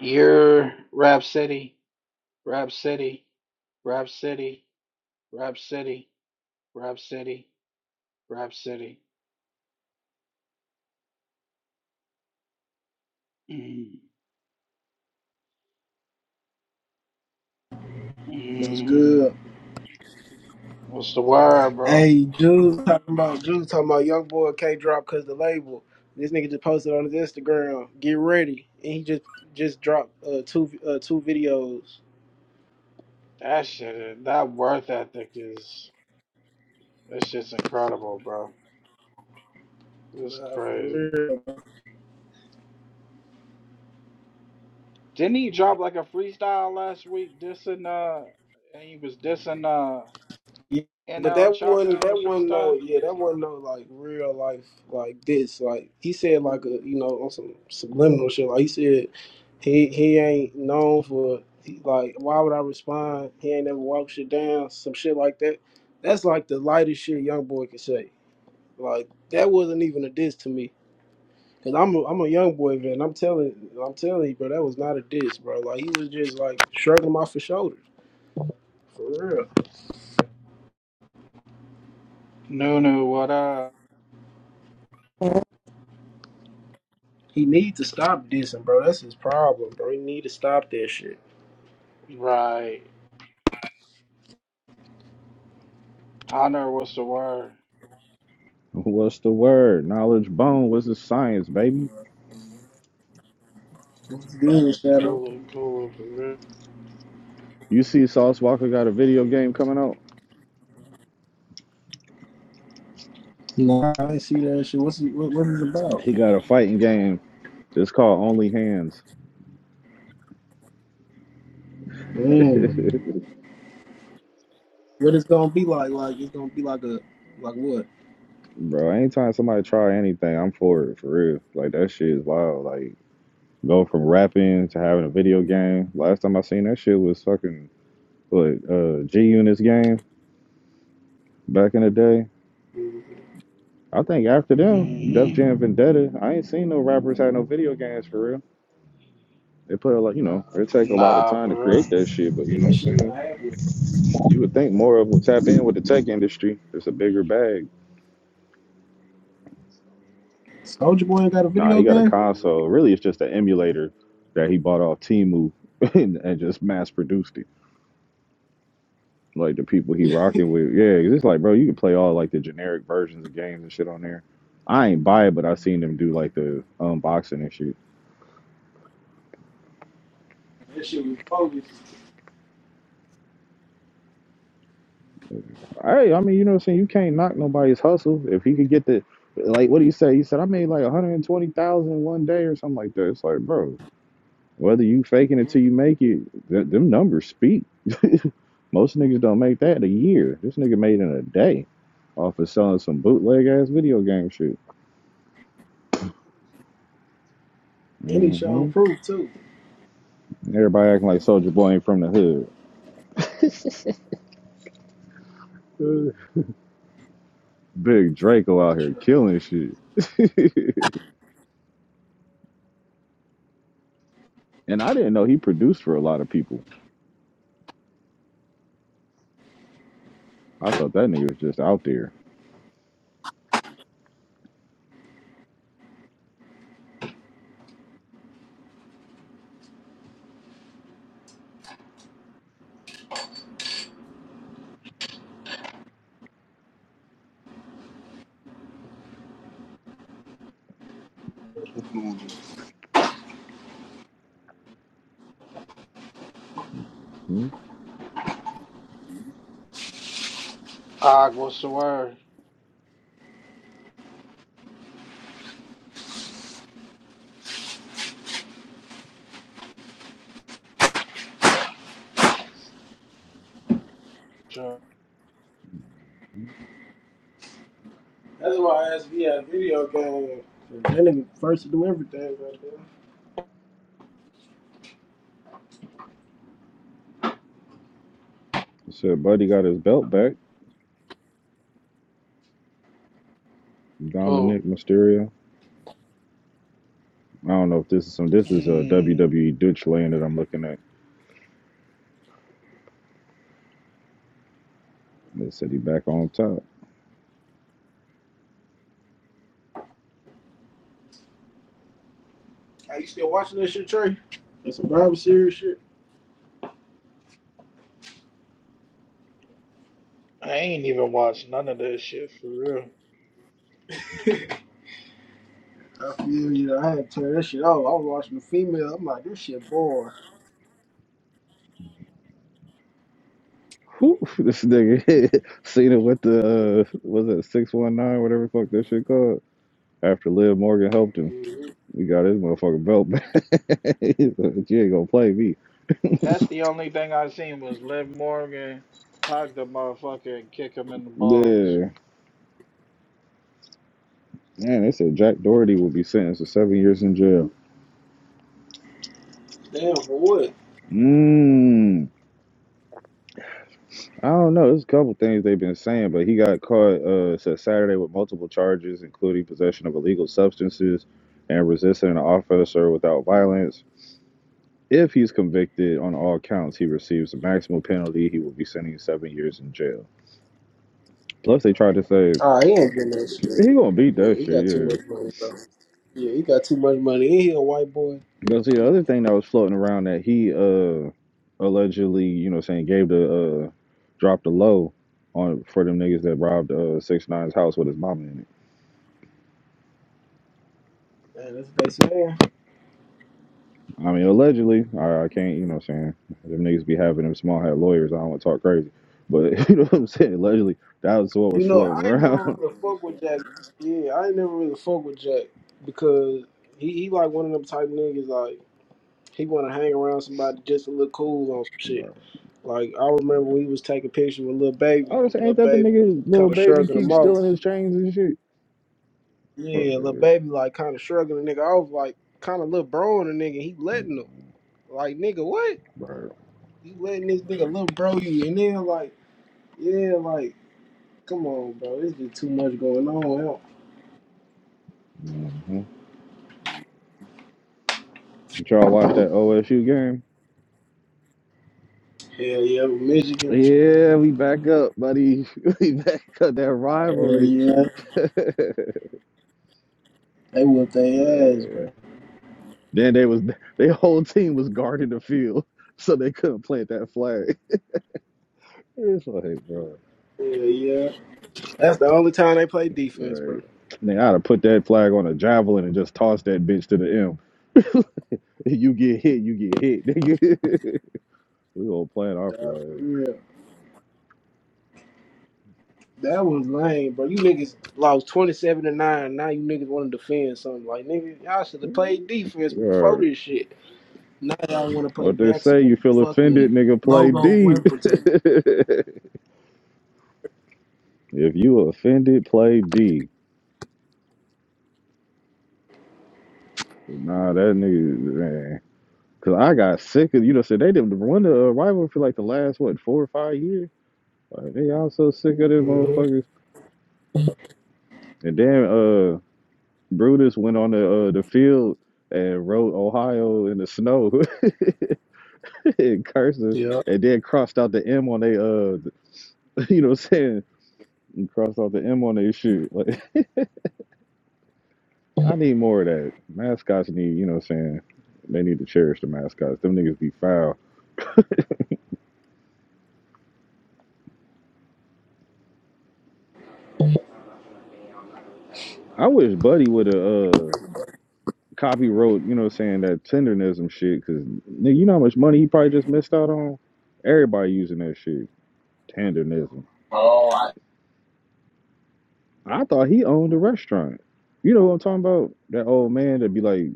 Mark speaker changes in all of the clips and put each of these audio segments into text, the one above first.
Speaker 1: Your Rhapsody, Rhapsody, Rhapsody, Rhapsody, Rhapsody, Rhapsody. Mm,
Speaker 2: What's
Speaker 1: mm.
Speaker 2: good?
Speaker 1: What's the word, bro?
Speaker 2: Hey, Jules talking about Jules talking about young boy can't drop cause the label. This nigga just posted on his Instagram. Get ready, and he just just dropped uh, two uh, two videos.
Speaker 1: That shit, that worth ethic is, that shit's incredible, bro. It's
Speaker 2: Nah, for
Speaker 1: crazy.
Speaker 2: real.
Speaker 1: Didn't he drop like a freestyle last week dissing, uh, and he was dissing, uh,
Speaker 2: Yeah, but
Speaker 1: NL
Speaker 2: that
Speaker 1: Chopper
Speaker 2: wasn't
Speaker 1: in
Speaker 2: that
Speaker 1: the
Speaker 2: wasn't no
Speaker 1: freestyle?
Speaker 2: yeah that wasn't no like real life like this like he said like a you know on some subliminal shit like he said he he ain't known for he, like why would I respond he ain't never walked shit down some shit like that that's like the lightest shit young boy could say like that wasn't even a diss to me because I'm a, I'm a young boy man I'm telling I'm telling you bro that was not a diss bro like he was just like shrugging my for shoulders for real.
Speaker 1: No, no, what up?
Speaker 2: He needs to stop dissing, bro. That's his problem, bro. He need to stop that shit.
Speaker 1: Right. Hunter, what's the word?
Speaker 3: What's the word? Knowledge bone. What's the science, baby?
Speaker 2: What's good, Shadow?
Speaker 1: Cooler, cooler for real.
Speaker 3: You see, Sauce Walker got a video game coming out.
Speaker 2: Nah, I ain't see that shit. What's it, what, what is it about?
Speaker 3: He got a fighting game. It's called Only Hands. Bro,
Speaker 2: Mm. What it's gonna be like? Like it's gonna be like a like what?
Speaker 3: anytime somebody try anything, I'm for it, for real. Like, that shit is wild. Like, go from rapping to having a video game. Last time I seen that shit was fucking, what, uh, G Unit's game back in the day.
Speaker 2: Mm.
Speaker 3: I think after them, Def
Speaker 1: Mm-hmm.
Speaker 3: Jam Vendetta, I ain't seen no rappers had no video games for real. They put a lot, you know, it take a lot of
Speaker 1: Nah,
Speaker 3: time to
Speaker 1: for
Speaker 3: create
Speaker 1: real.
Speaker 3: that shit, but
Speaker 2: Yeah,
Speaker 3: you know
Speaker 2: that
Speaker 3: what
Speaker 2: shit
Speaker 3: I'm
Speaker 2: not
Speaker 3: saying?
Speaker 2: happening.
Speaker 3: You would think more of would tap in with the tech industry. It's a bigger bag.
Speaker 2: Soldier Boy ain't got a
Speaker 3: Nah,
Speaker 2: video
Speaker 3: he got a
Speaker 2: game.
Speaker 3: console. Really, it's just an emulator that he bought off Timu and, and just mass produced it. Like the people he rocking with. Yeah, 'cause it's like, bro, you can play all like the generic versions of games and shit on there. I ain't buy it, but I seen them do like the unboxing and shit.
Speaker 2: That shit was bogus,
Speaker 3: Hey, I mean, you know what I'm saying? You can't knock nobody's hustle. If he could get the, like, what do you say? He said, I made like 120,000 one day or something like that. It's like, bro, whether you faking it till you make it, th- them numbers speak. Most niggas don't make that in a year. This nigga made it in a day off of selling some bootleg ass video game shit.
Speaker 2: and he
Speaker 3: hmm
Speaker 2: showed proof too.
Speaker 3: Everybody acting like Soldier Boy ain't from the hood. Uh, Big Draco out here
Speaker 2: That's
Speaker 3: killing shit. and I didn't know he produced for a lot of people. I thought that nigga was just out there.
Speaker 4: Hallelujah.
Speaker 3: Mhm.
Speaker 1: Cog, what's the word? Sure.
Speaker 2: why I asked if he had a video game. That nigga first to do everything right there.
Speaker 3: Said Buddy got his belt back.
Speaker 1: Cool.
Speaker 3: Dominic Mysterio. I don't know if this is some. This is a
Speaker 1: Mm.
Speaker 3: WWE Dutch lane that I'm looking at. They said he back on top.
Speaker 2: Are you still watching that shit, Trey? That's a Bible series shit.
Speaker 1: I ain't even watched none of that shit for real.
Speaker 2: I feel you. I had to turn that shit off. I was watching the female. I'm like, this shit boring.
Speaker 3: Whew, this nigga Cena with the uh, was it six one nine whatever the fuck that shit called. After Liv Morgan helped him,
Speaker 2: Mhm.
Speaker 3: he got his motherfucking belt back. He said, you ain't gonna play me.
Speaker 1: That's the only thing I seen was Liv Morgan hug the motherfucker and kick him in the balls.
Speaker 3: Yeah, man. They said Jack Doherty will be sentenced to seven years in jail.
Speaker 2: Damn, for what?
Speaker 3: Mmm. I don't know. There's a couple things they've been saying, but he got caught uh said Saturday with multiple charges, including possession of illegal substances and resisting an officer without violence. If he's convicted on all counts, he receives the maximum penalty. He will be sending seven years in jail. Plus, they tried to say
Speaker 2: Ah, he ain't getting that
Speaker 3: he
Speaker 2: shit.
Speaker 3: gonna beat
Speaker 2: Yeah,
Speaker 3: that
Speaker 2: he
Speaker 3: shit.
Speaker 2: got too
Speaker 3: Yeah.
Speaker 2: much money, bro. Yeah, he got too much money. Ain't he a white boy?
Speaker 3: But see, the
Speaker 2: Come on.
Speaker 3: other thing that was floating around that he uh allegedly, you know, saying gave the uh dropped the low on for them niggas that robbed uh six nine's house with his mama in it.
Speaker 2: Man, that's what they saying.
Speaker 3: I mean, allegedly, I, I can't, you know what I'm saying? Them niggas be having them small hat lawyers. I don't want to talk crazy. But, you know what I'm saying? Allegedly, that was what was
Speaker 2: You know,
Speaker 3: floating
Speaker 2: I ain't never
Speaker 3: around.
Speaker 2: really fuck with Jack. Yeah, I ain't never really fuck with Jack because he, he like one of them type niggas like he want to hang around somebody just to look cool on some shit.
Speaker 3: Right.
Speaker 2: Like I remember we was taking pictures with little
Speaker 3: I
Speaker 2: baby,
Speaker 3: was
Speaker 2: and
Speaker 3: saying,
Speaker 2: little
Speaker 3: ain't that the
Speaker 2: baby was
Speaker 3: nigga,
Speaker 2: kind
Speaker 3: little
Speaker 2: of
Speaker 3: baby,
Speaker 2: shrugging him
Speaker 3: keep
Speaker 2: off.
Speaker 3: stealing his chains and shit?
Speaker 2: Yeah, little baby like kind of shrugging the nigga off, like kind of little bro in the nigga. He letting him, like nigga, what?
Speaker 3: Mm-hmm.
Speaker 2: You letting this nigga little bro you? And then like, yeah, like, come on, bro, there's just too much going on. Hell
Speaker 3: Did y'all watch that OSU game?
Speaker 2: hell yeah, Michigan.
Speaker 3: Yeah, we back up, buddy. We back up that
Speaker 2: Hell
Speaker 3: rivalry.
Speaker 2: yeah, they whoop their ass, bro.
Speaker 3: Man. Then they was their whole team was guarding the field, so they couldn't plant that flag. It's like, bro.
Speaker 2: Hell yeah, that's the only time they play defense, bro.
Speaker 3: Right. Nigga, I'd have put that flag on a javelin and just tossed that bitch to the M. You get hit, you get hit, nigga. we all plant our
Speaker 2: Yeah,
Speaker 3: flag.
Speaker 2: yeah. that was lame, bro. You niggas lost twenty seven to nine. Now you niggas want to defend something like nigga. Y'all should have played defense before
Speaker 3: Or
Speaker 2: this shit. Now y'all want to play
Speaker 3: what they say, you
Speaker 2: maximum
Speaker 3: feel
Speaker 2: fucking
Speaker 3: offended, nigga, play
Speaker 2: logo
Speaker 3: D.
Speaker 2: rim protector.
Speaker 3: if you offended, play D. Nah, that nigga, man. Cause I got sick of, you know, said they didn't run the uh, rival for like the last, what, four or five years? Like, they all so sick of them
Speaker 2: hmm
Speaker 3: motherfuckers. And then, uh. Brutus went on the uh, the field and wrote Ohio in the snow in cursive,
Speaker 2: Yeah.
Speaker 3: and then crossed out the M on they uh, you know, what I'm saying, and crossed out the M on their shoot. Like, I need more of that. Mascots need, you know, what I'm saying, they need to cherish the mascots. Them niggas be foul. I wish Buddy would have uh copy wrote, you know, what I'm saying that tendernism shit, cause nigga, you know how much money he probably just missed out on. Everybody using that shit, tendernism.
Speaker 2: Oh, I...
Speaker 3: I thought he owned the restaurant. You know what I'm talking about? That old man that be like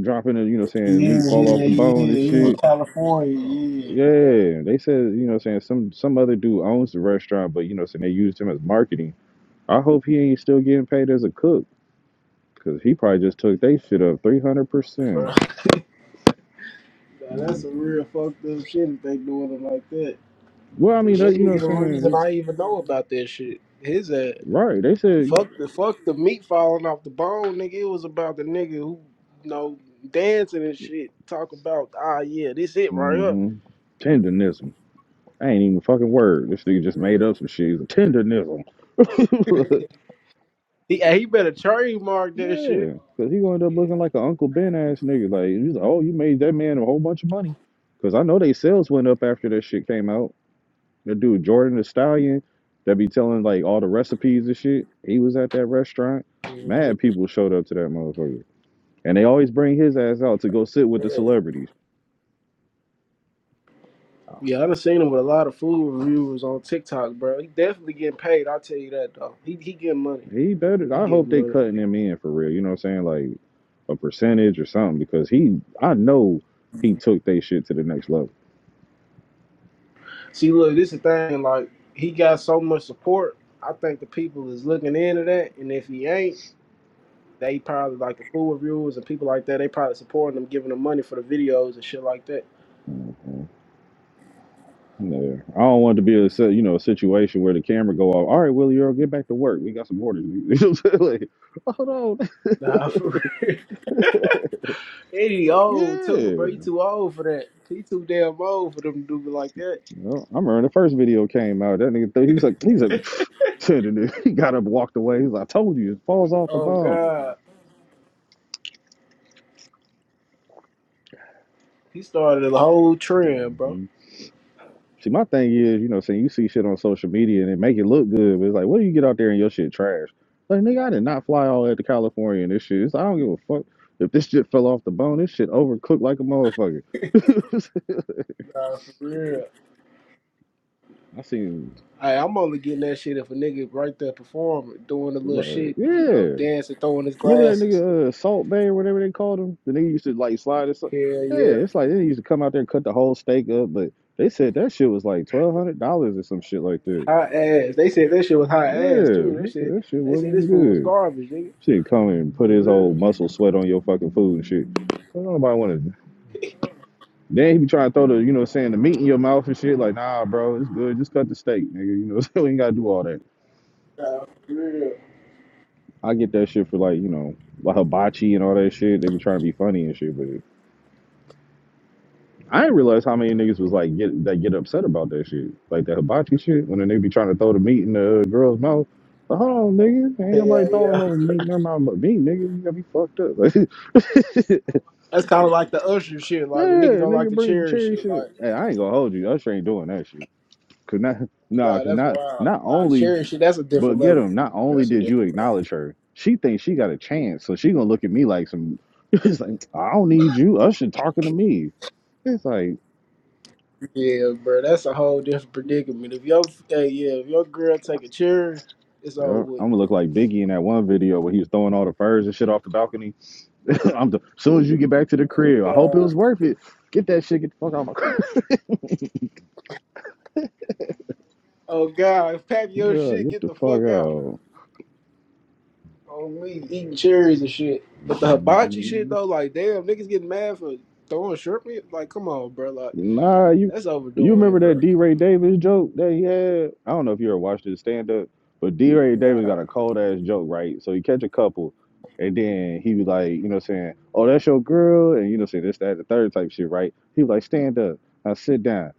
Speaker 3: dropping it, you know, saying
Speaker 2: yeah,
Speaker 3: meat fall
Speaker 2: yeah,
Speaker 3: off the bone and
Speaker 2: yeah, yeah,
Speaker 3: shit.
Speaker 2: California, yeah.
Speaker 3: Yeah, they said, you know, saying some some other dude owns the restaurant, but you know, saying they used him as marketing. I hope he ain't still getting paid as a cook, cause he probably just took they shit up three hundred
Speaker 2: bro.
Speaker 3: percent.
Speaker 2: Now
Speaker 3: Mm-hmm.
Speaker 2: that's a real fucked up shit if they doing it like that.
Speaker 3: Well, I mean,
Speaker 2: Cause
Speaker 3: that,
Speaker 2: that
Speaker 3: you know,
Speaker 2: nigga the
Speaker 3: what I'm
Speaker 2: reason
Speaker 3: saying
Speaker 2: I even know about that shit. His ass.
Speaker 3: right? They said
Speaker 2: Fuck the fuck the meat falling off the bone, nigga. It was about the nigga who, you know, dancing and shit, talking about, ah yeah, this it right here.
Speaker 3: mm-hmm, tendenism. I ain't even a fucking word. This nigga just
Speaker 2: Yeah.
Speaker 3: made up some shit. He's a tendenism.
Speaker 2: He, hey, he better trademark that shit.
Speaker 3: Yeah, because he gonna end up looking like an Uncle Ben ass nigga. Like he's like, oh, you made that man a whole bunch of money. Because I know they sales went up after that shit came out. That dude Jordan the Stallion, that be telling like all the recipes and shit. He was at that restaurant.
Speaker 2: hmm
Speaker 3: Mad people showed up to that motherfucker, and they always bring his ass out to go sit with the celebrities. Ah,
Speaker 2: Yeah, I done seen him with a lot of food reviewers on TikTok, bro. He definitely getting paid. I'll tell you that though. He he getting money.
Speaker 3: He better.
Speaker 2: He
Speaker 3: I hope
Speaker 2: getting
Speaker 3: they
Speaker 2: money.
Speaker 3: cutting him in for real. You know what I'm saying? Like a percentage or something because he, I know he took they shit to the next level.
Speaker 2: See, look, this is the thing. Like he got so much support. I think the people is looking into that, and if he ain't, they probably like the food reviewers and people like that. They probably supporting him, giving him money for the videos and shit like that.
Speaker 3: Mm-hmm. Yeah. I don't want it to be a si- you know a situation where the camera go off. All right, Willie Earl, get back to work. We got some orders. You know what I'm saying? Like, hold on.
Speaker 2: Nah, for real. And he
Speaker 3: Yeah.
Speaker 2: old too, bro.
Speaker 3: You
Speaker 2: He too old for that. He too damn old for them to do me like that.
Speaker 3: I remember when the first video came out. That nigga, thought- he was like, he's like, said it, dude. he got up, walked away. He's like, I told you, it falls off the
Speaker 2: Oh
Speaker 3: bone.
Speaker 2: God, he started a whole trend, bro.
Speaker 3: hmm See, my thing is, you know, saying you see shit on social media and it make it look good, but it's like, what do you get out there and your shit trash? Like, nigga, I did not fly all the way to California and this shit. It's, like, I don't give a fuck if this shit fell off the bone. This shit overcooked like a motherfucker.
Speaker 2: Nah, for real.
Speaker 3: I seen
Speaker 2: Hey, I'm only getting that shit if a nigga right there performing, doing the little
Speaker 3: right.
Speaker 2: shit, you know,
Speaker 3: Yeah.
Speaker 2: dancing, throwing his
Speaker 3: Remember that
Speaker 2: glasses.
Speaker 3: nigga uh, Salt Bay or whatever they called him? The nigga used to like slide and stuff.
Speaker 2: Hell
Speaker 3: Yeah,
Speaker 2: yeah.
Speaker 3: it's like they used to come out there and cut the whole steak up, but they said that shit was like twelve hundred dollars or some shit like that.
Speaker 2: Hot ass. They said that shit was hot
Speaker 3: Yeah,
Speaker 2: ass too. That
Speaker 3: that shit
Speaker 2: shit
Speaker 3: that shit
Speaker 2: they said
Speaker 3: wasn't
Speaker 2: this
Speaker 3: even
Speaker 2: food was
Speaker 3: good.
Speaker 2: garbage, nigga.
Speaker 3: Shit come and put
Speaker 2: For
Speaker 3: his whole
Speaker 2: real.
Speaker 3: muscle sweat on your fucking food and shit. Don't nobody wanna then he be trying to throw the, you know what I'm saying, the meat in your mouth and shit, like, nah, bro, it's good, just cut the steak, nigga. You know, so we ain't gotta do all that.
Speaker 2: Nah, for real.
Speaker 3: I get that shit for like, you know, like hibachi and all that shit. They be trying to be funny and shit, but I didn't realize how many niggas was like get that get upset about that shit. Like that hibachi shit when they be trying to throw the meat in the uh, girl's mouth. Like, hold on, nigga. Ain't nobody
Speaker 2: Hell
Speaker 3: throwing
Speaker 2: yeah.
Speaker 3: no meat in their mouth but me, nigga. You gotta be fucked up.
Speaker 2: That's kinda like the usher shit,
Speaker 3: Like,
Speaker 2: like when niggas
Speaker 3: yeah,
Speaker 2: don't like
Speaker 3: nigga,
Speaker 2: the
Speaker 3: bring the
Speaker 2: cherry
Speaker 3: cherry
Speaker 2: shit,
Speaker 3: shit. Up.
Speaker 2: like
Speaker 3: Hey, I ain't gonna hold you. Usher ain't doing that shit. Cause not, nah,
Speaker 2: nah,
Speaker 3: cause
Speaker 2: that's
Speaker 3: not,
Speaker 2: wild.
Speaker 3: not
Speaker 2: Nah, the
Speaker 3: only
Speaker 2: cherry shit, that's a different
Speaker 3: But get
Speaker 2: level.
Speaker 3: him. Not only
Speaker 2: That's a
Speaker 3: did you
Speaker 2: different level.
Speaker 3: acknowledge her, she thinks she got a chance, so she gonna look at me like some. It's like I don't need you. Usher talking to me. It's like
Speaker 2: Yeah, bro, that's a whole different predicament. If your hey, yeah, if your girl take a cherry, it's over
Speaker 3: yeah, I'm
Speaker 2: with.
Speaker 3: gonna look like Biggie in that one video where he was throwing all the furs and shit off the balcony. I'm the, soon as you get back to the
Speaker 2: Oh
Speaker 3: crib, I hope it
Speaker 2: God.
Speaker 3: was worth it. Get that shit. Get the fuck out of my crib.
Speaker 2: Oh god, pack your
Speaker 3: yeah,
Speaker 2: shit,
Speaker 3: get
Speaker 2: get
Speaker 3: the
Speaker 2: the
Speaker 3: fuck
Speaker 2: fuck out.
Speaker 3: out.
Speaker 2: Oh me, eating cherries and shit. But the hibachi shit
Speaker 3: Mm-hmm.
Speaker 2: though, like damn, niggas getting mad for throwing shrimp. in- Like, come on, bro. Like,
Speaker 3: Nah, you
Speaker 2: that's
Speaker 3: you
Speaker 2: overdoing
Speaker 3: remember
Speaker 2: it, bro.
Speaker 3: that D. Ray Davis joke that he had? I don't know if you ever watched his stand up, but D. Ray
Speaker 2: Nah,
Speaker 3: Davis got a cold ass joke, right? So he catch a couple, and then he was like, you know, what I'm saying, "Oh, that's your girl," and you know, what I'm saying this, that, the third type shit, right? He was like, "Stand up, now sit down."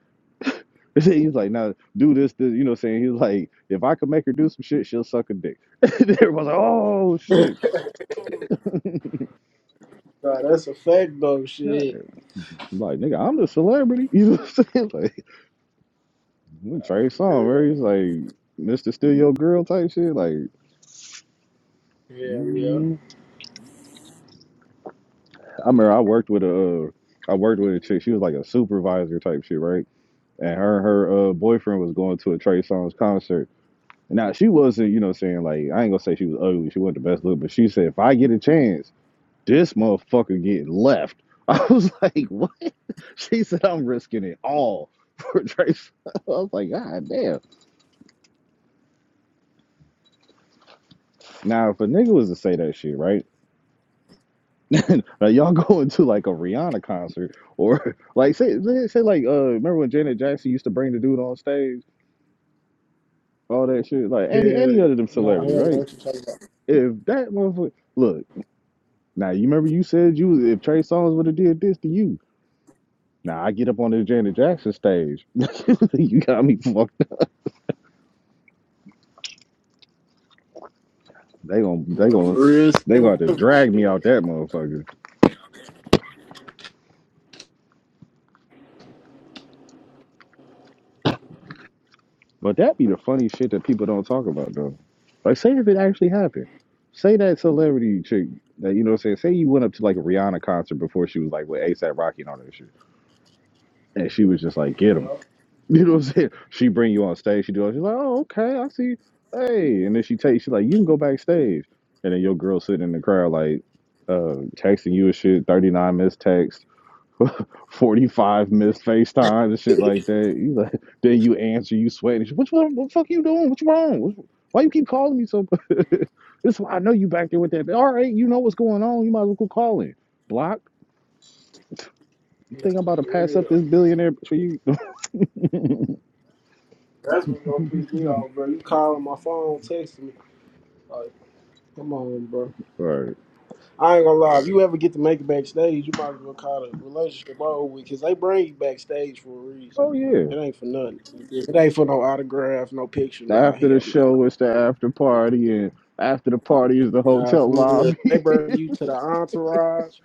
Speaker 3: He was like, "Now do this, this," you know, what I'm saying he was like, "If I could make her do some shit, she'll suck a dick." Everyone's like, "Oh shit!"
Speaker 2: nah, that's a fact though.
Speaker 3: Yeah.
Speaker 2: Shit,
Speaker 3: I'm like, nigga, I'm the celebrity. You know what I'm saying? Like,
Speaker 2: nah,
Speaker 3: Trey
Speaker 2: for
Speaker 3: Song,
Speaker 2: real.
Speaker 3: where he's like Mr. Steal Your Girl type shit. Like,
Speaker 2: Yeah, yeah,
Speaker 3: mm I remember I worked with a, uh, I worked with a chick. She was like a supervisor type shit, right? And her and her uh, boyfriend was going to a Trey Songz concert. Now she wasn't, you know, what I'm saying like I ain't gonna say she was ugly. She wasn't the best look, but she said if I get a chance, this motherfucker get left. I was like, what? She said I'm risking it all for Trey. Songz. I was like, god damn. Now if a nigga was to say that shit, right? Now, y'all going to like a Rihanna concert or like say say, say like uh remember when Janet Jackson used to bring the dude on stage, all that shit, like any any
Speaker 2: yeah.
Speaker 3: other them
Speaker 2: Nah,
Speaker 3: celebrity,
Speaker 2: hell, no,
Speaker 3: right?
Speaker 2: what you talking about?
Speaker 3: If that motherfucker look, now you remember you said you was- if Trey Songz would have did this to you. Now I get up on the Janet Jackson stage. you got me fucked up. They gon' they
Speaker 2: Nah,
Speaker 3: gon'
Speaker 2: for real,
Speaker 3: they
Speaker 2: same
Speaker 3: gonna have to
Speaker 2: equipment
Speaker 3: drag me out
Speaker 2: shit.
Speaker 3: that motherfucker. But that be the funny shit that people don't talk about though. Like say if it actually happened. Say that celebrity chick that you know what I'm saying, say you went up to like a Rihanna concert before she was like with ASAP Rocky and all that shit. And she was just like, get
Speaker 2: You
Speaker 3: him.
Speaker 2: know,
Speaker 3: You know what I'm saying? She bring you on stage, she do all she's like, Oh, okay, I see. Hey, and then she takes she's like, you can go backstage. And then your girl sitting in the crowd like uh texting you a shit, 39 missed texts, 45 missed FaceTime and shit like that. You like, then you answer, you sweating. What, what, what the fuck you doing? What you wrong? What, why you keep calling me so? this is why I know you back there with that. All right, you know what's going on. You might as well go call in. Block. You
Speaker 2: nah,
Speaker 3: think I'm about to
Speaker 2: for
Speaker 3: pass up
Speaker 2: real.
Speaker 3: this billionaire for you?
Speaker 2: That's what's gonna piss me off, bro. You calling my phone, texting me, like, come on, bro.
Speaker 3: Right.
Speaker 2: I ain't gonna lie. If you ever get to make it backstage, you might as well call the relationship over with, because they bring you backstage for a reason.
Speaker 3: Oh yeah.
Speaker 2: It ain't for nothing. It ain't for no autograph, no picture. Nah,
Speaker 3: After the
Speaker 2: hell nah.
Speaker 3: show, it's the after party, and after the party is the
Speaker 2: Nah,
Speaker 3: hotel
Speaker 2: for real.
Speaker 3: lobby.
Speaker 2: They bring you to the entourage,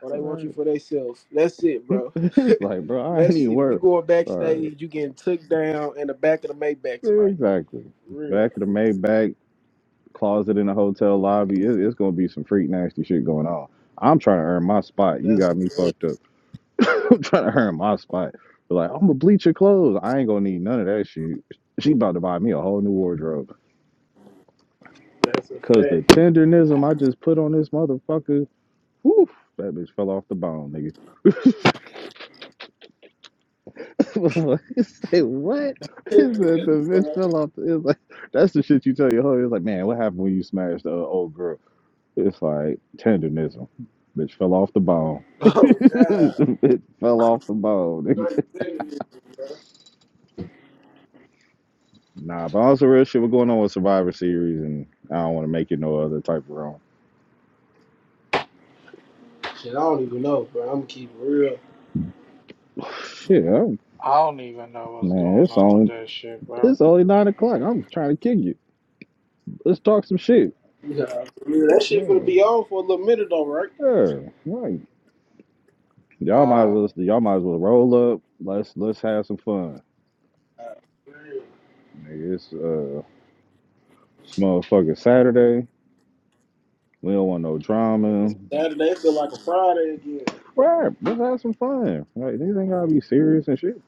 Speaker 2: or they want you
Speaker 3: Right.
Speaker 2: for themselves. That's it, bro.
Speaker 3: It's like, bro, I ain't
Speaker 2: That's
Speaker 3: even
Speaker 2: it. If you
Speaker 3: worried.
Speaker 2: going
Speaker 3: Right.
Speaker 2: backstage, you getting took down in the back of the Maybach tonight.
Speaker 3: Exactly.
Speaker 2: For real.
Speaker 3: Back of the Maybach. closet in a hotel lobby. It, it's gonna be some freak nasty shit going on. I'm trying to earn my spot. You
Speaker 2: That's a
Speaker 3: got me fucked
Speaker 2: fact.
Speaker 3: up. I'm trying to earn my spot. But like, I'm gonna bleach your clothes. I ain't gonna need none of that shit. She about to buy me a whole new wardrobe.
Speaker 2: That's a
Speaker 3: Cause the tendernism I just put on this motherfucker, whew, that bitch fell off the bone, nigga. Say what? He said the bitch
Speaker 2: fact.
Speaker 3: fell off. The, it's like that's the shit you tell your hoe. It's like, man, what happened when you smashed the uh, old girl? It's like tendonism. Bitch fell off the bone.
Speaker 2: Oh God.
Speaker 3: Bitch fell off the bone. nigga. Nah, but also real shit. What's going on with Survivor Series, and I don't want to make it no other type of wrong.
Speaker 2: Shit, I don't even know, bro. I'm gonna keep it real.
Speaker 3: Shit, I'm,
Speaker 1: I don't even know what's
Speaker 3: man,
Speaker 1: going
Speaker 3: it's
Speaker 1: on with
Speaker 3: only
Speaker 1: that shit, bro.
Speaker 3: it's only nine o'clock. I'm trying to kick you. Let's talk some shit.
Speaker 2: Nah, for real. that shit gonna
Speaker 3: No,
Speaker 2: be on for a little minute though, right?
Speaker 3: sure, right. Y'all might as
Speaker 1: Uh,
Speaker 3: well y'all might as well roll up. Let's let's have some fun.
Speaker 2: Nah, for real.
Speaker 3: Nigga, it's uh, it's motherfucking Saturday. We don't want no drama.
Speaker 2: Saturday feel like a Friday again.
Speaker 3: Right, let's have some fun. Like these ain't gotta be serious and shit.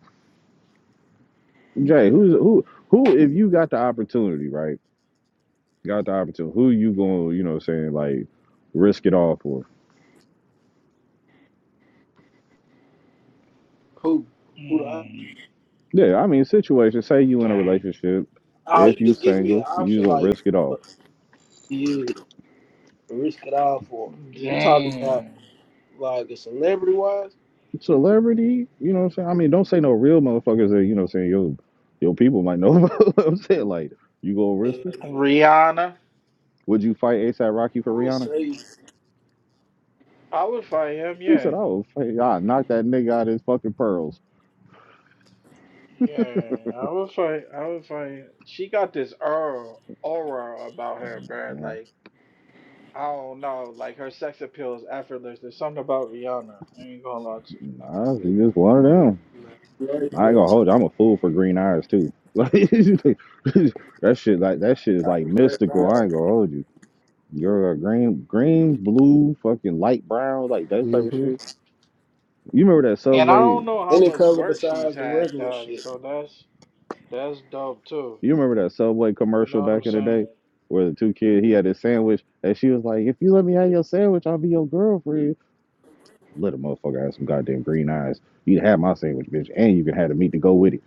Speaker 3: Jay, who's who who if you got the opportunity, right? Got the opportunity, who you gonna, you know what I'm saying, like risk it all for?
Speaker 2: Who? Who the? op-
Speaker 1: mm,
Speaker 3: Yeah, I mean situation, say you in a
Speaker 1: damn.
Speaker 3: relationship,
Speaker 2: Oh,
Speaker 3: if
Speaker 2: you
Speaker 3: you
Speaker 2: just give me an
Speaker 3: single, you
Speaker 2: option,
Speaker 3: gonna
Speaker 2: like,
Speaker 3: risk it
Speaker 2: but
Speaker 3: all.
Speaker 2: yeah, risk it all for. You talking about
Speaker 1: Damn.
Speaker 2: like a celebrity wise?
Speaker 3: Celebrity, you know what I'm saying? I mean, don't say no real motherfuckers that, you know what I'm saying, your your people might know what I'm saying. Like, you gonna risk
Speaker 2: Yeah,
Speaker 3: it?
Speaker 1: Rihanna.
Speaker 3: Would you fight ASAP Rocky for
Speaker 2: I'm gonna
Speaker 3: Rihanna?
Speaker 2: say.
Speaker 1: I would fight him,
Speaker 3: He
Speaker 1: yeah.
Speaker 3: said, I would fight I knock that nigga out of his fucking pearls.
Speaker 1: Yeah, I was like, I was like, she got this aura, aura about her, bruh.
Speaker 3: Mm.
Speaker 1: Like, I don't know, like her sex appeal is effortless. There's something about Rihanna. I ain't gonna lie to you.
Speaker 3: Nah, you just water down.
Speaker 2: Like, right,
Speaker 3: I ain't
Speaker 2: though.
Speaker 3: gonna hold you. I'm a fool for green eyes too. Like that shit, like that shit is like
Speaker 2: Like, right,
Speaker 3: mystical.
Speaker 2: right.
Speaker 3: I ain't gonna hold you. You're a green, green, blue, fucking light brown, like that type of
Speaker 2: Mhm.
Speaker 3: shit. You remember that
Speaker 1: And I
Speaker 3: subway?
Speaker 1: don't know how
Speaker 2: Any
Speaker 1: much
Speaker 2: color
Speaker 1: work she's
Speaker 2: besides the
Speaker 1: had
Speaker 2: regular
Speaker 1: done,
Speaker 2: shit.
Speaker 1: so that's that's dope too.
Speaker 3: You remember that subway
Speaker 1: You know
Speaker 3: commercial
Speaker 1: what I'm
Speaker 3: back in the
Speaker 1: saying?
Speaker 3: day, where the two kid he had his sandwich, and she was like, "If you let me have your sandwich, I'll be your girlfriend." Let a motherfucker have some goddamn green eyes. You can have my sandwich, bitch, and you can have the meat to go with it.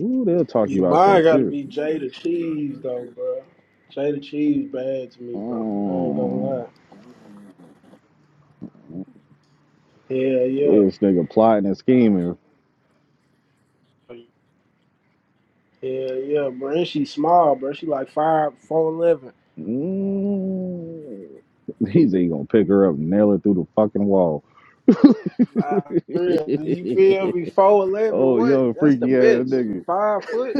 Speaker 3: Ooh, they'll talk
Speaker 2: Yeah,
Speaker 3: you out your
Speaker 2: mine gotta
Speaker 3: shit.
Speaker 2: be Jada Cheese though, bro. Jada Cheese bad to me, bro. I ain't gonna
Speaker 3: Mm.
Speaker 2: lie. Hell yeah.
Speaker 3: This nigga plotting and scheming.
Speaker 1: But
Speaker 2: Hell yeah, bro. And she small, bro. She like five four eleven.
Speaker 3: Mm. He said he gonna pick her up and nail her through the fucking wall.
Speaker 2: Like, real. You feel me? Four eleven,
Speaker 3: oh,
Speaker 2: what?
Speaker 3: young
Speaker 2: That's the
Speaker 3: freaky ass
Speaker 2: best.
Speaker 3: nigga.
Speaker 2: Five foot?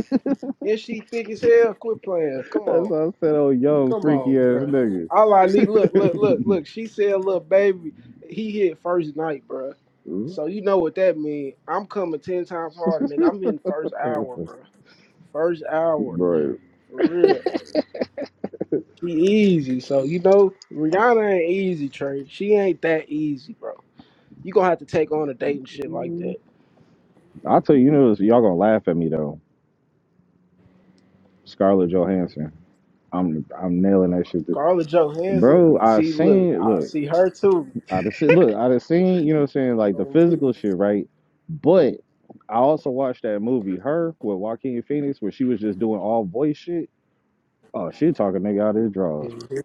Speaker 2: And she thick as hell? Quit playing. Come
Speaker 3: That's
Speaker 2: on.
Speaker 3: why I said, oh, young
Speaker 2: Come on,
Speaker 3: freaky ass
Speaker 2: bro.
Speaker 3: nigga.
Speaker 2: All I need, look, look, look, look. She said, "Little baby, he hit first night, bro. So you know what that mean? I'm coming ten times harder, nigga. I'm in first hour, bro. First hour,
Speaker 3: Bro,
Speaker 2: for real. She easy, so you know Rihanna ain't easy, Trey. She ain't that easy, bro. You gonna have to take on a date and shit like that.
Speaker 3: I'll tell you, you know, y'all gonna laugh at me though. Scarlett Johansson. I'm I'm nailing that shit.
Speaker 2: Scarlett Johansson,
Speaker 3: Bro, I
Speaker 2: see, look,
Speaker 3: seen,
Speaker 2: I
Speaker 3: look.
Speaker 2: see her too.
Speaker 3: I just see, look, I just seen, you know what I'm saying, like the physical shit, right? But I also watched that movie, Her, with Joaquin Phoenix, where she was just doing all voice shit. Oh, she talking nigga out of his drawers.
Speaker 2: Mhm.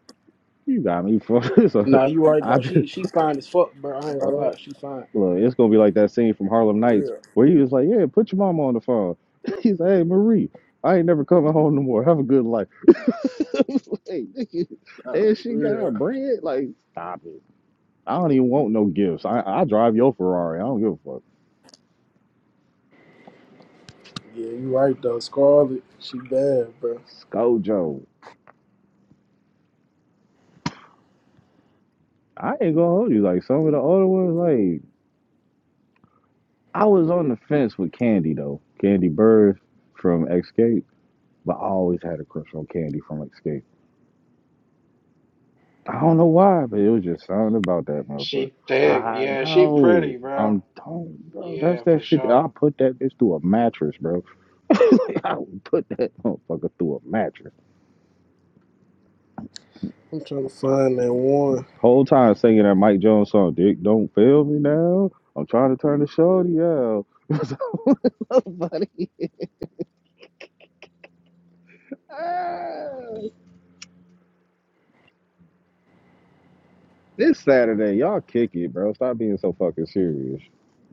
Speaker 3: You got me fucked. so
Speaker 2: Nah, you right
Speaker 3: I
Speaker 2: though.
Speaker 3: be,
Speaker 2: She she fine as fuck, bro. I ain't gonna
Speaker 3: uh,
Speaker 2: lie, she fine,
Speaker 3: look, it's gonna be like that scene from Harlem
Speaker 2: for
Speaker 3: Nights
Speaker 2: real.
Speaker 3: where he was like, "Yeah, put your mama on the phone." He's like, "Hey, Marie, I ain't never coming home no more. Have a good life." I was like, "Nigga,
Speaker 2: Nah, for
Speaker 3: and she got her
Speaker 2: real.
Speaker 3: bread. Like, stop it. I don't even want no gifts. I I drive your Ferrari. I don't give a fuck.
Speaker 2: Yeah, you right though. Scarlett, she bad, bro.
Speaker 3: Scojo. I ain't gonna hold you. Like some of the older ones, like I was on the fence with Candy though. Candy Bird from Escape, but I always had a crush on Candy from Escape. I don't know why, but it was just something about that motherfucker.
Speaker 1: She thick,
Speaker 3: I
Speaker 1: yeah, she
Speaker 3: know.
Speaker 1: pretty, bro.
Speaker 3: I'm telling you, bro. That's
Speaker 1: Yeah,
Speaker 3: that
Speaker 1: for
Speaker 3: shit. that- I
Speaker 1: sure.
Speaker 3: put that bitch through a mattress, bro. Like, I would put that motherfucker through a mattress.
Speaker 2: I'm trying to find that one.
Speaker 3: Whole time singing that Mike Jones song, Dick, don't fail me now. I'm trying to turn the shorty out. Buddy. This Saturday, y'all kick it, bro. Stop being so fucking serious.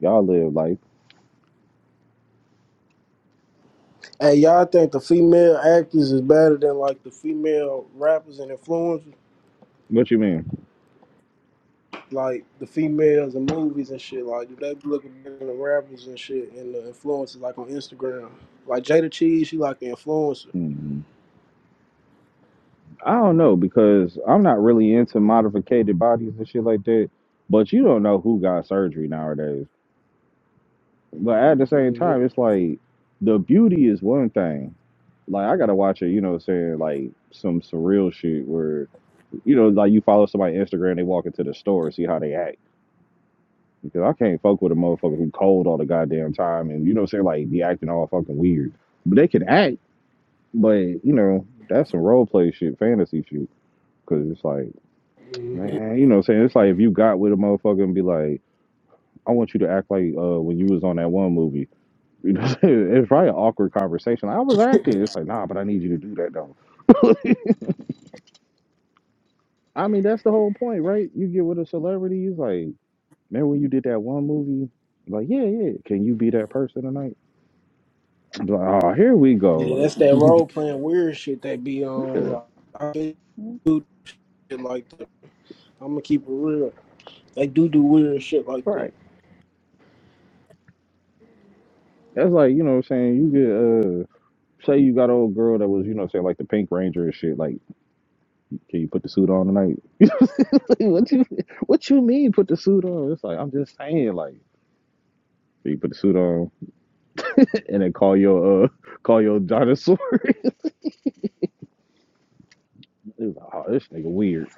Speaker 3: Y'all live life.
Speaker 2: Hey, y'all think the female actors is better than like the female rappers and influencers?
Speaker 3: What you mean?
Speaker 2: Like the females in movies and shit. Like, do they be looking better than the rappers and shit and the influencers like on Instagram? Like Jada Cheese, she like the influencer.
Speaker 3: hmm I don't know because I'm not really into modificated bodies and shit like that. But you don't know who got surgery nowadays. But at the same
Speaker 2: hmm
Speaker 3: time, it's like the beauty is one thing. Like I gotta watch it, you know, what I'm saying like some surreal shit where you know, like you follow somebody on Instagram, they walk into the store, see how they act. Because I can't fuck with a motherfucker who cold all the goddamn time and you know what I'm saying, like be acting all fucking weird. But they can act, but you know, that's some role play shit, fantasy shit. Cause it's like,
Speaker 2: hmm
Speaker 3: man, you know what I'm saying? It's like if you got with a motherfucker and be like, I want you to act like uh when you was on that one movie. You know, what I'm saying? it's probably an awkward conversation. I was acting. It's like, nah, but I need you to do that though. I mean, that's the whole point, right? You get with a celebrity, it's like, remember when you did that one movie? Like, yeah, yeah. Can you be that person tonight? I'm like, oh, here we
Speaker 2: Yeah,
Speaker 3: go.
Speaker 2: that's that
Speaker 3: Like,
Speaker 2: role playing weird shit they be on.
Speaker 3: yeah,
Speaker 2: Like, I do shit like that. I'm gonna keep it real. They do do weird shit like that.
Speaker 3: right. That's like, you know what I'm saying? You get, uh, say you got an old girl that was, you know, what I'm saying like the Pink Ranger and shit. Like, can you put the suit on tonight? Like, what you, what you mean put the suit on? It's like, I'm just saying, like, you put the suit on and then call your, uh, call your dinosaur. It was like, oh, this nigga weird.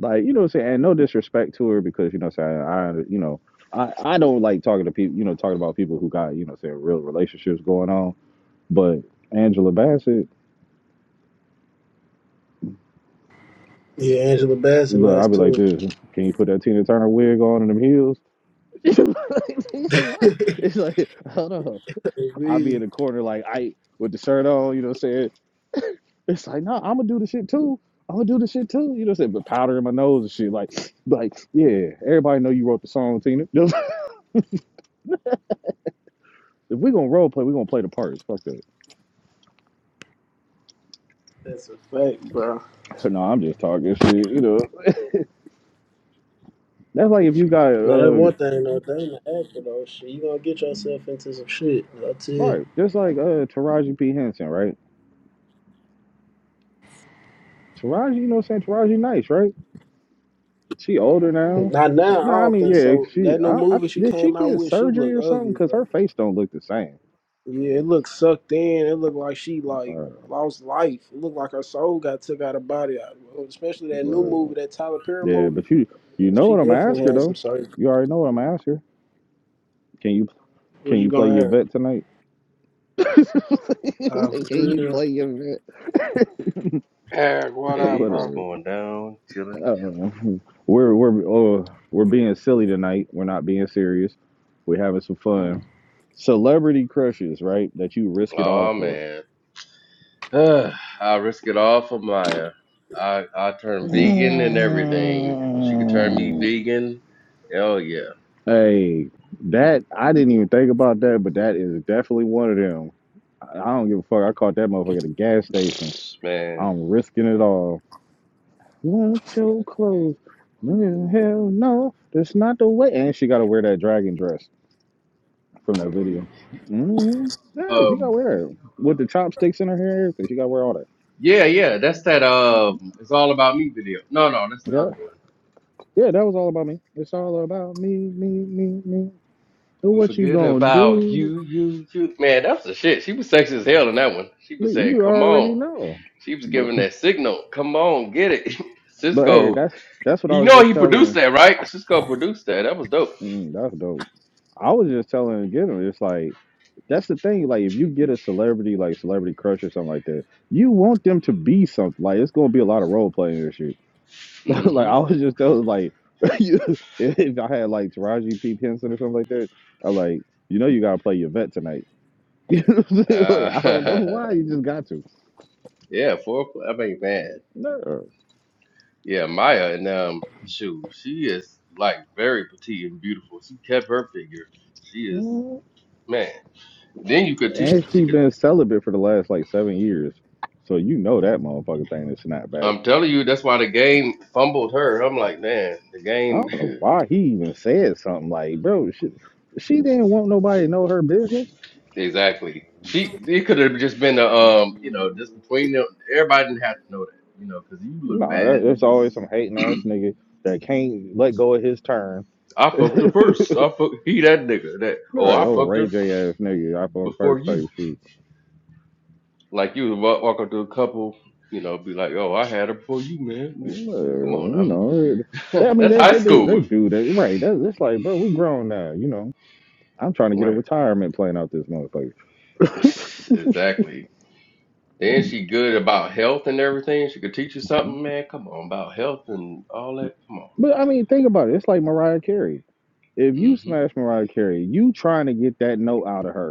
Speaker 3: Like, you know what I'm saying? And no disrespect to her because, you know what I'm saying? I, you know, I, I don't like talking to people, you know, talking about people who got, you know, what I'm saying real relationships going on. But Angela Bassett,
Speaker 2: Yeah, Angela Bassett
Speaker 3: look,
Speaker 2: nice
Speaker 3: I'll be
Speaker 2: too.
Speaker 3: like this. Can you put that Tina Turner wig on and them heels?
Speaker 2: Agreed.
Speaker 3: it's like, hold on. I'll be in the corner like I with the shirt on, you know what I'm saying? It's like, no, nah, I'm gonna do the shit too. I'm gonna do the shit too. You know what I'm saying? But powder in my nose and shit. Like, like, yeah, everybody know you wrote the song, Tina. if we gonna role play, we gonna play the parts. Fuck that.
Speaker 2: That's a fact, bro.
Speaker 3: No, I'm just talking shit, you know. That's like if you got
Speaker 2: Now that
Speaker 3: uh
Speaker 2: one thing though, they ain't an actor though. Shit, you gonna get yourself into some shit. I tell you.
Speaker 3: right, just like uh Taraji P. Henson, right? Taraji, you know what I'm saying? Taraji nice, right? She older now.
Speaker 2: Not now. I
Speaker 3: No, I
Speaker 2: don't
Speaker 3: mean,
Speaker 2: think
Speaker 3: yeah,
Speaker 2: so.
Speaker 3: she
Speaker 2: That new
Speaker 3: I, I,
Speaker 2: movie she
Speaker 3: did she
Speaker 2: came out
Speaker 3: get
Speaker 2: with, she
Speaker 3: surgery
Speaker 2: look
Speaker 3: or something?
Speaker 2: ugly,
Speaker 3: Cause
Speaker 2: bro.
Speaker 3: her face don't look the same.
Speaker 2: Yeah, it looked sucked in. It looked like she like
Speaker 3: Uh,
Speaker 2: lost life. It looked like her soul got took out of body. Out. Especially that new
Speaker 3: uh,
Speaker 2: movie, that Tyler Perry
Speaker 3: yeah,
Speaker 2: movie.
Speaker 3: but you you know
Speaker 2: She
Speaker 3: what I'm gonna
Speaker 2: definitely
Speaker 3: ask her
Speaker 2: had some
Speaker 3: though.
Speaker 2: surgery.
Speaker 3: You already know what I'm gonna ask her. Can you
Speaker 2: What
Speaker 3: can
Speaker 2: you
Speaker 3: you play
Speaker 2: gonna
Speaker 3: your
Speaker 2: have?
Speaker 3: vet tonight?
Speaker 2: Uh,
Speaker 3: like,
Speaker 2: for
Speaker 3: can you
Speaker 2: real.
Speaker 3: play your vet?
Speaker 1: Eric, what up,
Speaker 5: Hey, what's
Speaker 1: bro?
Speaker 3: Whatever.
Speaker 5: going down? Chilling,
Speaker 3: Uh,
Speaker 5: chilling.
Speaker 3: we're we're uh, we're being silly tonight. We're not being serious. We're having some
Speaker 5: Ooh.
Speaker 3: fun. Celebrity crushes, right? That you risk it all
Speaker 5: Oh
Speaker 3: for.
Speaker 5: man. I risk it all for Maya. I I turn vegan and everything. She could turn me vegan. Hell yeah.
Speaker 3: Hey, that I didn't even think about that, but that is definitely one of them. I I don't give a fuck. I caught that motherfucker at a gas station.
Speaker 5: Man.
Speaker 3: I'm risking it all. Want your clothes? Mm, Hell no, that's not the way. And she gotta wear that dragon dress from that video. hmm Yeah, she gotta
Speaker 5: Um
Speaker 3: wear it with the chopsticks in her hair. and everything. She gotta wear all that.
Speaker 5: yeah, yeah, that's that um it's all about me video. No, no, that's the
Speaker 3: Yeah,
Speaker 5: other one.
Speaker 3: yeah, that was all about me. It's all about me, me, me, me. So
Speaker 5: But
Speaker 3: what you
Speaker 5: forget
Speaker 3: gonna
Speaker 5: about
Speaker 3: do?
Speaker 5: you, you, you. Man, that was the shit. She was sexy as hell in that one. She was
Speaker 3: Nigga,
Speaker 5: saying,
Speaker 3: You
Speaker 5: Come
Speaker 3: already
Speaker 5: on.
Speaker 3: know.
Speaker 5: She was
Speaker 3: But.
Speaker 5: giving that signal. Come on, get it.
Speaker 3: But hey,
Speaker 5: Cisco.
Speaker 3: that's that's what I
Speaker 5: You
Speaker 3: was
Speaker 5: know
Speaker 3: just
Speaker 5: he produced
Speaker 3: telling.
Speaker 5: that, right? Cisco produced that. That was dope.
Speaker 3: Mm, that's dope. I was just telling Gideon, it's like that's the thing. Like if you get a celebrity, like celebrity crush or something like that, you want them to be something. Like it's gonna be a lot of role playing and shit. like
Speaker 5: hmm
Speaker 3: I was just telling, like if if I had like Taraji P Henson or something like that, I'm like, you know, you gotta play your vet tonight. You know what I'm saying? like I don't know
Speaker 5: Uh,
Speaker 3: why you just got to.
Speaker 5: yeah, four. I mean, man,
Speaker 3: No.
Speaker 5: yeah, Maya and um, shoot, she is like very petite and beautiful. She kept her figure. She is man. Then you could teach.
Speaker 3: And
Speaker 5: She
Speaker 3: she
Speaker 5: could.
Speaker 3: been celibate for the last like seven years, so you know that motherfucking thing is not back.
Speaker 5: I'm telling you, that's why the game fumbled her. I'm like, man, the
Speaker 3: I
Speaker 5: game
Speaker 3: don't know why he even said something like, bro, she, she didn't want nobody to know her business.
Speaker 5: exactly. She it could have just been a um, you know, just between them. Everybody didn't have to know that, you know, because you look
Speaker 3: No,
Speaker 5: bad.
Speaker 3: that, there's always some hating ass nigga that can't let go of his turn.
Speaker 5: I fucked her first. I fuck he that nigga that oh
Speaker 3: Right,
Speaker 5: I
Speaker 3: old
Speaker 5: fucked
Speaker 3: Ray
Speaker 5: her
Speaker 3: J ass nigga, I fuck
Speaker 5: before
Speaker 3: first type
Speaker 5: you.
Speaker 3: shit.
Speaker 5: Like you would walk, walk up to a couple, you know, be like, oh I had her before you, man. Come
Speaker 3: Well,
Speaker 5: on
Speaker 3: You
Speaker 5: now,
Speaker 3: know, that, I mean,
Speaker 5: that's
Speaker 3: they,
Speaker 5: high
Speaker 3: they do they
Speaker 5: school,
Speaker 3: do that. Right, that, it's like, bro, we grown now, you know. I'm trying to get a
Speaker 5: right?
Speaker 3: retirement plan out this motherfucker.
Speaker 5: exactly. Then she good about health and everything. She could teach you something, man. Come on about health and all that.
Speaker 3: But I mean, think about it. It's like Mariah Carey. If you
Speaker 5: Come
Speaker 3: smash Mariah Carey, you trying to get that note out of her.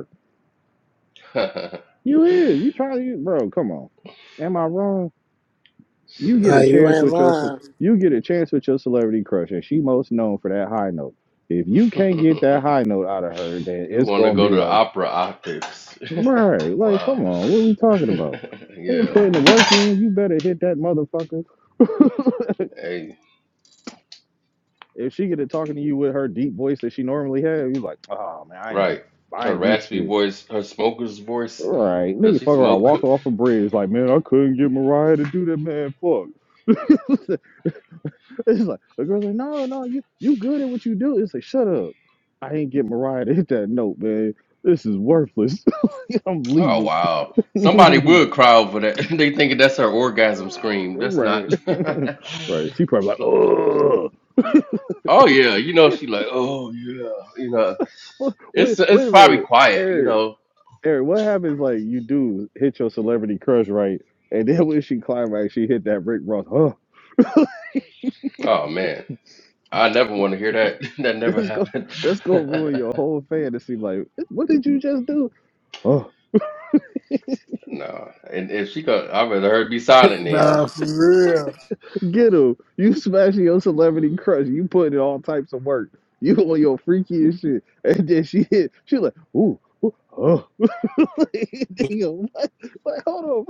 Speaker 5: on.
Speaker 3: You
Speaker 5: hmm
Speaker 3: is. You try to, you bro, come on. Am I wrong? You get
Speaker 2: Nah,
Speaker 3: a
Speaker 5: Shit.
Speaker 2: you
Speaker 3: chance
Speaker 2: ain't
Speaker 3: with your ce-
Speaker 2: lying.
Speaker 3: you get a chance with your celebrity crush, and she most known for that high note. If you can't get that high note out of her, then
Speaker 5: You
Speaker 3: it's
Speaker 5: want to
Speaker 3: gonna
Speaker 5: go
Speaker 3: be
Speaker 5: to
Speaker 3: like,
Speaker 5: opera octaves.
Speaker 3: right, like
Speaker 5: wow.
Speaker 3: come on, what are we talking about? They been
Speaker 5: yeah.
Speaker 3: putting the work in, you better hit that motherfucker.
Speaker 5: Hey.
Speaker 3: If she get to talking to you with her deep voice that she normally has, you like, oh man, I ain't do
Speaker 5: Right.
Speaker 3: I
Speaker 5: Her
Speaker 3: ain't do
Speaker 5: raspy
Speaker 3: shit.
Speaker 5: voice, her smoker's voice,
Speaker 3: Right,
Speaker 5: because
Speaker 3: nigga
Speaker 5: she
Speaker 3: fuck around,
Speaker 5: smoked.
Speaker 3: walk off a bridge like, man, I couldn't get Mariah to do that, man. Fuck. It's like the girl's like, no, no, you you good at what you do. It's like, shut up. I ain't get Mariah to hit that note, man. This is worthless. I'm
Speaker 5: Oh
Speaker 3: leaving.
Speaker 5: wow! Somebody
Speaker 3: right.
Speaker 5: would cry over that. they thinking that's her orgasm scream. That's not.
Speaker 3: right. She probably like, oh
Speaker 5: oh yeah, you know she like. Oh yeah, you know
Speaker 3: wait,
Speaker 5: it's
Speaker 3: wait
Speaker 5: it's
Speaker 3: a
Speaker 5: probably
Speaker 3: minute.
Speaker 5: quiet. You
Speaker 3: Eric,
Speaker 5: know.
Speaker 3: Eric, what happens like you do hit your celebrity crush right? And then when she climax, she hit that Rick Ross. Oh,
Speaker 5: Oh man, I never want to hear that. that never
Speaker 3: that's go
Speaker 5: happened.
Speaker 3: that's gonna ruin your whole fantasy. Like, what did you just do? Huh,
Speaker 5: no, and if she could, I'd rather her be silent then.
Speaker 2: Nah, for real.
Speaker 3: Ghetto, you smashing your celebrity crush. You putting in all types of work. You on your freaky and shit. And then she hit. She like, ooh, ooh, oh. You know, like, hold on.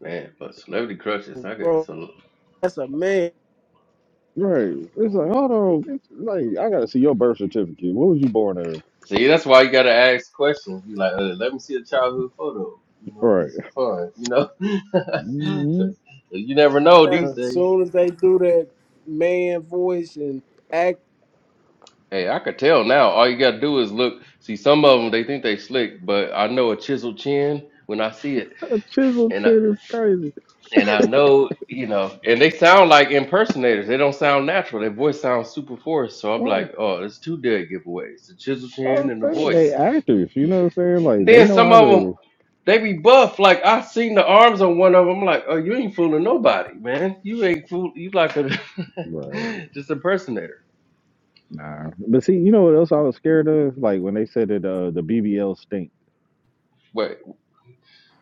Speaker 5: Man, but celebrity crushes, I got
Speaker 2: bro,
Speaker 5: so
Speaker 2: that's a man.
Speaker 3: man. Right. It's like, hold on. It's like, I got to see your birth certificate. What was you born as?
Speaker 5: See, that's why you gotta ask questions. Be like, uh, let me see a childhood photo, you know,
Speaker 3: Right.
Speaker 5: just for fun, you know.
Speaker 3: Mhm.
Speaker 5: 'Cause you never know these
Speaker 2: As
Speaker 5: days.
Speaker 2: soon as they do that man voice and act,
Speaker 5: Hey, I could tell now. All you gotta do is look. See, some of them they think they slick, but I know a chiseled chin when I see it,
Speaker 3: A chisel
Speaker 5: and I,
Speaker 3: chin is crazy.
Speaker 5: and I know, you know, and they sound like impersonators. They don't sound natural. Their voice sounds super forced. So I'm
Speaker 3: Well,
Speaker 5: like, oh, it's two dead giveaways: the chiseled
Speaker 3: I
Speaker 5: chin
Speaker 3: was
Speaker 5: and the
Speaker 3: saying they
Speaker 5: voice.
Speaker 3: actors, you know what I'm saying? Like they
Speaker 5: then
Speaker 3: know
Speaker 5: some
Speaker 3: how
Speaker 5: of them
Speaker 3: to
Speaker 5: they be buff. Like I seen the arms on one of them. I'm like, oh, you ain't fooling nobody, man. You ain't fool. You like a
Speaker 3: right.
Speaker 5: just impersonator.
Speaker 3: Nah. But see, you know what else I was scared of? Like when they said that uh, the BBL stinks.
Speaker 5: But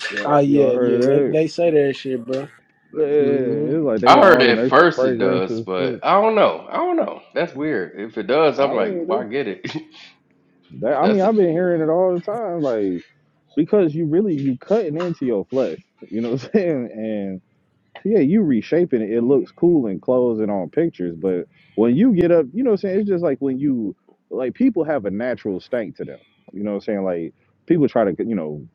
Speaker 3: Y'all,
Speaker 2: oh
Speaker 3: y'all
Speaker 2: yeah, yeah, they
Speaker 3: heard
Speaker 2: they say that shit, bro.
Speaker 3: that?
Speaker 2: hmm
Speaker 3: Yeah, it's like they
Speaker 5: I
Speaker 3: got
Speaker 5: heard
Speaker 3: all them
Speaker 5: at
Speaker 3: extra
Speaker 5: first it does,
Speaker 3: fragrances.
Speaker 5: but
Speaker 3: shit.
Speaker 5: I don't know. I don't know. That's weird. If it does, I'm
Speaker 3: I
Speaker 5: like,
Speaker 3: mean,
Speaker 5: why
Speaker 3: they,
Speaker 5: get it?
Speaker 3: they, I mean,
Speaker 5: That's a,
Speaker 3: I've been hearing it all the time, like because you really you cutting into your flesh, you know what I'm saying? And yeah, you reshaping it. It looks cool in clothes and on pictures, but when you get up, you know what I'm saying? It's just like when you like people have a natural stank to them. You know what I'm saying? Like people try to, you know,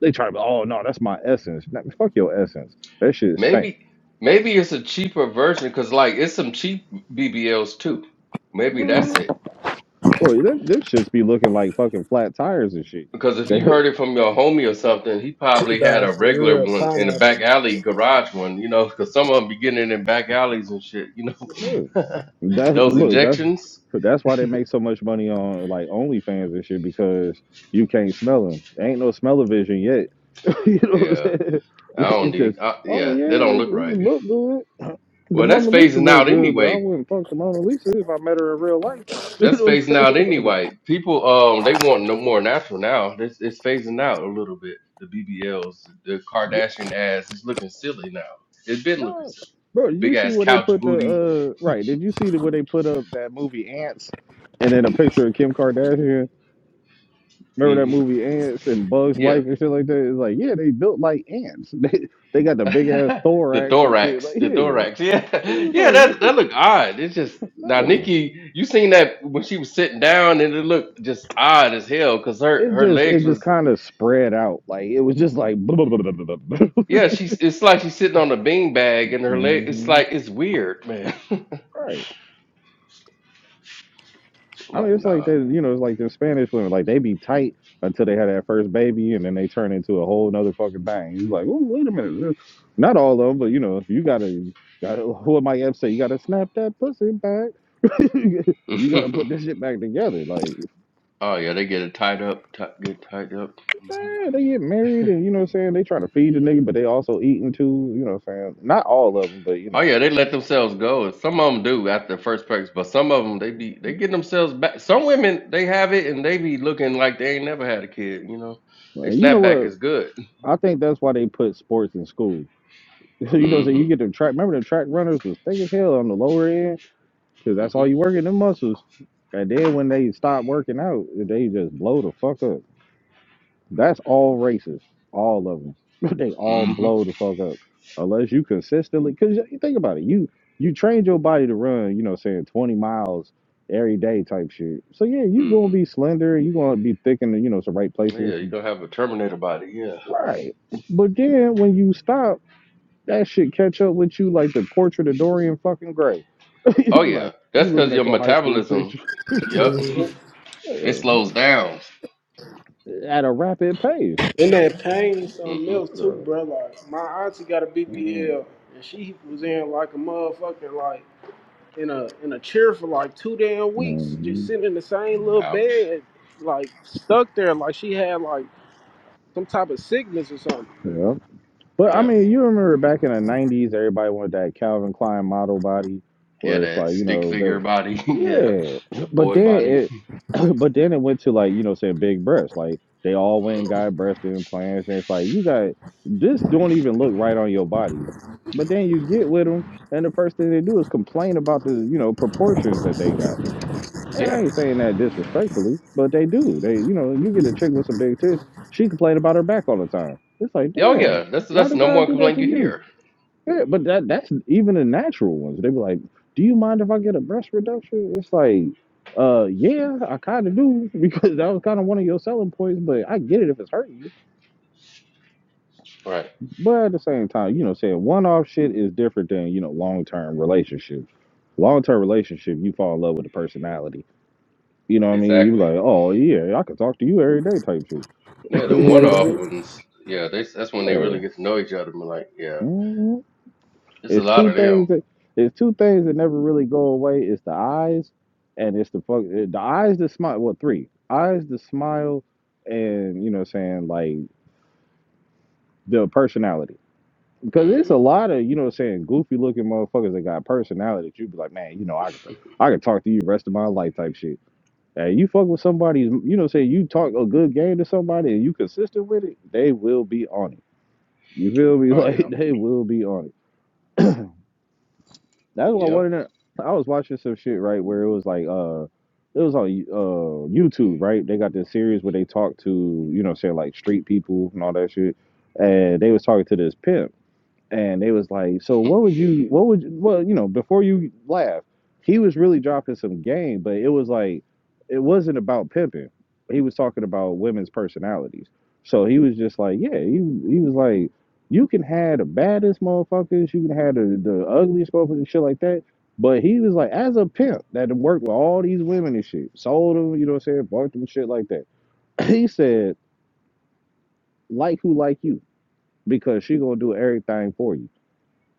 Speaker 3: they try to, oh no, that's my essence. Nah, Fuck your essence. That shit stink.
Speaker 5: maybe maybe it's a cheaper version because like it's some cheap BBLs too. Maybe that's it.
Speaker 3: Boy, them, them shits be looking like fucking flat tires and shit.
Speaker 5: Because if
Speaker 3: They,
Speaker 5: you heard it from your homie or something, he probably had
Speaker 2: Nah,
Speaker 5: a
Speaker 2: for
Speaker 5: regular
Speaker 2: real,
Speaker 5: one in the back
Speaker 2: pineapple.
Speaker 5: alley garage one, you know, because some of them be getting it in back alleys and shit, you know.
Speaker 3: that
Speaker 5: Those
Speaker 3: look, that's
Speaker 5: injections,
Speaker 3: that's why they make so much money on like OnlyFans and shit because you can't smell them. There ain't no smell vision yet. you know what I'm
Speaker 5: yeah,
Speaker 3: saying?
Speaker 5: I don't
Speaker 3: It's just,
Speaker 5: need, I,
Speaker 3: oh
Speaker 5: yeah,
Speaker 3: yeah,
Speaker 5: they don't
Speaker 3: it,
Speaker 5: look
Speaker 3: it just
Speaker 5: right.
Speaker 3: look good. The
Speaker 5: Well, that's
Speaker 3: Mona Lisa
Speaker 5: phasing
Speaker 3: look
Speaker 5: out
Speaker 3: good, but I
Speaker 5: anyway.
Speaker 3: wouldn't fuck the Mona Lisa if I met her in real life. You
Speaker 5: That's
Speaker 3: know
Speaker 5: phasing
Speaker 3: what I'm
Speaker 5: out
Speaker 3: saying?
Speaker 5: anyway. People, um, they want no more natural now. It's, it's phasing out a little bit. The BBLs, the Kardashian ass is looking silly now. It's been looking
Speaker 3: No,
Speaker 5: silly.
Speaker 3: bro. Did
Speaker 5: Big
Speaker 3: you see
Speaker 5: ass
Speaker 3: where they
Speaker 5: couch
Speaker 3: put
Speaker 5: booty.
Speaker 3: the uh right? Did you see the, where they put up that movie Ants, and then a picture of Kim Kardashian? Remember that
Speaker 5: hmm
Speaker 3: movie Ants and Bugs
Speaker 5: Yeah.
Speaker 3: Life and shit like that? It's like yeah, they built like ants. They they got the big ass
Speaker 5: the
Speaker 3: thorax and shit.
Speaker 5: thorax,
Speaker 3: Like
Speaker 5: the
Speaker 3: yeah,
Speaker 5: thorax. Yeah,
Speaker 3: he was
Speaker 5: yeah, that
Speaker 3: like
Speaker 5: that looked odd. It's just
Speaker 3: what
Speaker 5: now
Speaker 3: the fuck?
Speaker 5: Nikki, you seen that when she was sitting down, and it looked just odd as hell because her
Speaker 3: It
Speaker 5: her
Speaker 3: just it
Speaker 5: legs
Speaker 3: just
Speaker 5: was
Speaker 3: kind of spread out. Like it was just like
Speaker 5: yeah. She's it's like she's sitting on a bean bag, and her leg. It's
Speaker 3: Mhm.
Speaker 5: like it's weird, man. I'm
Speaker 3: right. I mean,
Speaker 5: like
Speaker 3: it's like
Speaker 5: nah.
Speaker 3: they, you know, it's like the Spanish women, like they be tight until they have that first baby, and then they turn into a whole nother fucking thing. You're like, oh, wait a minute, not all of them, but you know, you gotta, gotta, what Mike Epps say, you gotta snap that pussy back. you gotta put this shit back together. Like,
Speaker 5: oh yeah, they get it tied up, ti- get tied up. Mm-hmm.
Speaker 3: yeah, they get married, and you know what I'm saying. They trying to feed the nigga, but they also eating too. You know what I'm saying. Not all of them, but you
Speaker 5: Oh
Speaker 3: know,
Speaker 5: yeah, they let themselves go, and some of them do after the first practice, but some of them they be they get themselves back. Some women they have it and they be looking like they ain't never had a kid. You know,
Speaker 3: Uh,
Speaker 5: they
Speaker 3: you know
Speaker 5: snap back
Speaker 3: what?
Speaker 5: is good.
Speaker 3: I think that's why they put sports in school. you know, what I'm saying
Speaker 5: Mm-hmm.
Speaker 3: you get the track. Remember the track runners was thick as hell on the lower end because that's all you
Speaker 5: Mm-hmm.
Speaker 3: working the muscles. And then when they stop working out, they just blow the fuck up. That's all races, all of them. they all
Speaker 5: Mm-hmm.
Speaker 3: blow the fuck up unless you consistently. Because you think about it, you you trained your body to run, you know, saying twenty miles every day type shit. So yeah, you gonna
Speaker 5: Mm-hmm.
Speaker 3: be slender. You gonna be thick in the you know some right places.
Speaker 5: Yeah, you gonna have a Terminator body. Yeah.
Speaker 3: Right. But then when you stop, that shit catch up with you like the portrait of Dorian fucking Gray.
Speaker 5: Oh
Speaker 3: you
Speaker 5: yeah,
Speaker 3: like
Speaker 5: that's
Speaker 3: you looking
Speaker 5: because your
Speaker 3: at your high school
Speaker 5: metabolism.
Speaker 3: picture.
Speaker 5: Yep,
Speaker 2: hmm
Speaker 5: it slows down.
Speaker 3: at a rapid pace.
Speaker 2: And that pain is something
Speaker 5: Mm-hmm.
Speaker 2: else too, bro. Like my auntie got a BBL, and she was in like a motherfucking like in a in a chair for like two damn weeks, just
Speaker 3: Mm-hmm.
Speaker 2: sitting in the same little
Speaker 5: Ouch.
Speaker 2: bed, like stuck there, like she had like some type of sickness or something.
Speaker 3: Yeah. But I
Speaker 5: Damn.
Speaker 3: mean, you remember back in the '90s, everybody wanted that Calvin Klein model body,
Speaker 5: Yeah,
Speaker 3: where it's
Speaker 5: that
Speaker 3: like you
Speaker 5: stick
Speaker 3: know
Speaker 5: figure
Speaker 3: the
Speaker 5: body. yeah,
Speaker 3: yeah.
Speaker 5: the
Speaker 3: But
Speaker 5: boy
Speaker 3: then
Speaker 5: body.
Speaker 3: it, but then it went to like you know saying big breasts. Like they all went and got breast implants, and it's like you got this don't even look right on your body. But then you get with them, and the first thing they do is complain about the you know proportions that they got. And I
Speaker 5: Yeah.
Speaker 3: ain't saying that disrespectfully, but they do. They, you know, you get a chick with some big tits, she complain about her back all the time. It's like,
Speaker 5: Oh
Speaker 3: damn,
Speaker 5: yeah, that's
Speaker 3: why
Speaker 5: that's the
Speaker 3: did
Speaker 5: number
Speaker 3: God
Speaker 5: one
Speaker 3: do that
Speaker 5: complaint
Speaker 3: to
Speaker 5: you
Speaker 3: you?
Speaker 5: hear.
Speaker 3: Yeah, but that that's even the natural ones. They be like, do you mind if I get a breast reduction? It's like, uh, yeah, I kind of do because that was kind of one of your selling points. But I get it if it's hurting you.
Speaker 5: Right.
Speaker 3: But at the same time, you know, saying one off shit is different than you know long term relationships. Long term relationship, you fall in love with the personality You know what I mean? You be
Speaker 5: Exactly.
Speaker 3: like, oh yeah, I can talk to you every day type shit.
Speaker 5: Yeah, the
Speaker 3: you
Speaker 5: one-off
Speaker 2: Mm-hmm.
Speaker 3: know?
Speaker 5: ones. Yeah, they, that's when they really
Speaker 3: Yeah.
Speaker 5: get to know each other. And be like, yeah,
Speaker 3: Mhm.
Speaker 5: it's a
Speaker 3: It's
Speaker 5: lot
Speaker 3: two
Speaker 5: of them.
Speaker 3: things that it's two things that never really go away. It's the eyes and it's the fuck eh, the eyes the smile well three. Eyes the smile and you know what I'm saying like the personality. Because it's
Speaker 5: hmm
Speaker 3: a lot of, you know what I'm saying, goofy looking motherfuckers that got personality that you be like, man, you know, I could I could talk to you the rest of my life type shit. Now, you fuck with somebody, you know, say you talk a good game to somebody and you consistent with it, they will be on it. You feel me?
Speaker 5: Oh
Speaker 3: Like
Speaker 5: yeah.
Speaker 3: they will be on it. That's why one
Speaker 5: Yep.
Speaker 3: of the I was watching some shit right where it was like uh it was on uh YouTube right. They got this series where they talk to you know say like street people and all that shit, and they was talking to this pimp and they was like, "So what would you? What would you, well, you know?" Before you laugh, he was really dropping some game, but it was like it wasn't about pimping. He was talking about women's personalities. So he was just like, "Yeah," he he was like, "You can have the baddest motherfuckers, you can have the the ugliest motherfuckers, and shit like that." But he was like, as a pimp that worked with all these women and shit, sold them, you know what I'm saying, bought them shit like that. He said, like who like you, because she gonna do everything for you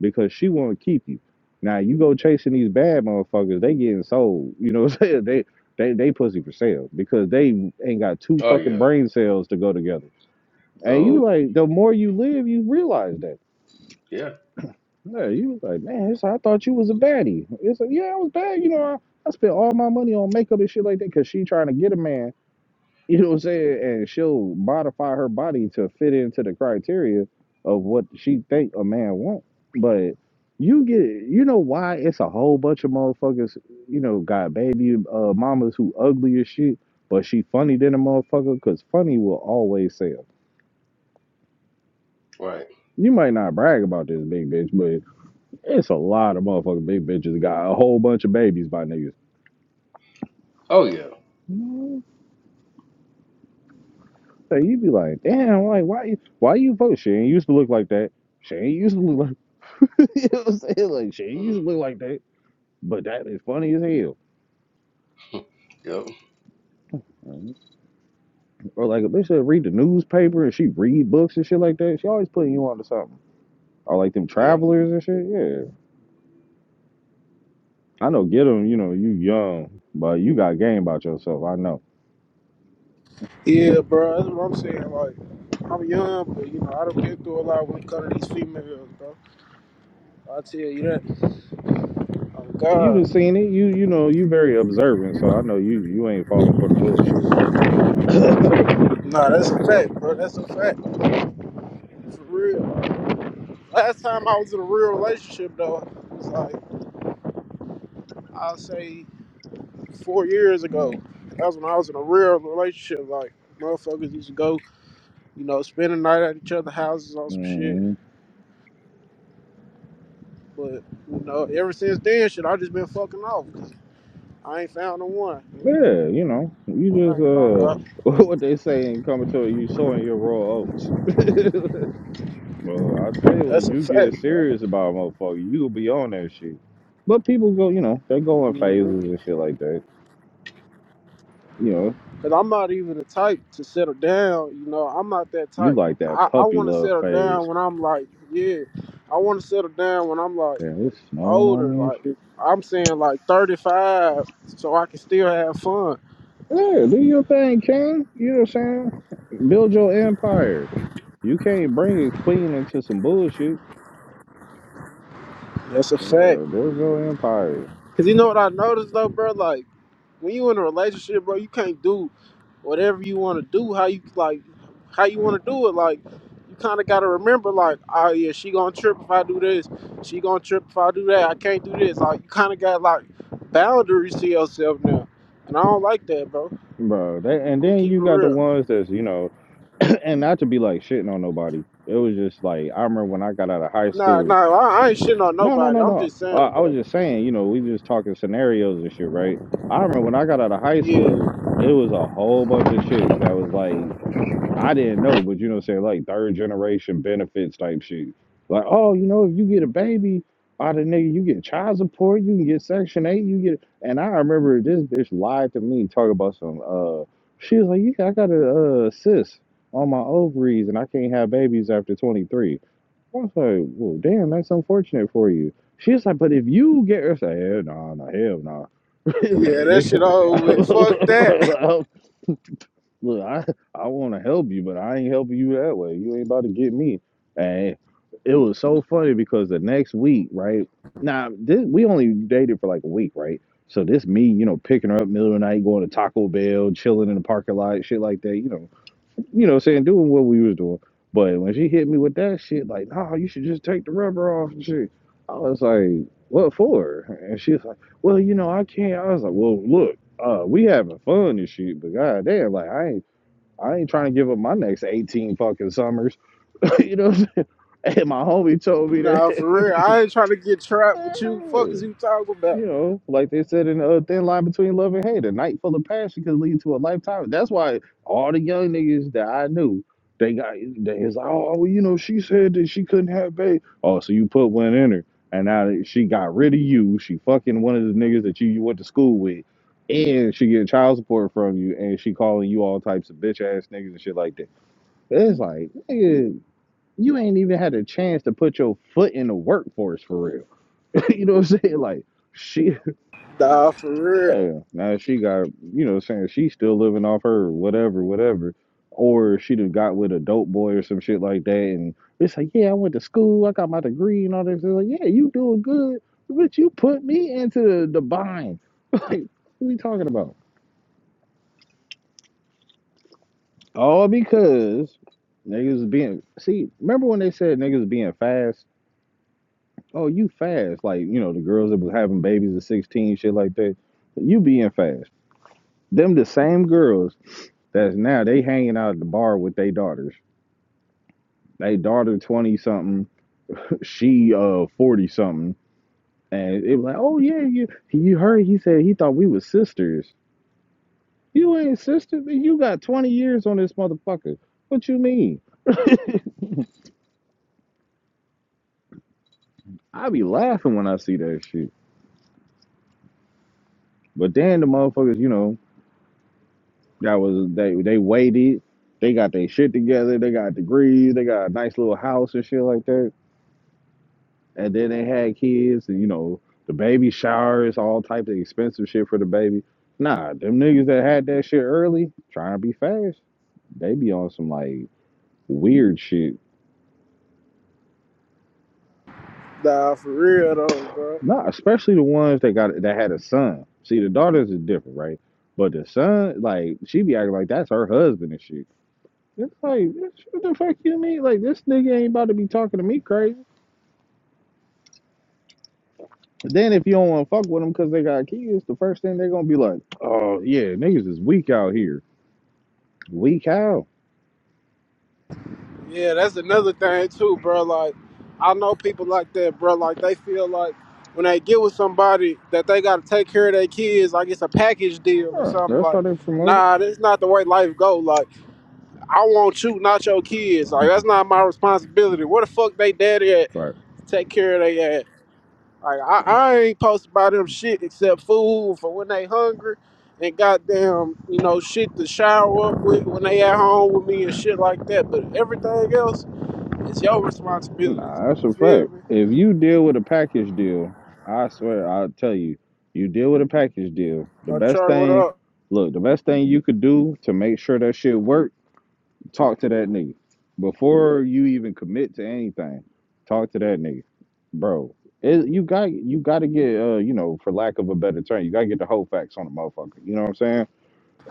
Speaker 3: because she won't keep you. Now you go chasing these bad motherfuckers, they getting sold. You know what I'm saying? They they they pussy for sale because they ain't got two
Speaker 5: Oh
Speaker 3: fucking
Speaker 5: yeah.
Speaker 3: brain cells to go together. And you
Speaker 5: So
Speaker 3: like the more you live, you realize that.
Speaker 5: yeah.
Speaker 3: Yeah, you like, man, it's, like, I thought you was a baddie. It's like, yeah, I was bad. You know, I, I spent all my money on makeup and shit like that because she trying to get a man. You know what I'm saying? And she'll modify her body to fit into the criteria of what she think a man want. But you get, you know why it's a whole bunch of motherfuckers, you know, got baby uh, mamas who ugly as shit, but she funny than a motherfucker because funny will always sell.
Speaker 5: Right.
Speaker 3: You might not brag about this big bitch, but it's a lot of motherfucking big bitches got a whole bunch of babies by niggas.
Speaker 5: Oh yeah.
Speaker 3: So you be like, damn, like why you why you fuck? She ain't used to look like that. She ain't used to look like you know what I'm saying? Like, shit, you used to
Speaker 5: hmm
Speaker 3: look like that, but that is funny as hell.
Speaker 5: Yep.
Speaker 3: Or like if they that read the newspaper and she read books and shit like that. She always putting you onto something. Or like them
Speaker 5: Yep.
Speaker 3: travelers and shit. Yeah, I know. Get them. You know, you young, but you got game about yourself. I know.
Speaker 2: Yeah, bro, that's what I'm saying. Like, I'm young, but you know, I done been through a lot when it comes to these females, bro. I tell you that. Oh
Speaker 3: You done
Speaker 2: God,
Speaker 3: seen it. You you know you very observant, so I know you you ain't falling for the bullshit.
Speaker 2: nah, that's a fact, bro. That's a fact, for real.
Speaker 3: mm-hmm.
Speaker 2: Last time I was in a real relationship, though, it was like I'll say four years ago. That's when I was in a real relationship. Like, motherfuckers used to go, you know, spend the night at each other's houses on some shit. But you know, ever since then, shit, I just been fucking off. I ain't found no one.
Speaker 3: Yeah, you know, you
Speaker 2: I
Speaker 3: just
Speaker 2: ain't gonna
Speaker 3: uh,
Speaker 2: lie.
Speaker 3: what they say in commentary, you sowing your raw oats. Well, I'll tell you,
Speaker 2: That's
Speaker 3: when
Speaker 2: a
Speaker 3: you get
Speaker 2: fact, bro.
Speaker 3: serious about a motherfucker, you'll be on that shit. But people go, you know, they go in phases
Speaker 2: Because
Speaker 3: and shit like that. You know,
Speaker 2: I'm not even the type to settle down. You know, I'm not that
Speaker 3: you
Speaker 2: type.
Speaker 3: like that
Speaker 2: I, I
Speaker 3: puppy
Speaker 2: want to
Speaker 3: love
Speaker 2: settle
Speaker 3: phase.
Speaker 2: down when I'm like, yeah, I want to settle down when I'm like
Speaker 3: Damn, it's snowing on
Speaker 2: older.
Speaker 3: me and
Speaker 2: Like,
Speaker 3: shit.
Speaker 2: I'm saying like 35 so I can still have fun.
Speaker 3: Yeah, do your thing, king. You know what I'm saying? Build your empire. You can't bring a queen into some bullshit.
Speaker 2: That's a fact.
Speaker 3: No, build your empire,
Speaker 2: Because you know what I noticed though, bro? Like, when you in a relationship, bro, you can't do whatever you want to do. How you like, how you want to do it. Like, you kind of gotta remember, like, oh yeah, she gonna trip if I do this. She gonna trip if I do that. I can't do this. Like, you kind of got like boundaries to yourself now, and I don't like that, bro.
Speaker 3: bro. That, and
Speaker 2: I'm gonna
Speaker 3: then
Speaker 2: keep
Speaker 3: you
Speaker 2: it
Speaker 3: got the
Speaker 2: real.
Speaker 3: ones that's, you know, and not to be like shitting on nobody. It was just like, I remember when I got out of high
Speaker 2: Nah,
Speaker 3: school
Speaker 2: nah, I, I ain't shitting on
Speaker 3: No, no,
Speaker 2: nobody.
Speaker 3: no,
Speaker 2: I'm
Speaker 3: no.
Speaker 2: just
Speaker 3: Uh,
Speaker 2: saying,
Speaker 3: I was
Speaker 2: bro.
Speaker 3: just saying, you know, we just talking scenarios and shit, right? I remember when I got out of high
Speaker 2: Yeah,
Speaker 3: school, it was a whole bunch of chicks that was like, I didn't know, but you know, what I'm saying like third generation benefits type shit. Like, oh, you know, if you get a baby out of nigga, you get child support, you can get Section Eight, you get. And I remember this bitch lied to me, talking about some. Uh, she was like, yeah, I got a uh, cyst on my ovaries, and I can't have babies after 23. I was like, well, damn, that's unfortunate for you. She's like, but if you get her, it's like, hell no, no, hell no. it's like,
Speaker 2: yeah, that
Speaker 3: nigga,
Speaker 2: shit over
Speaker 3: I,
Speaker 2: with. Fuck that.
Speaker 3: look, I, I want to help you, but I ain't helping you that way. You ain't about to get me. And it was so funny because the next week, right? Now, this, we only dated for like a week, right? So this me, you know, picking her up middle of the night, going to Taco Bell, chilling in the parking lot, shit like that, you know you know, saying doing what we was doing. But when she hit me with that shit, like, nah, you should just take the rubber off and shit. I was like, what for? And she's like, well, you know, I can't. I was like, well, look, uh, we having fun and shit, but goddamn, like, I ain't. I ain't trying to give up my next 18 fucking summers. you know what I'm saying? And my homie told me
Speaker 2: nah, for real. I ain't trying to get trapped with you.
Speaker 3: that.
Speaker 2: Fuck is you talking about?
Speaker 3: You know, like they said in a thin line between love and hate, a night full of passion could lead to a lifetime. That's why all the young niggas that I knew, they got they was like, oh, well, you know, she said that she couldn't have baby. Oh, so you put one in her, and now that she got rid of you. She fucking one of the niggas that you, you went to school with, and she getting child support from you, and she calling you all types of bitch ass niggas and shit like that. It's like, nigga, you ain't even had a chance to put your foot in the workforce for real. you know what I'm saying? Like. she.
Speaker 2: Nah, for real.
Speaker 3: Yeah, now that she got, you know, saying she's still living off her whatever, whatever, or she'd have got with a dope boy or some shit like that, and it's like, yeah, I went to school, I got my degree and all this. It's like, yeah, you doing good, but you put me into the, the bind. like, what we talking about? All because niggas being see. Remember when they said niggas being fast? Oh, you fast? Like you know the girls that was having babies at 16, shit like that. You being fast. Them the same girls that's now they hanging out at the bar with their daughters. They daughter twenty something, she uh forty something, and it was like, oh yeah, you you heard he said he thought we was sisters. You ain't sisters. You got twenty years on this motherfucker. What you mean? I be laughing when I see that shit. But then the motherfuckers, you know, that was they they waited. They got their shit together. They got degrees. They got a nice little house and shit like that and then they had kids, and you know, the baby showers, all type of expensive shit for the baby. Nah, them niggas that had that shit early, trying to be fast, they be on some like weird shit.
Speaker 2: Nah, for real though, bro.
Speaker 3: Nah, especially the ones that got that had a son. See, the daughters is different, right? But the son, like, she be acting like that's her husband and shit. It's like, what the fuck you mean? Like, this nigga ain't about to be talking to me crazy. Then if you don't want to fuck with them because they got kids, the first thing they're gonna be like, oh yeah, niggas is weak out here Weak how?
Speaker 2: Yeah, that's another thing too, bro. Like, I know people like that, bro. Like, they feel like when they get with somebody that they gotta take care of their kids, like it's a package deal or
Speaker 3: Huh,
Speaker 2: something.
Speaker 3: that's how
Speaker 2: Like,
Speaker 3: they promote
Speaker 2: nah, that's not the way life go. Like, I want you, not your kids. Like,
Speaker 3: it.
Speaker 2: that's not my responsibility. Where the fuck they daddy at?
Speaker 3: Right.
Speaker 2: Take care of they ass. Like I, I ain't supposed to buy them shit except food for when they hungry and goddamn, you know, shit to shower up with when they at home with me and shit like that. But everything else is your responsibility.
Speaker 3: Nah, that's
Speaker 2: You
Speaker 3: a
Speaker 2: feel
Speaker 3: fact.
Speaker 2: me?
Speaker 3: If you deal with a package deal, I swear I'll tell you, you deal with a package deal. The
Speaker 2: So
Speaker 3: best
Speaker 2: Charlie, what
Speaker 3: thing,
Speaker 2: up?
Speaker 3: look, the best thing you could do to make sure that shit work, talk to that nigga before you even commit to anything. Talk to that nigga, bro. It, you got you got to get uh you know for lack of a better term, you got to get the whole facts on the motherfucker. You know what I'm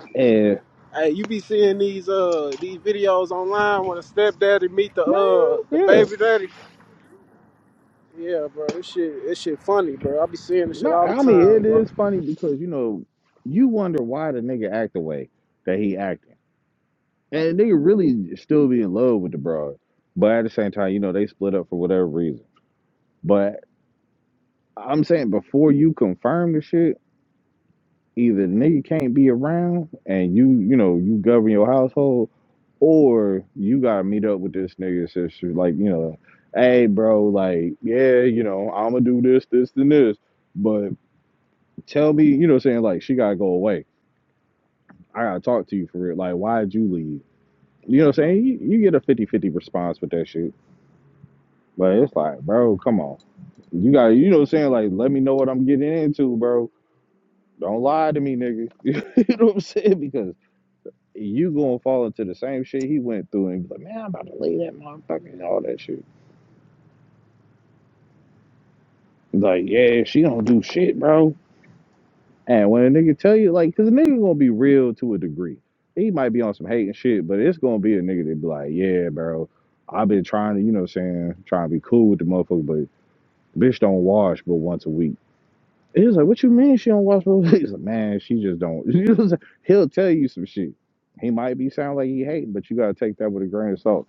Speaker 3: saying? And
Speaker 2: Hey, you be seeing these uh these videos online when a stepdaddy meet the
Speaker 3: man,
Speaker 2: uh the
Speaker 3: yeah.
Speaker 2: baby daddy. Yeah, bro, this shit this shit funny, bro. I be seeing this
Speaker 3: No,
Speaker 2: shit all the
Speaker 3: I mean
Speaker 2: time,
Speaker 3: it
Speaker 2: bro.
Speaker 3: is funny because you know you wonder why the nigga act the way that he acting, and the nigga really still be in love with the broad, but at the same time, you know they split up for whatever reason. But I'm saying before you confirm the shit, either the nigga can't be around and you you know you govern your household, or you gotta meet up with this nigga sister like you know, hey bro, like yeah you know I'ma do this this and this, but tell me you know what I'm saying like she gotta go away I gotta talk to you for real. Like, why'd you leave? You know what I'm saying? You, you get a fifty-fifty response with that shit. But it's like, bro, come on. You got you know what I'm saying? Like, let me know what I'm getting into, bro. Don't lie to me, nigga. you know what I'm saying? Because you gonna fall into the same shit he went through and be like, man, I'm about to leave that motherfucker and all that shit. Like, yeah, she don't do shit, bro. And when a nigga tell you, like, cause a nigga gonna be real to a degree. He might be on some hate and shit, but it's gonna be a nigga that be like, yeah, bro, I've been trying to, you know what I'm saying, trying to be cool with the motherfucker, but bitch don't wash but once a week. And He's like, what you mean she don't wash but once a week? He's like, man, she just don't. You know what I'm saying? He'll tell you some shit. He might be sound like he hating, but you gotta take that with a grain of salt.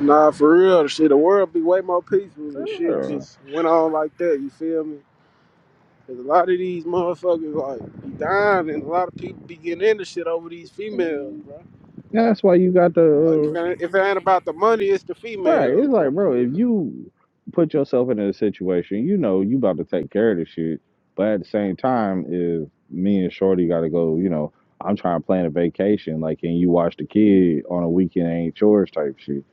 Speaker 2: Nah, for real, the shit. The world be way more peaceful if shit
Speaker 3: Yeah.
Speaker 2: just went on like that. You feel me? Cause a lot of these motherfuckers like be dying, and a lot of people be getting into shit over these females, bro.
Speaker 3: That's why you got
Speaker 2: Like
Speaker 3: the
Speaker 2: if
Speaker 3: uh,
Speaker 2: it, ain't- if it ain't about the money, it's the
Speaker 3: Right.
Speaker 2: females,
Speaker 3: It's like,
Speaker 2: bro.
Speaker 3: bro, if you put yourself in a situation, you know you about to take care of the shit. But at the same time, if me and Shorty gotta go, you know, I'm trying to plan a vacation, like and you watch the kid on a weekend ain't yours type shit.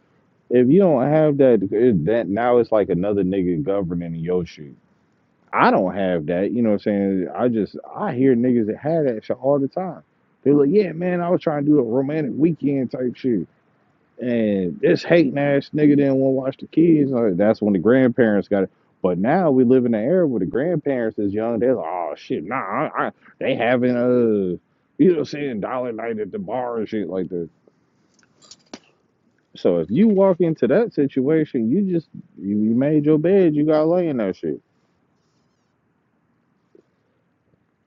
Speaker 3: If you don't have that it- that now it's like another nigga governing your shit. I don't have that, you know what I'm saying? I just I hear niggas that had that shit all the time. They're like, Yeah, man, I was trying to do a romantic weekend type shit. And this hating ass nigga didn't want to watch the kids. Like, that's when the grandparents got it. But now we live in an era where the grandparents is young. They're like, oh shit, nah, I, I, they having uh, you know, saying dollar night at the bar and shit like that. So if you walk into that situation, you just you, you made your bed, you got to lay in that shit.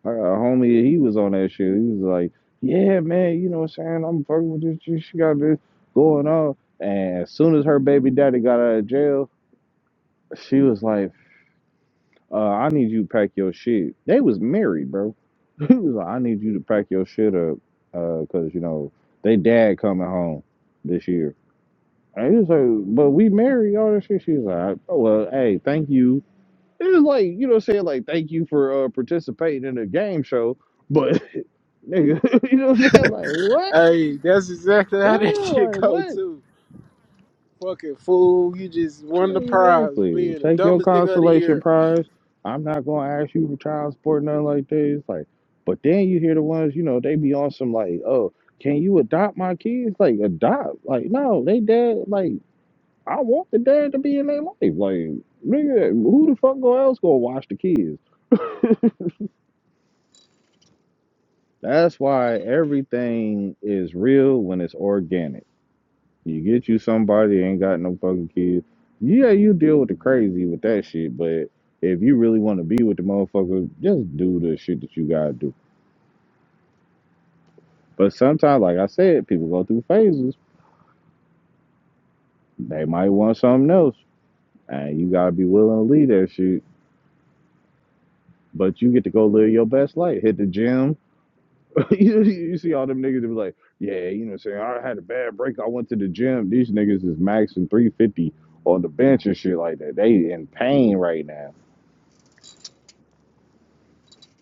Speaker 3: I a homie, he was on that shit. He was like, yeah, man, you know what I'm saying? I'm fucking with this shit She got this going on. And as soon as her baby daddy got out of jail, she was like, uh, I need you to pack your shit. They was married, bro. he was like, I need you to pack your shit up, uh, cause you know they dad coming home this year. And he was like, but we married all that shit. She was like, oh well, hey, thank you. It was like you know, what I'm saying like thank you for uh, participating in the game show, but nigga, you know, what I'm saying like what?
Speaker 2: Hey, that's exactly how that
Speaker 3: Yeah,
Speaker 2: shit
Speaker 3: like
Speaker 2: go
Speaker 3: what?
Speaker 2: too. Fucking fool, you just won the prize
Speaker 3: Exactly.
Speaker 2: being the
Speaker 3: Take your
Speaker 2: dumbest nigga of the
Speaker 3: consolation
Speaker 2: year.
Speaker 3: prize. I'm not gonna ask you for child support, nothing like this. Like, but then you hear the ones, you know, they be on some like, oh, can you adopt my kids? Like, adopt? Like, no, they dad. Like, I want the dad to be in their life. Like, nigga, who the fuck go else gonna watch the kids? That's why everything is real when it's organic. You get you somebody ain't got no fucking kids. Yeah, you deal with the crazy with that shit, but if you really want to be with the motherfucker, just do the shit that you gotta do. But sometimes, like I said, people go through phases. They might want something else, and you gotta be willing to leave that shit. But you get to go live your best life. Hit the gym. you, you see all them niggas that be like, yeah, you know what I'm saying? I had a bad break. I went to the gym. These niggas is maxing 350 on the bench and shit like that. They in pain right now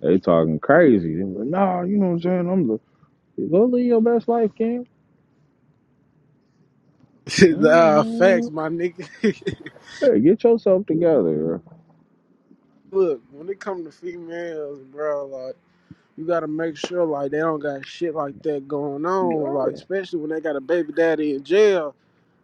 Speaker 3: They talking crazy. They like, nah, you know what I'm saying? I'm the go live your best life, King.
Speaker 2: uh, facts,
Speaker 3: Mm,
Speaker 2: my nigga.
Speaker 3: Hey, get yourself together.
Speaker 2: Look, when it come to females, bro, like you gotta make sure like they don't got shit like that going
Speaker 3: Girl,
Speaker 2: on, like
Speaker 3: girl,
Speaker 2: especially when they got a baby daddy in jail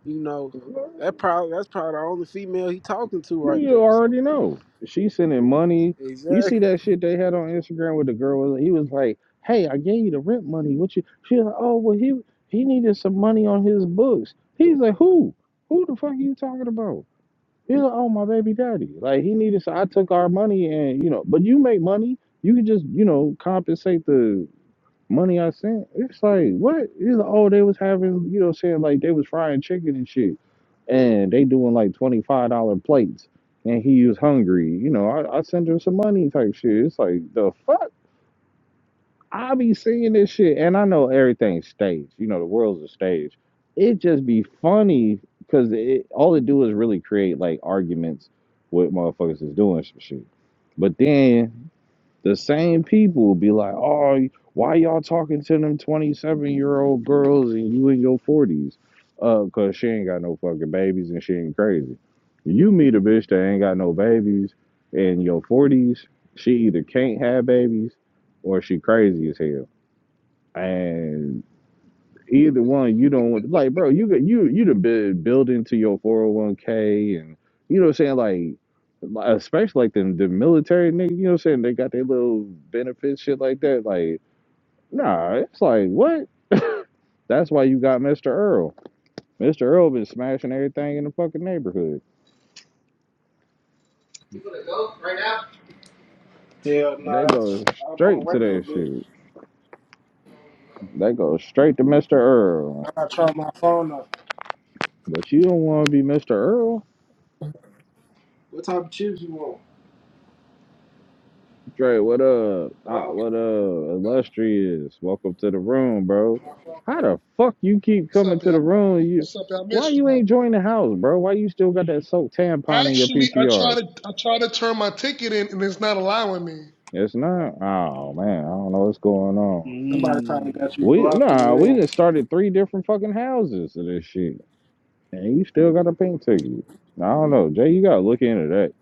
Speaker 2: You know, that probably that's probably the only female he talking to right
Speaker 3: You
Speaker 2: there. So
Speaker 3: already know. She sending money. You see
Speaker 2: exactly.
Speaker 3: that shit they had on Instagram with the girl? He was like, "Hey, I gave you the rent money. What you?" She was like, "Oh, well, he he needed some money on his books." He's like, "Who? Who the fuck are you talking about?" He's like, oh my baby daddy. Like he needed so I took our money and you know, but you make money, you can just, you know, compensate the money I sent. It's like what? He's like, oh, they was having, you know, saying like they was frying chicken and shit. And they doing like twenty five dollar plates and he was hungry. You know, I, I sent him some money type shit. It's like the fuck? I be seeing this shit, and I know everything's staged. You know, the world's a stage. It just be funny because it, all it do is really create like arguments with motherfuckers is doing some shit. But then the same people be like, oh, why y'all talking to them 27 year old girls and you in your 40s? Uh, cause she ain't got no fucking babies and she ain't crazy. You meet a bitch that ain't got no babies in your 40s, she either can't have babies or she crazy as hell. And either one you don't want like bro you could you you'd have been building to your 401k and you know what i'm saying like like, especially like the, the military nigga you know what i'm saying they got their little benefits shit like that like nah it's like what that's why you got mr earl mr earl been smashing everything in the fucking neighborhood
Speaker 2: Go right now. Hell nah.
Speaker 3: they go
Speaker 2: I'm, I'm gonna
Speaker 3: straight
Speaker 2: wait
Speaker 3: to
Speaker 2: a little
Speaker 3: that
Speaker 2: bit.
Speaker 3: shit they go straight to mr
Speaker 2: I
Speaker 3: earl
Speaker 2: gotta try my phone up.
Speaker 3: but you don't want to be mr earl
Speaker 2: What type of chips you want?
Speaker 3: Dre, what up? Ah,
Speaker 2: Huh?
Speaker 3: what up? Illustrious. Welcome to the room, bro. How the fuck you keep
Speaker 6: What's
Speaker 3: coming
Speaker 6: up,
Speaker 3: to
Speaker 6: y'all?
Speaker 3: the room? You
Speaker 6: What's up, y'all? I
Speaker 3: why
Speaker 6: missed
Speaker 3: you
Speaker 6: y'all.
Speaker 3: ain't join the house, bro? Why you still got that soaked tampon in your
Speaker 6: Actually, I
Speaker 3: PTR?
Speaker 6: tried to I tried to turn my ticket in, and it's not allowing me.
Speaker 3: It's not. Oh man, I don't know what's going on.
Speaker 2: Somebody probably
Speaker 1: Mm,
Speaker 2: got you
Speaker 3: We
Speaker 2: blocked in the
Speaker 3: nah, we
Speaker 2: room.
Speaker 3: just started three different fucking houses of this shit. And you still got a pink ticket. I don't know. Jay, you gotta look into that.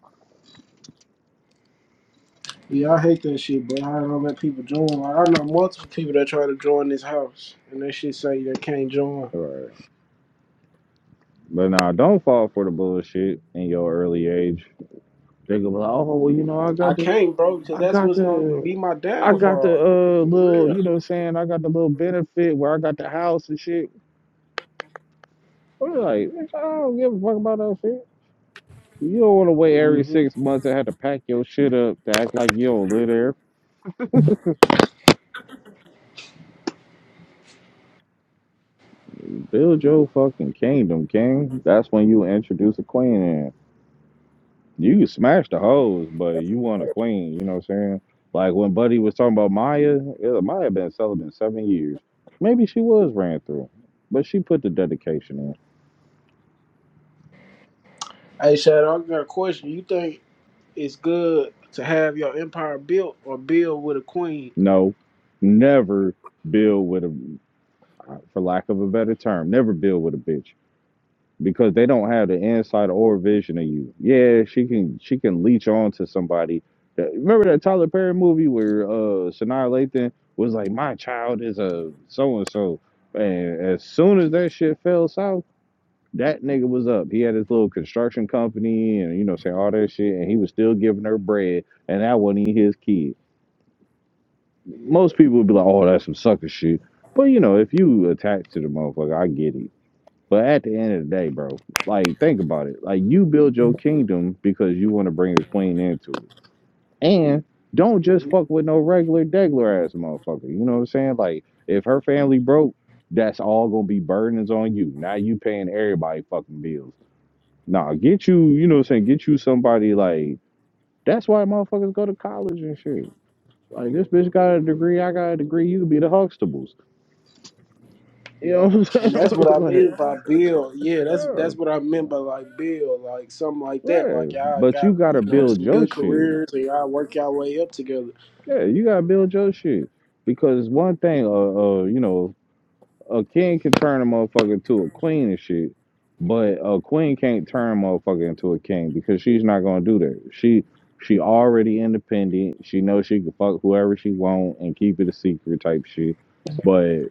Speaker 2: Yeah, I hate that shit, bro. I don't let people join. Like, I know multiple people that try to join this house, and that shit say they can't join.
Speaker 3: All right. But nah, don't fall for the bullshit in your early age. They go, oh, well, you know, I
Speaker 2: I
Speaker 3: got to.
Speaker 2: can't, bro, because
Speaker 3: I
Speaker 2: that's
Speaker 3: got
Speaker 2: what's gonna
Speaker 3: the
Speaker 2: be my
Speaker 3: I got the
Speaker 2: downfall.
Speaker 3: uh
Speaker 2: For
Speaker 3: little,
Speaker 2: real.
Speaker 3: you know what I'm saying, I got the little benefit where I got the house and shit. I'm like, bitch, I don't give a fuck about that shit. You don't wanna wait every
Speaker 2: hmm
Speaker 3: six months and have to pack your shit up to act like you don't live there. Build your fucking kingdom, king. That's when you introduce a queen in. You can smash the hoes, but you want a queen, you know what I'm saying? Like when Buddy was talking about Maya, yeah, Maya been celibate seven years. Maybe she was ran through, but she put the dedication in.
Speaker 2: Hey, Shadow, I got a question. You think it's good to have your empire built or build with a queen.
Speaker 3: No, never build with a, for lack of a better term, never build with a bitch because they don't have the insight or vision of you. Yeah, she can she can leech on to somebody. That, remember that Tyler Perry movie where uh Sanaa Lathan was like, "My child is a so and so," and as soon as that shit fell south. That nigga was up. He had his little construction company and you know, saying all that shit, and he was still giving her bread, and that wasn't even his kid
Speaker 2: Yeah.
Speaker 3: most people would be like, "Oh, that's some sucker shit." But you know, if you attach to the motherfucker, I get it. But at the end of the day, bro, like think about it. Like you build your kingdom because you want to bring a queen into it, and don't just
Speaker 2: hmm
Speaker 3: fuck with no regular degler ass motherfucker. You know what I'm saying? Like if her family broke, that's all gonna be burdens on you. Now you paying everybody fucking bills. Nah, get you, you know what I'm saying? Get you somebody like that's why motherfuckers go to college and shit. Like this bitch got a degree, I got a degree. You could be the Huxtables. You know
Speaker 2: Yep.
Speaker 3: what I'm
Speaker 2: And
Speaker 3: saying?
Speaker 2: that's what I
Speaker 3: like,
Speaker 2: mean by build. Yeah, that's
Speaker 3: yeah,
Speaker 2: that's what I meant by like build, like something like that.
Speaker 3: yeah.
Speaker 2: Like y'all
Speaker 3: But
Speaker 2: got
Speaker 3: you gotta
Speaker 2: you know
Speaker 3: build
Speaker 2: some
Speaker 3: your
Speaker 2: good
Speaker 3: shit.
Speaker 2: careers, and y'all work y'all way up together.
Speaker 3: Yeah, you gotta build your shit because one thing, uh, uh, you know, a king can turn a motherfucker to a queen and shit, but a queen can't turn a motherfucker into a king because she's not gonna do that. She she already independent. She knows she can fuck whoever she want and keep it a secret type shit. But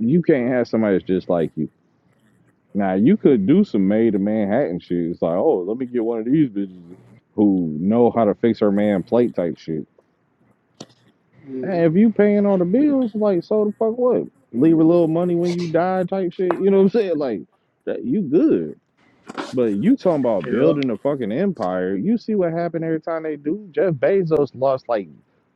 Speaker 3: you can't have somebody that's just like you. Now you could do some made in Manhattan shit. It's like, oh, let me get one of these bitches who know how to fix her man plate type shit.
Speaker 2: hmm
Speaker 3: Hey, if you paying all the bills, like so the fuck what? Leave a little money when you die type shit. You know what I'm saying? Like that you good. But you talking about
Speaker 2: Yeah,
Speaker 3: building a fucking empire. You see what happened every time they do? Jeff Bezos lost like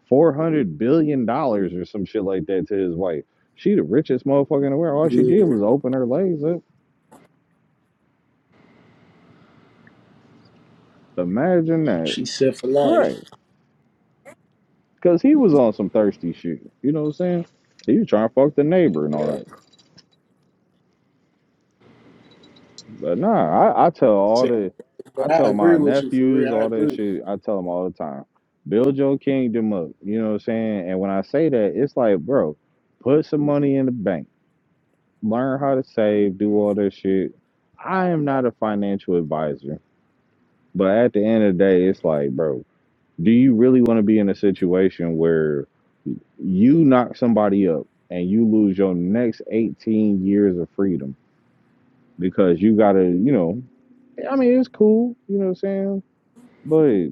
Speaker 3: four hundred billion dollars or some shit like that to his wife. She the richest motherfucker in the world. All she
Speaker 2: yeah.
Speaker 3: did was open her legs up. Imagine that.
Speaker 2: She said for
Speaker 3: Right.
Speaker 2: life.
Speaker 3: Because he was on some thirsty shit. You know what I'm saying? He was trying to fuck the neighbor and all
Speaker 2: Yeah.
Speaker 3: that. But nah, I, I tell all
Speaker 2: Said,
Speaker 3: the, I
Speaker 2: but I
Speaker 3: tell
Speaker 2: agree
Speaker 3: my
Speaker 2: with you for real.
Speaker 3: nephews
Speaker 2: I
Speaker 3: all that
Speaker 2: agree.
Speaker 3: shit. I tell them all the time, build your kingdom up. You know what I'm saying? And when I say that, it's like, bro, put some money in the bank, learn how to save, do all that shit. I am not a financial advisor, but at the end of the day, it's like, bro, do you really want to be in a situation where you knock somebody up and you lose your next 18 years of freedom because you got to, you know, I mean, it's cool, you know what I'm saying? But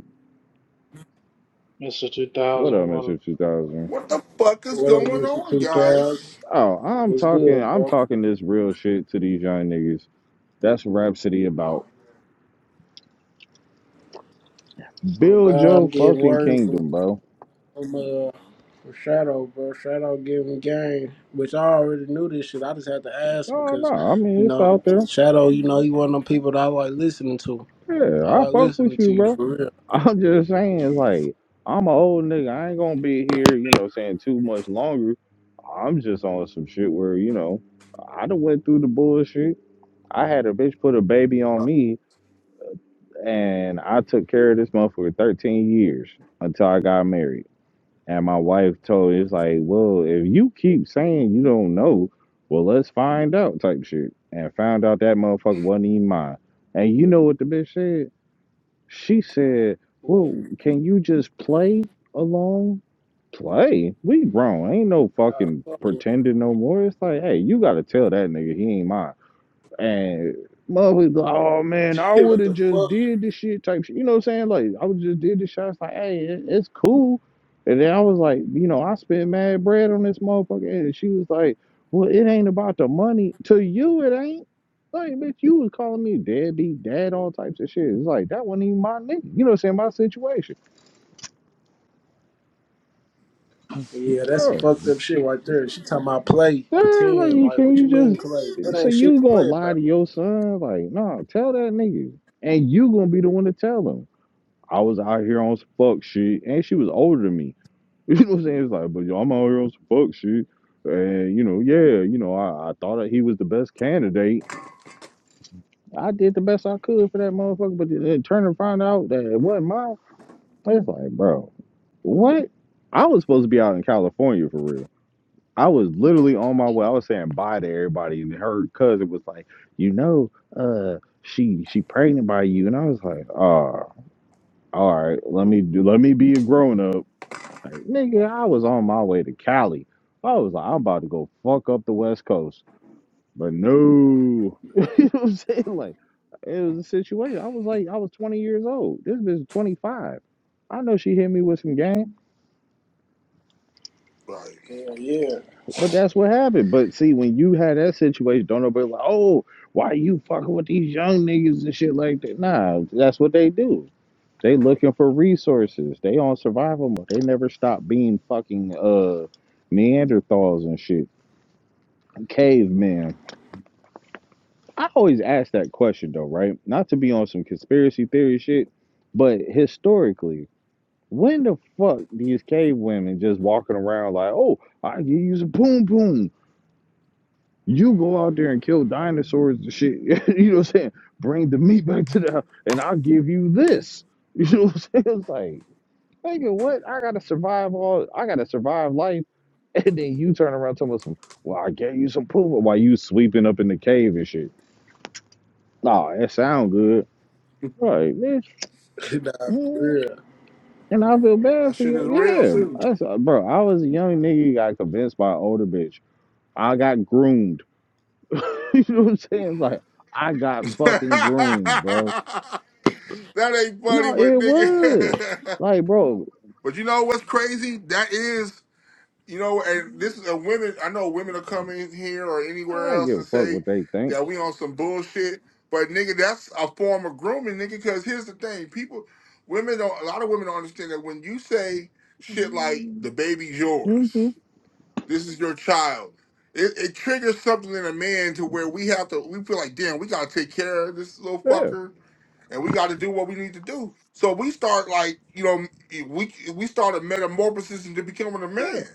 Speaker 1: Mr.
Speaker 3: what
Speaker 1: 2000,
Speaker 3: up,
Speaker 1: what up?
Speaker 3: Mr. 2000?
Speaker 7: What the fuck is
Speaker 2: What up,
Speaker 7: going
Speaker 2: Mr.
Speaker 7: on,
Speaker 2: 2000?
Speaker 7: guys?
Speaker 3: Oh, I'm
Speaker 2: What's
Speaker 3: talking,
Speaker 2: good,
Speaker 3: I'm
Speaker 2: bro?
Speaker 3: talking this real shit to these young niggas. That's Rhapsody about
Speaker 2: Oh
Speaker 3: build
Speaker 2: God, I'm
Speaker 3: your
Speaker 2: getting
Speaker 3: fucking
Speaker 2: word from.
Speaker 3: kingdom, bro.
Speaker 2: from uh from Shadow, bro. Shadow giving game, which I already knew this shit. I just had to ask
Speaker 3: No, no,
Speaker 2: because,
Speaker 3: I
Speaker 2: you
Speaker 3: mean, it's
Speaker 2: know,
Speaker 3: out there.
Speaker 2: Shadow, you know, he one of them people that I like listening to.
Speaker 3: Yeah,
Speaker 2: I
Speaker 3: I
Speaker 2: like
Speaker 3: fuck
Speaker 2: listening
Speaker 3: with
Speaker 2: to
Speaker 3: you,
Speaker 2: you
Speaker 3: bro.
Speaker 2: for real.
Speaker 3: I'm just saying, like, I'm an old nigga. I ain't gonna be here, you know, saying too much longer. I'm just on some shit where, you know, I done went through the bullshit. I had a bitch put a baby on
Speaker 7: Right.
Speaker 3: me, and I took care of this motherfucker 13 years until I got married. And my wife told it's like, well, if you keep saying you don't know, well, let's find out type shit. And found out that motherfucker wasn't even mine. And you know what the bitch said? She said,
Speaker 2: What?
Speaker 3: Well, can you just play along? Play? We grown. Ain't no
Speaker 2: Uh,
Speaker 3: fucking
Speaker 2: fuck
Speaker 3: pretending no more. It's like, hey, you gotta tell that nigga he ain't mine. And motherfuckers like, oh man, I
Speaker 2: with-
Speaker 3: would
Speaker 2: what
Speaker 3: have
Speaker 2: the
Speaker 3: just
Speaker 2: fuck?
Speaker 3: did this shit type shit. You know what I'm saying? Like I would just did this shit. I was like, hey, it- it's cool. And then I was like, you know, I spent mad bread on this motherfucker. And she was like, well, it ain't about the money. To you, it ain't. Like, bitch, you was calling me deadbeat, dad, all types of shit. It's like that wasn't even my nigga. You know what I'm saying? My situation.
Speaker 2: Yeah, that's some fucked
Speaker 3: Bruh,
Speaker 2: up shit right there. She talking about play,
Speaker 3: Yeah,
Speaker 2: pretend.
Speaker 3: like
Speaker 2: Like,
Speaker 3: can
Speaker 2: what you
Speaker 3: you
Speaker 2: mean
Speaker 3: just
Speaker 2: play? That
Speaker 3: so
Speaker 2: ain't shit
Speaker 3: you
Speaker 2: to
Speaker 3: gonna
Speaker 2: play
Speaker 3: lie
Speaker 2: about.
Speaker 3: to your son? Like, nah, tell that nigga. And you gonna be the one to tell him. I was out here on some fuck shit, and she was older than me. You know what I'm saying? It's like, but yo, I'm out here on some fuck shit, and you know, yeah, you know, I, I thought that he was the best candidate. I did the best I could for that motherfucker, but then turn and find out that it wasn't mine. It's like, bro, what? I was supposed to be out in California for real. I was literally on my way. I was saying bye to everybody, and her cousin was like, you know, uh, she she pregnant by you, and I was like, ah, oh, all right, let me do, let me be a grown up Like, nigga, I was on my way to Cali. I was like, I'm about to go fuck up the West Coast. But no. you know what I'm saying? Like, it was a situation. I was like, I was 20 years old. This bitch is 25. I know she hit me with some game,
Speaker 2: Yeah,
Speaker 7: right.
Speaker 2: yeah.
Speaker 3: but that's what happened. But see, when you had that situation, don't nobody like, oh, why you fucking with these young niggas and shit like that? Nah, that's what they do. They looking for resources. They on survival mode. They never stop being fucking uh Neanderthals and shit. caveman. I always ask that question though, right? Not to be on some conspiracy theory shit, but historically, when the fuck these cave women just walking around like, oh, I can use a boom boom. You go out there and kill dinosaurs and shit. you know what I'm saying? Bring the meat back to the house and I'll give you this. You know what I'm saying? It's like, nigga, what? I gotta survive all I gotta survive life. And then you turn around telling us, well, I gave you some poop while you sweeping up in the cave and shit. No, it sound good. Right, bitch.
Speaker 2: nah, for
Speaker 3: Mm,
Speaker 2: real.
Speaker 3: And I feel bad
Speaker 7: That
Speaker 3: for
Speaker 7: shit
Speaker 3: you.
Speaker 7: is real
Speaker 3: Yeah.
Speaker 7: too.
Speaker 3: That's, bro, I was a young nigga got convinced by an older bitch. I got groomed. you know what I'm saying? Like, I got fucking groomed, bro.
Speaker 7: that ain't funny,
Speaker 3: No, it
Speaker 7: but
Speaker 3: was.
Speaker 7: nigga.
Speaker 3: Like, bro,
Speaker 7: but you know what's crazy? That is, you know, and this is a women. I know women will come in here or
Speaker 3: I
Speaker 7: anywhere
Speaker 3: don't
Speaker 7: else
Speaker 3: give
Speaker 7: and
Speaker 3: a fuck
Speaker 7: say
Speaker 3: what they think.
Speaker 7: that we on some bullshit. But nigga, that's a form of grooming, nigga. Because here's the thing: people, women don't. A lot of women don't understand that when you say shit like
Speaker 3: Mm-hmm.
Speaker 7: the baby's yours.
Speaker 3: Yeah.
Speaker 7: This is your child. It, it triggers something in a man to where we have to. We feel like, damn, we gotta take care of this little fucker, and we got to do what we need to do. So we start like, you know, we we start a metamorphosis into becoming a
Speaker 3: Yeah.
Speaker 7: man.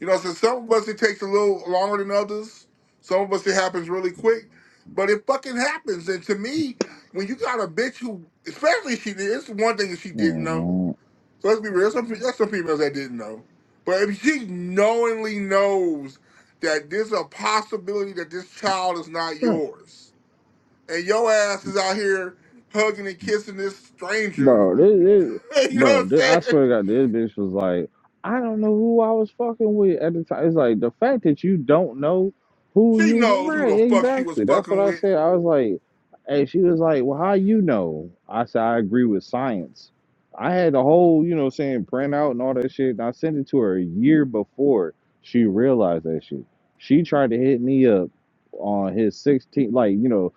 Speaker 7: You know, so some of us it takes a little longer than others. Some of us it happens really quick, but it fucking happens. And to me, when you got a bitch who, especially if she, did, it's one thing that she didn't know
Speaker 3: hmm
Speaker 7: so let's be real. Some there's some females that didn't know, but if she knowingly knows that there's a possibility that this child is not yours, and your ass is out here hugging and kissing this stranger,
Speaker 3: Bro, this, this
Speaker 7: you know
Speaker 3: bro,
Speaker 7: what I'm
Speaker 3: this,
Speaker 7: saying?
Speaker 3: I swear to God, this bitch was like, I don't know who I was fucking with at the time. It's like the fact that you don't know who
Speaker 7: She
Speaker 3: you was
Speaker 7: knows who
Speaker 3: right,
Speaker 7: the fuck she was
Speaker 3: exactly. That's what
Speaker 7: fucking
Speaker 3: I
Speaker 7: with.
Speaker 3: said. I was like, hey, she was like, Well, how you know? I said, I agree with science. I had the whole, you know, saying printout and all that shit, and I sent it to her a year before she realized that shit. She tried to hit me up on his 16th, like, you know,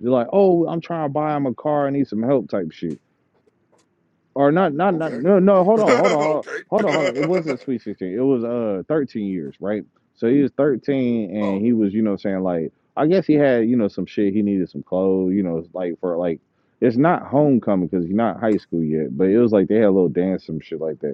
Speaker 3: like, oh, I'm trying to buy him a car, I need some help type shit or not not not
Speaker 7: Okay.
Speaker 3: no no hold on hold on
Speaker 7: okay.
Speaker 3: hold on hold on it wasn't sweet 16 it was uh 13 years right so he was 13
Speaker 7: oh,
Speaker 3: and
Speaker 7: okay.
Speaker 3: he was you know what I'm saying like i guess he had you know some shit he needed some clothes you know like for like it's not homecoming because he's not high school yet but it was like they had a little dance some shit like that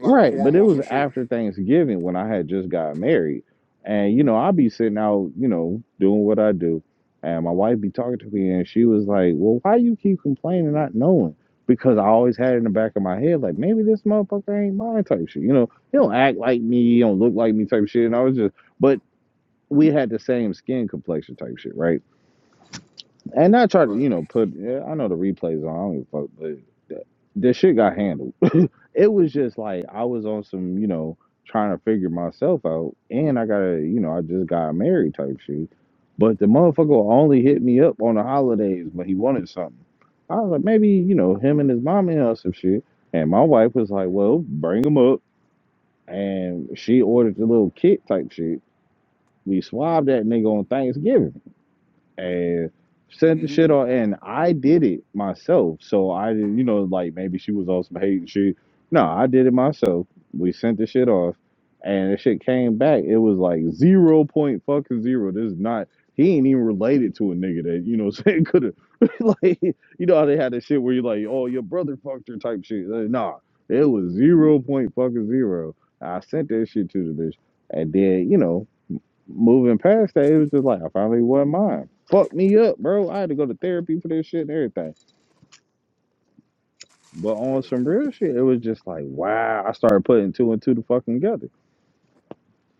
Speaker 7: Like a
Speaker 3: Right, but
Speaker 7: formal
Speaker 3: it
Speaker 7: or
Speaker 3: was
Speaker 7: some shit.
Speaker 3: after Thanksgiving when I had just got married. And, you know, I'd be sitting out, you know, doing what I do. And my wife be talking to me and she was like, Well, why you keep complaining not knowing? Because I always had it in the back of my head, like, maybe this motherfucker ain't mine type shit. You know, he don't act like me, he don't look like me type shit. And I was just but we had the same skin complexion type shit, right? And I tried to,
Speaker 7: Right.
Speaker 3: you know, put yeah, I know the replays on, I don't give a fuck, but the, the shit got handled it was just like I was on some, you know, trying to figure myself out, and I got to, you know, I just got married type shit. But the motherfucker only hit me up on the holidays when he wanted something. I was like, maybe, you know, him and his mom and us some shit. And my wife was like, well, bring him up. And she ordered the little kit type shit. We swabbed that nigga on Thanksgiving and sent the
Speaker 7: Mm-hmm.
Speaker 3: shit on and I did it myself. So I you know, like maybe she was on some hate and shit. No, I did it myself. We sent the shit off and the shit came back. It was like zero point fucking zero. This is not he ain't even related to a nigga that, you know what I'm saying, could have like you know how they had that shit where you're like, oh your brother fucked her type shit. Like, nah. It was zero point fucking zero. I sent that shit to the bitch. And then, you know, moving past that, it was just like I finally won mine. Fucked me up, bro. I had to go to therapy for this shit and everything. But
Speaker 7: Yeah.
Speaker 3: on some real shit, it was just like, wow. I started putting two and two to fucking together.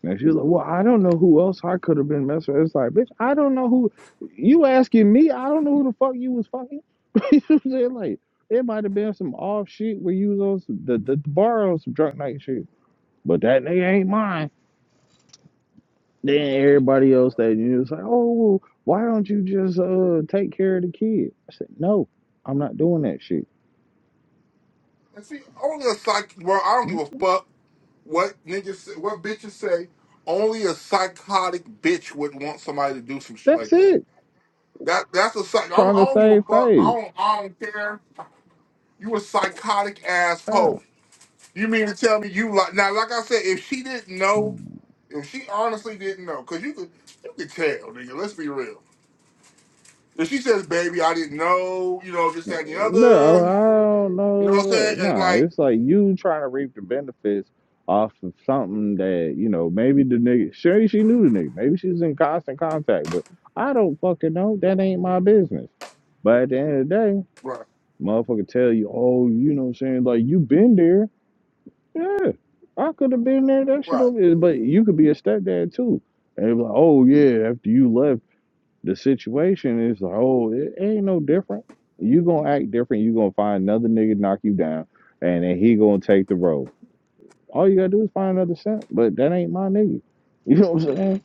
Speaker 3: And she was like, well, I don't know who else I could have been messing with. It's like, bitch, I don't know who. You asking me? I don't know who the fuck you was fucking. you know what I'm saying? Like, it might have been some off shit where you was on some, the, the, the bar on some drunk night shit. But that nigga ain't mine. Then everybody else that you was like, oh, well, why don't you just uh take care of the kid? I said, no, I'm not doing that shit.
Speaker 7: And see, only a psych. Well, I don't give
Speaker 3: Mm,
Speaker 7: a fuck What niggas? say- What bitches say? Only a psychotic bitch would want somebody to do some shit
Speaker 3: That's
Speaker 7: like that.
Speaker 3: it.
Speaker 7: That that's a psych. I don't,
Speaker 3: Trying
Speaker 7: I
Speaker 3: to
Speaker 7: don't give a
Speaker 3: save
Speaker 7: fuck. I
Speaker 3: face.
Speaker 7: don't. I don't care. You a psychotic
Speaker 3: Yeah.
Speaker 7: asshole. You mean to tell me you like now? Like I said, if she didn't know, if she honestly didn't know, because you could you could tell, nigga. Let's be real. If she says, "Baby, I didn't know," you know, this, that, and the
Speaker 3: No,
Speaker 7: other.
Speaker 3: I don't
Speaker 7: You know what I'm
Speaker 3: know.
Speaker 7: saying? And
Speaker 3: Nah,
Speaker 7: like,
Speaker 3: it's like you trying to reap the benefits off of something that you know. Maybe the nigga, sure she knew the nigga. Maybe she was in constant contact, but I don't fucking know. That ain't my business. But at the end of the day,
Speaker 7: right,
Speaker 3: motherfucker tell you, oh, you know, what I'm saying like you been there. Yeah, I could have been there. That shit
Speaker 7: right,
Speaker 3: over. there. But you could be a stepdad too. And it was like, oh yeah, after you left the situation, it's like, oh, it ain't no different. You gonna act different. You gonna find another nigga to knock you down, and then he gonna take the road. All you gotta do is find another simp. But that ain't my nigga. You know what I'm saying?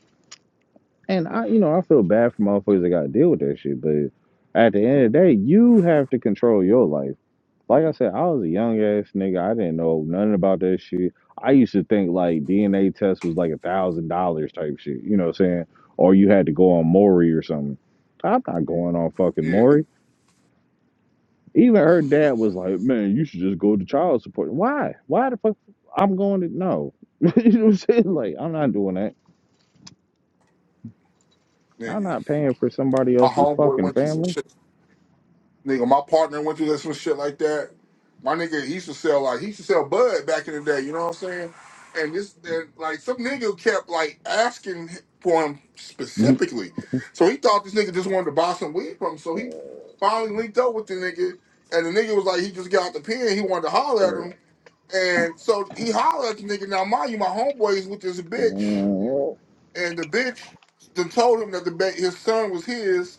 Speaker 3: And I, you know, I feel bad for motherfuckers that gotta deal with that shit. But at the end of the day, you have to control your life. Like I said, I was a young ass nigga. I didn't know nothing about that shit. I used to think like DNA test was like a thousand dollars type shit. You know what I'm saying? Or you had to go on Maury or something. I'm not going on fucking
Speaker 7: yeah,
Speaker 3: Maury. Even her dad was like, "Man, you should just go to child support." Why? Why the fuck? I'm going to no. you know what I'm saying? Like, I'm not doing that. I'm
Speaker 7: nigga.
Speaker 3: not paying for somebody
Speaker 7: My
Speaker 3: else's
Speaker 7: homeboy
Speaker 3: fucking
Speaker 7: went through some shit
Speaker 3: family.
Speaker 7: Nigga, my partner went through this some shit like that. My nigga, he used to sell like he used to sell bud back in the day. You know what I'm saying? And this, and, like some nigga kept like asking for him
Speaker 3: Mhm.
Speaker 7: specifically, so he thought this nigga just wanted to buy some weed from him. So he finally linked up with the nigga, and the nigga was like, he just got out the pen. He wanted to holler at
Speaker 3: Right.
Speaker 7: him, and so he hollered at the nigga. Now mind you, my homeboy is with this bitch, and the bitch then told him that the ba- his son was his,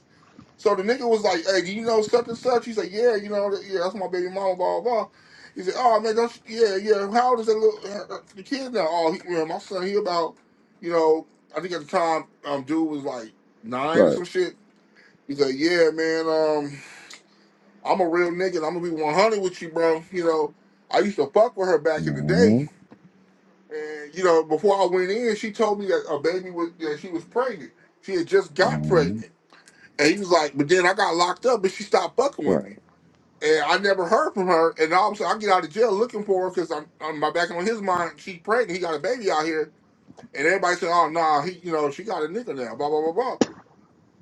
Speaker 7: so the nigga was like, "Hey, do you know such and such?" He said, "Yeah, you know, that- yeah, that's my baby mama." Blah blah. blah. He said, "Oh man, don't you, yeah, yeah. How old is that little her, her- the kid now? Oh, he, yeah, my son. He about, you know, I think at the time, um, dude was like nine or
Speaker 3: Right.
Speaker 7: some shit." He said, "Yeah, man. Um, I'm a real nigga. and I'm gonna be 100 with you, bro. You know, I used to fuck with her back in the day, and you know, before I went in, she told me that a baby was that she was pregnant. She had just got pregnant." And he was like, but then I got locked up, but she stopped fucking with
Speaker 3: Right.
Speaker 7: me. And I never heard from her. And all of a sudden, I get out of jail looking for her because I'm, I'm my back on his mind. She's pregnant. He got a baby out here, and everybody saying, "Oh no, he, you know, she got a nigga now." Blah blah blah blah.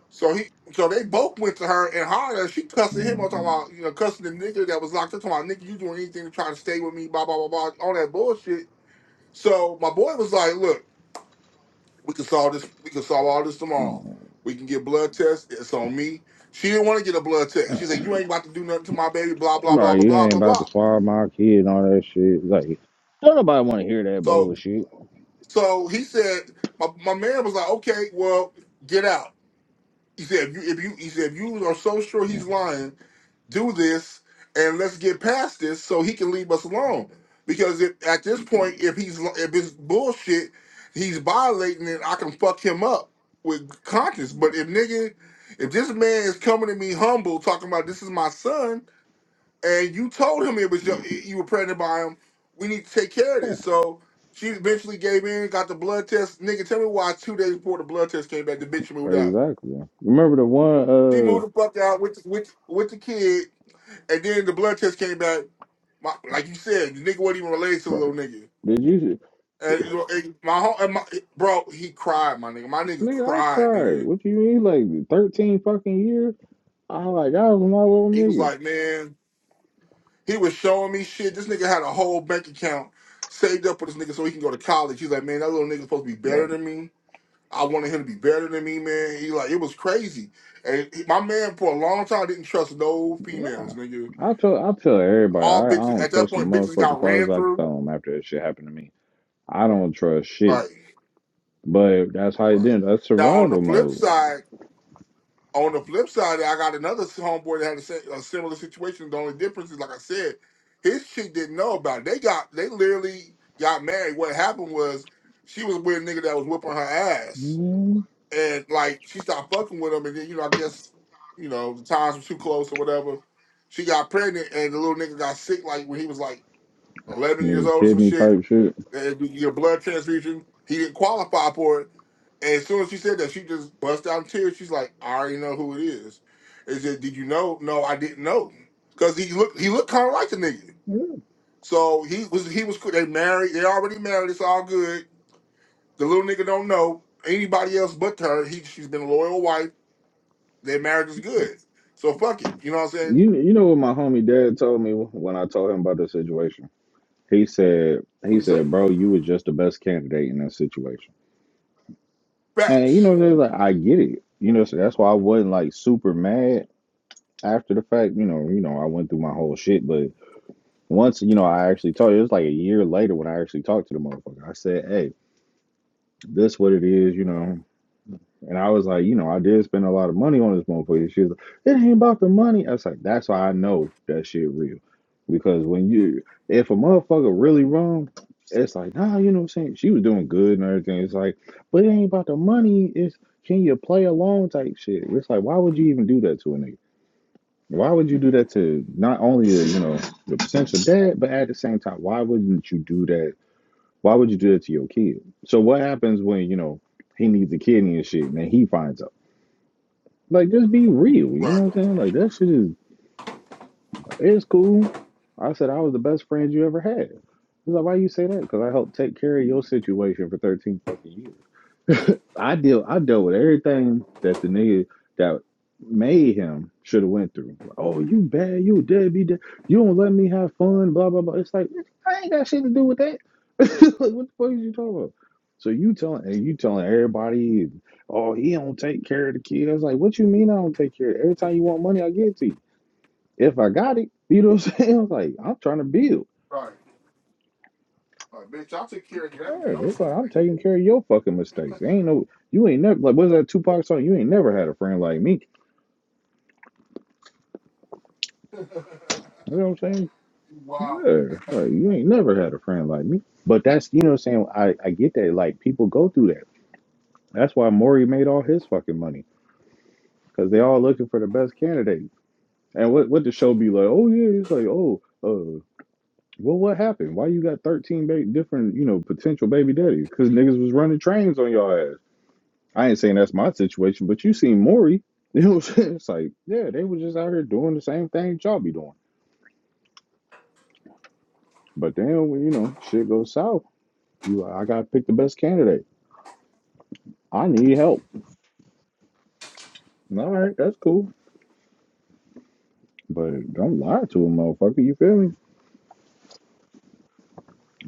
Speaker 7: So he, so they both went to her and hollered. at her. She cussing him on talking
Speaker 3: Right.
Speaker 7: about, you know, cussing the nigga that was locked up. Talking about, nigga, you doing anything to try to stay with me? Blah blah blah blah. All that bullshit. So my boy was like, "Look, we can solve this. We can solve all this tomorrow.
Speaker 3: Like
Speaker 7: We can get blood tests. It's on me." She didn't want to get a blood test. She said, "You ain't about to do nothing to my baby." Blah blah blah blah
Speaker 3: you
Speaker 7: blah
Speaker 3: ain't
Speaker 7: blah
Speaker 3: about
Speaker 7: blah.
Speaker 3: to swallow my kid and all that shit. Like don't nobody want to hear that
Speaker 7: So
Speaker 3: bullshit.
Speaker 7: So he said, my, my man was like, okay, well, get out. He said, if you, if you, he said, if you are so sure he's lying, do this and let's get past this so he can leave us alone. Because if, at this point, if he's li- if it's bullshit, he's violating it. I can fuck him up with conscience. But if nigga, if this man is coming to me humble, talking about this is my son, and you told him it was your, you were pregnant by him. We need to take care of
Speaker 3: Yeah,
Speaker 7: this. So she eventually gave in, got the blood test. Nigga, tell me why two days before the blood test came back, the bitch moved out.
Speaker 3: exactly. Remember the one
Speaker 7: She
Speaker 3: uh,
Speaker 7: moved the fuck out with with with the kid, and then the blood test came back. My, like you said, the nigga wasn't even related to the little
Speaker 3: bro,
Speaker 7: nigga.
Speaker 3: did you
Speaker 7: And you know, and my, whole- and my bro, he cried, my nigga. My nigga
Speaker 3: nigga? I
Speaker 7: cried,
Speaker 3: cried.
Speaker 7: nigga.
Speaker 3: What you mean, like thirteen fucking years? I like I was my little
Speaker 7: He was
Speaker 3: nigga,
Speaker 7: like, man. He was showing me shit. This nigga had a whole bank account saved up for this nigga so he can go to college. He's like, man, that little nigga's supposed to be better
Speaker 3: bro.
Speaker 7: than me. I wanted him to be better than me, man. He like, it was crazy. And he- my man for a long time didn't trust no females,
Speaker 3: Nah,
Speaker 7: nigga.
Speaker 3: I tell I tell everybody
Speaker 7: All
Speaker 3: I, I
Speaker 7: bitches
Speaker 3: don't
Speaker 7: at that
Speaker 3: trust the
Speaker 7: point, bitches
Speaker 3: motherfucking
Speaker 7: got
Speaker 3: parts
Speaker 7: ran
Speaker 3: I can
Speaker 7: through.
Speaker 3: throw them after that shit happened to me. I don't trust shit.
Speaker 7: Right,
Speaker 3: But that's how you
Speaker 7: right.
Speaker 3: did. it. That's
Speaker 7: Now on the
Speaker 3: survival
Speaker 7: flip
Speaker 3: mode.
Speaker 7: side. On the flip side, I got another homeboy that had a, si- a similar situation. The only difference is, like I said, his chick didn't know about it. They got they literally got married. What happened was she was with a nigga that was whipping her ass,
Speaker 3: Mm.
Speaker 7: and like she stopped fucking with him, and then you know I guess you know the times were too close or whatever. She got pregnant, and the little nigga got sick. Like when he was like 11 years
Speaker 3: Nigga,
Speaker 7: old or some
Speaker 3: kidney
Speaker 7: shit.
Speaker 3: type shit.
Speaker 7: And your blood transfusion. He didn't qualify for it. And as soon as she said that, she just bust out in tears. She's like, I already know who it is. It said, Did you know? No, I didn't know. Cause he looked he looked kinda like the nigga.
Speaker 3: Yeah.
Speaker 7: So he was he was they married, they already married, it's all good. The little nigga don't know anybody else but her. He she's been a loyal wife. Their marriage is good. So fuck it. You know what I'm saying?
Speaker 3: You you know what my homie dad told me when I told him about the situation. He said
Speaker 7: What do
Speaker 3: he
Speaker 7: you say?
Speaker 3: said, "Bro, you was just the best candidate in that situation." And you
Speaker 7: Facts.
Speaker 3: know, they're like, I get it. You know, so that's why I wasn't like super mad after the fact. You know, you know, I went through my whole shit, but once you know, I actually talked. It was like a year later when I actually talked to the motherfucker. I said, "Hey, this what it is." You know, And I was like, you know, I did spend a lot of money on this motherfucker. She was like, it ain't about the money. I was like, that's why I know that shit real. Because when you, if a motherfucker really wrong, it's like, nah, you know what I'm saying? She was doing good and everything. It's like, but it ain't about the money. It's, can you play along type shit? It's like, why would you even do that to a nigga? Why would you do that to not only, the, you know, the potential dad, but at the same time, why wouldn't you do that? Why would you do that to your kid? So what happens when, you know, he needs a kidney and shit and then he finds out? Like, just be real. You know
Speaker 7: Right.
Speaker 3: what I'm saying? Like, that shit is it's cool. I said I was the best friend you ever had. He's like, why you say that? Because I helped take care of your situation for 13 fucking years. I deal I dealt with everything that the nigga that made him should have went through. Like, Oh, you bad, you deadbeat, de- you don't let me have fun, blah blah blah. It's like I ain't got shit to do with that. like, what the fuck are you talking about? So you telling and you telling everybody, oh, he don't take care of the kid. I was Like, what you mean I don't take care? of it? Every time you want money, I give it to you if I got it, you know what I'm saying? I'm like, I'm trying to build.
Speaker 7: Right. Right. bitch, I'll take care of that.
Speaker 3: Yeah,
Speaker 7: Y'all
Speaker 3: It's
Speaker 7: should
Speaker 3: like
Speaker 7: take
Speaker 3: I'm
Speaker 7: it.
Speaker 3: taking care of your fucking mistakes. Ain't no, you ain't never like what's that Tupac song? You ain't never had a friend like me. You know what I'm saying?
Speaker 7: wow.
Speaker 3: Yeah, like you ain't never had a friend like me. But that's you know what I'm saying. I I get that. Like people go through that. That's why Maury made all his fucking money because they all looking for the best candidate. And what what the show be like? Oh yeah, it's like oh uh. Well, what happened? Why you got 13 ba- different, you know, potential baby daddies? Because niggas was running trains on y'all ass. I ain't saying that's my situation, but you seen Maury. You know what I'm saying? It's like, yeah, they were just out here doing the same thing y'all be doing. But then when you know shit goes south, you I gotta pick the best candidate. I need help. All right, that's cool. But don't lie to a motherfucker, you feel me?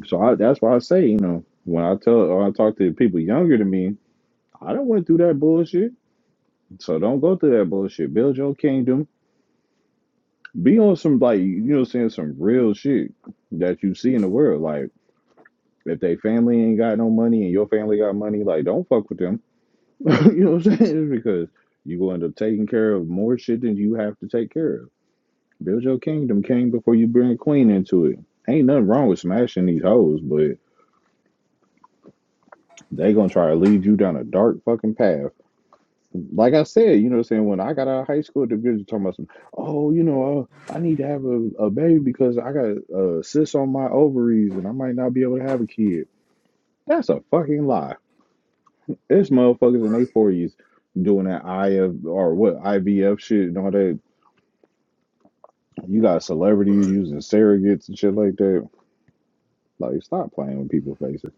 Speaker 3: So I, that's why I say, you know, when I tell or I talk to people younger than me, I don't went through that bullshit. So don't go through that bullshit. Build your kingdom. Be on some like you know what I'm saying, some real shit that you see in the world. Like If they family ain't got no money and your family got money, like don't fuck with them. you know what I'm saying? Because you will end up taking care of more shit than you have to take care of. Build your kingdom, king, before you bring a queen into it. Ain't nothing wrong with smashing these hoes, but they gonna try to lead you down a dark fucking path. Like I said, you know what I'm saying? When I got out of high school, the bitch was talking about some, oh, you know, uh, I need to have a, a baby because I got uh, cysts on my ovaries and I might not be able to have a kid. That's a fucking lie. There's motherfuckers in
Speaker 7: Right,
Speaker 3: their forties doing that IF or what IVF shit and all that. You got celebrities
Speaker 7: right.
Speaker 3: using surrogates and shit like that. Like, stop playing with people's faces.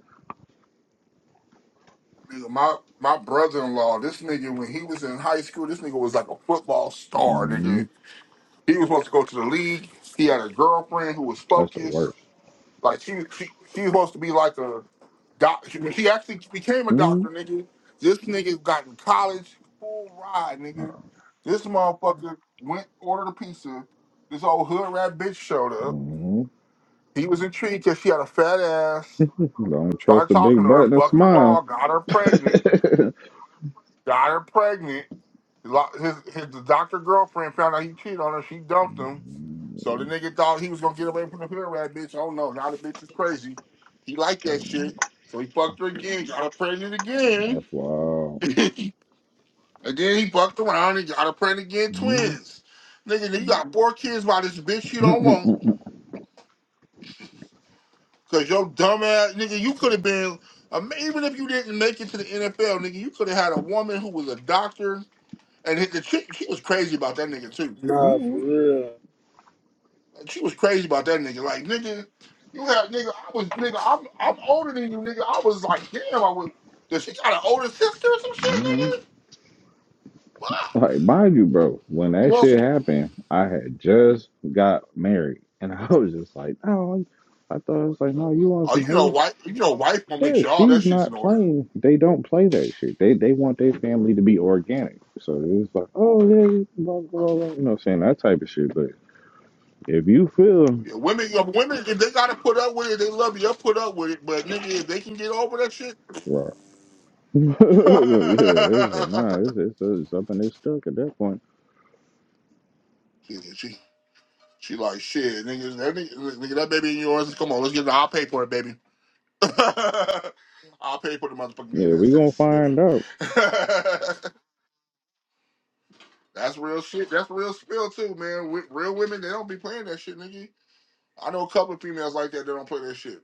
Speaker 7: Nigga, my my brother in law, this nigga, when he was in high school, this nigga was like a football star,
Speaker 3: hmm
Speaker 7: nigga. He was supposed to go to the league. He had a girlfriend who was
Speaker 3: That's the
Speaker 7: focused.
Speaker 3: worst.
Speaker 7: Like she she, she was supposed to be like a doc she, she actually became a
Speaker 3: hmm
Speaker 7: doctor, nigga. This nigga got in college full ride, nigga. This motherfucker went ordered a pizza. This old hood rat bitch showed up.
Speaker 3: hmm
Speaker 7: He was intrigued because she had a fat ass.
Speaker 3: Don't trust
Speaker 7: Started
Speaker 3: a
Speaker 7: talking
Speaker 3: big
Speaker 7: to
Speaker 3: butt
Speaker 7: her,
Speaker 3: and a
Speaker 7: fucked her
Speaker 3: smile.
Speaker 7: raw, got her pregnant, got her pregnant. Lo- His, his the doctor girlfriend found out he cheated on her. She dumped him. So the
Speaker 3: That's
Speaker 7: nigga thought he was gonna get away from the hood rat bitch. Oh no, now the bitch is crazy. He liked that shit. So he fucked her again, got her pregnant again.
Speaker 3: wild.
Speaker 7: and then he fucked around and got her pregnant again,
Speaker 3: Mhm.
Speaker 7: twins. Nigga, you got four kids by this bitch you don't want. Cause your dumb ass nigga, you could have been um, even if you didn't make it to the NFL, nigga, you could have had a woman who was a doctor and hit the chick. She was crazy about that nigga too.
Speaker 2: Nah, for real.
Speaker 7: She was crazy about that nigga. Like nigga, you have nigga. I was nigga. I'm I'm older than you, nigga. I was like, damn. I was. Does she got an older sister or some shit, nigga? What?
Speaker 3: Like, mind you, bro, when that
Speaker 7: Well,
Speaker 3: shit happened, I had just got married. And I was just like, no, I thought it was like, no, you want
Speaker 7: oh,
Speaker 3: some
Speaker 7: you know,
Speaker 3: hate?
Speaker 7: wife. You know, wife will make
Speaker 3: Yeah,
Speaker 7: sure all that
Speaker 3: she's
Speaker 7: shit's in
Speaker 3: not
Speaker 7: order.
Speaker 3: playing. They don't play that shit. They they want their family to be organic. So it was like, oh, yeah, blah, blah, blah. You know what I'm saying? That type of shit. But if you feel,
Speaker 7: Yeah, women, yeah, women, if they gotta put up with it, they love you. They'll put up with it. But nigga, if they can get over that shit,
Speaker 3: well, yeah, it's like, nah, it's, it's, it's up and it's stuck at that point.
Speaker 7: She, she, she like shit, nigga. That nigga, nigga, that baby in yours. Come on, let's get it. I'll pay for it, baby. I'll pay for the motherfucking
Speaker 3: Yeah,
Speaker 7: DNS
Speaker 3: we going to
Speaker 7: test, baby.
Speaker 3: find out.
Speaker 7: That's real shit. That's real spill too, man. Wi- Real women, they don't be playing that shit, nigga. I know a couple of females like that. They don't play that shit.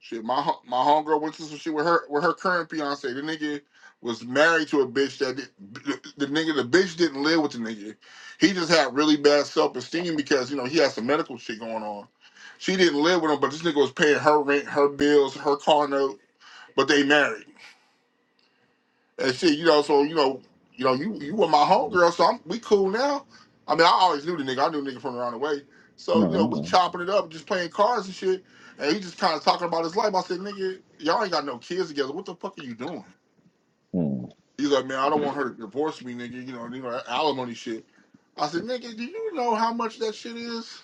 Speaker 7: Shit, my my homegirl went through some shit with her with her current fiance. The nigga was married to a bitch that did, the nigga the bitch didn't live with the nigga. He just had really bad self esteem because you know he had some medical shit going on. She didn't live with him, but this nigga was paying her rent, her bills, her car note. But they married and shit, you know, so you know, you know, you you were my homegirl, so I'm we cool now. I mean, I always knew the nigga. I knew the nigga from around the way.
Speaker 3: All
Speaker 7: So you know, we
Speaker 3: right.
Speaker 7: chopping it up, just playing cards and shit. And he just kind of talking about his life. I said, nigga, y'all ain't got no kids together. What the fuck are you doing?
Speaker 3: Well,
Speaker 7: He's like, man, I don't want her to divorce me, nigga. You know, you know, that alimony shit. I said, nigga, do you know how much that shit is?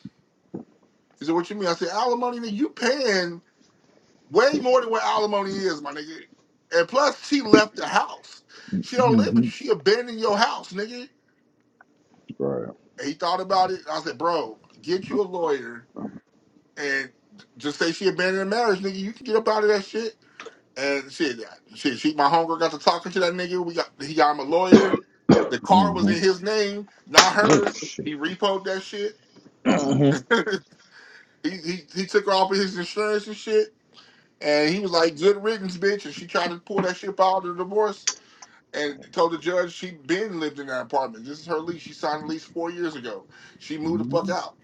Speaker 7: He said, what you mean? I said, alimony, nigga, you paying way more than what alimony is, my nigga. And plus, she left the house. She don't live with
Speaker 3: mm-hmm.
Speaker 7: you. She abandoned your house, nigga.
Speaker 3: Right.
Speaker 7: And he thought about it. I said, bro, get you a lawyer and just say she abandoned the marriage, nigga. You can get up out of that shit. And shit, yeah, shit, she, my homegirl got to talking to that nigga. We got, he got him a lawyer. The car was
Speaker 3: Mm-hmm.
Speaker 7: in his name, not
Speaker 3: Oh,
Speaker 7: hers.
Speaker 3: shit.
Speaker 7: He repoed that shit.
Speaker 3: hmm
Speaker 7: he, he he took her off of his insurance and shit. And he was like, good riddance, bitch. And she tried to pull that shit out of the divorce and told the judge she been lived in that apartment. This is her lease. She signed a lease four years ago. She moved the fuck out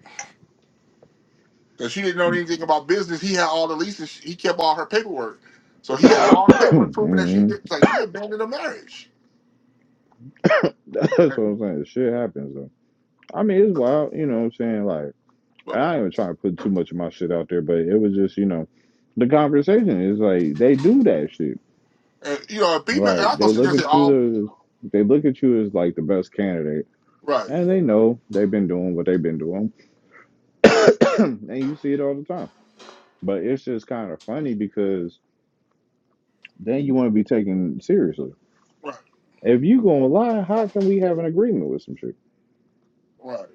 Speaker 7: because she didn't know anything about business. He had all the leases. She- He kept all her paperwork, so he had all the paperwork proving that she
Speaker 3: hmm
Speaker 7: did, like she abandoned a marriage.
Speaker 3: That's what I'm
Speaker 7: But
Speaker 3: saying. Shit happens though. I mean, it's wild. You know what I'm saying? Like, I ain't even trying to put too much of my shit out there, but it was just, you know, the conversation is like they do that shit.
Speaker 7: and, you know, a female.
Speaker 3: Like
Speaker 7: And I go
Speaker 3: they
Speaker 7: sit there
Speaker 3: look
Speaker 7: and say,
Speaker 3: at you,
Speaker 7: "All
Speaker 3: the, they look at you as like the best candidate,
Speaker 7: right,
Speaker 3: and they know they've been doing what they've been doing, and you see it all the time. But it's just kind of funny because then you want to be taken seriously.
Speaker 7: right,
Speaker 3: If you gonna lie, how can we have an agreement with some shit?
Speaker 7: right."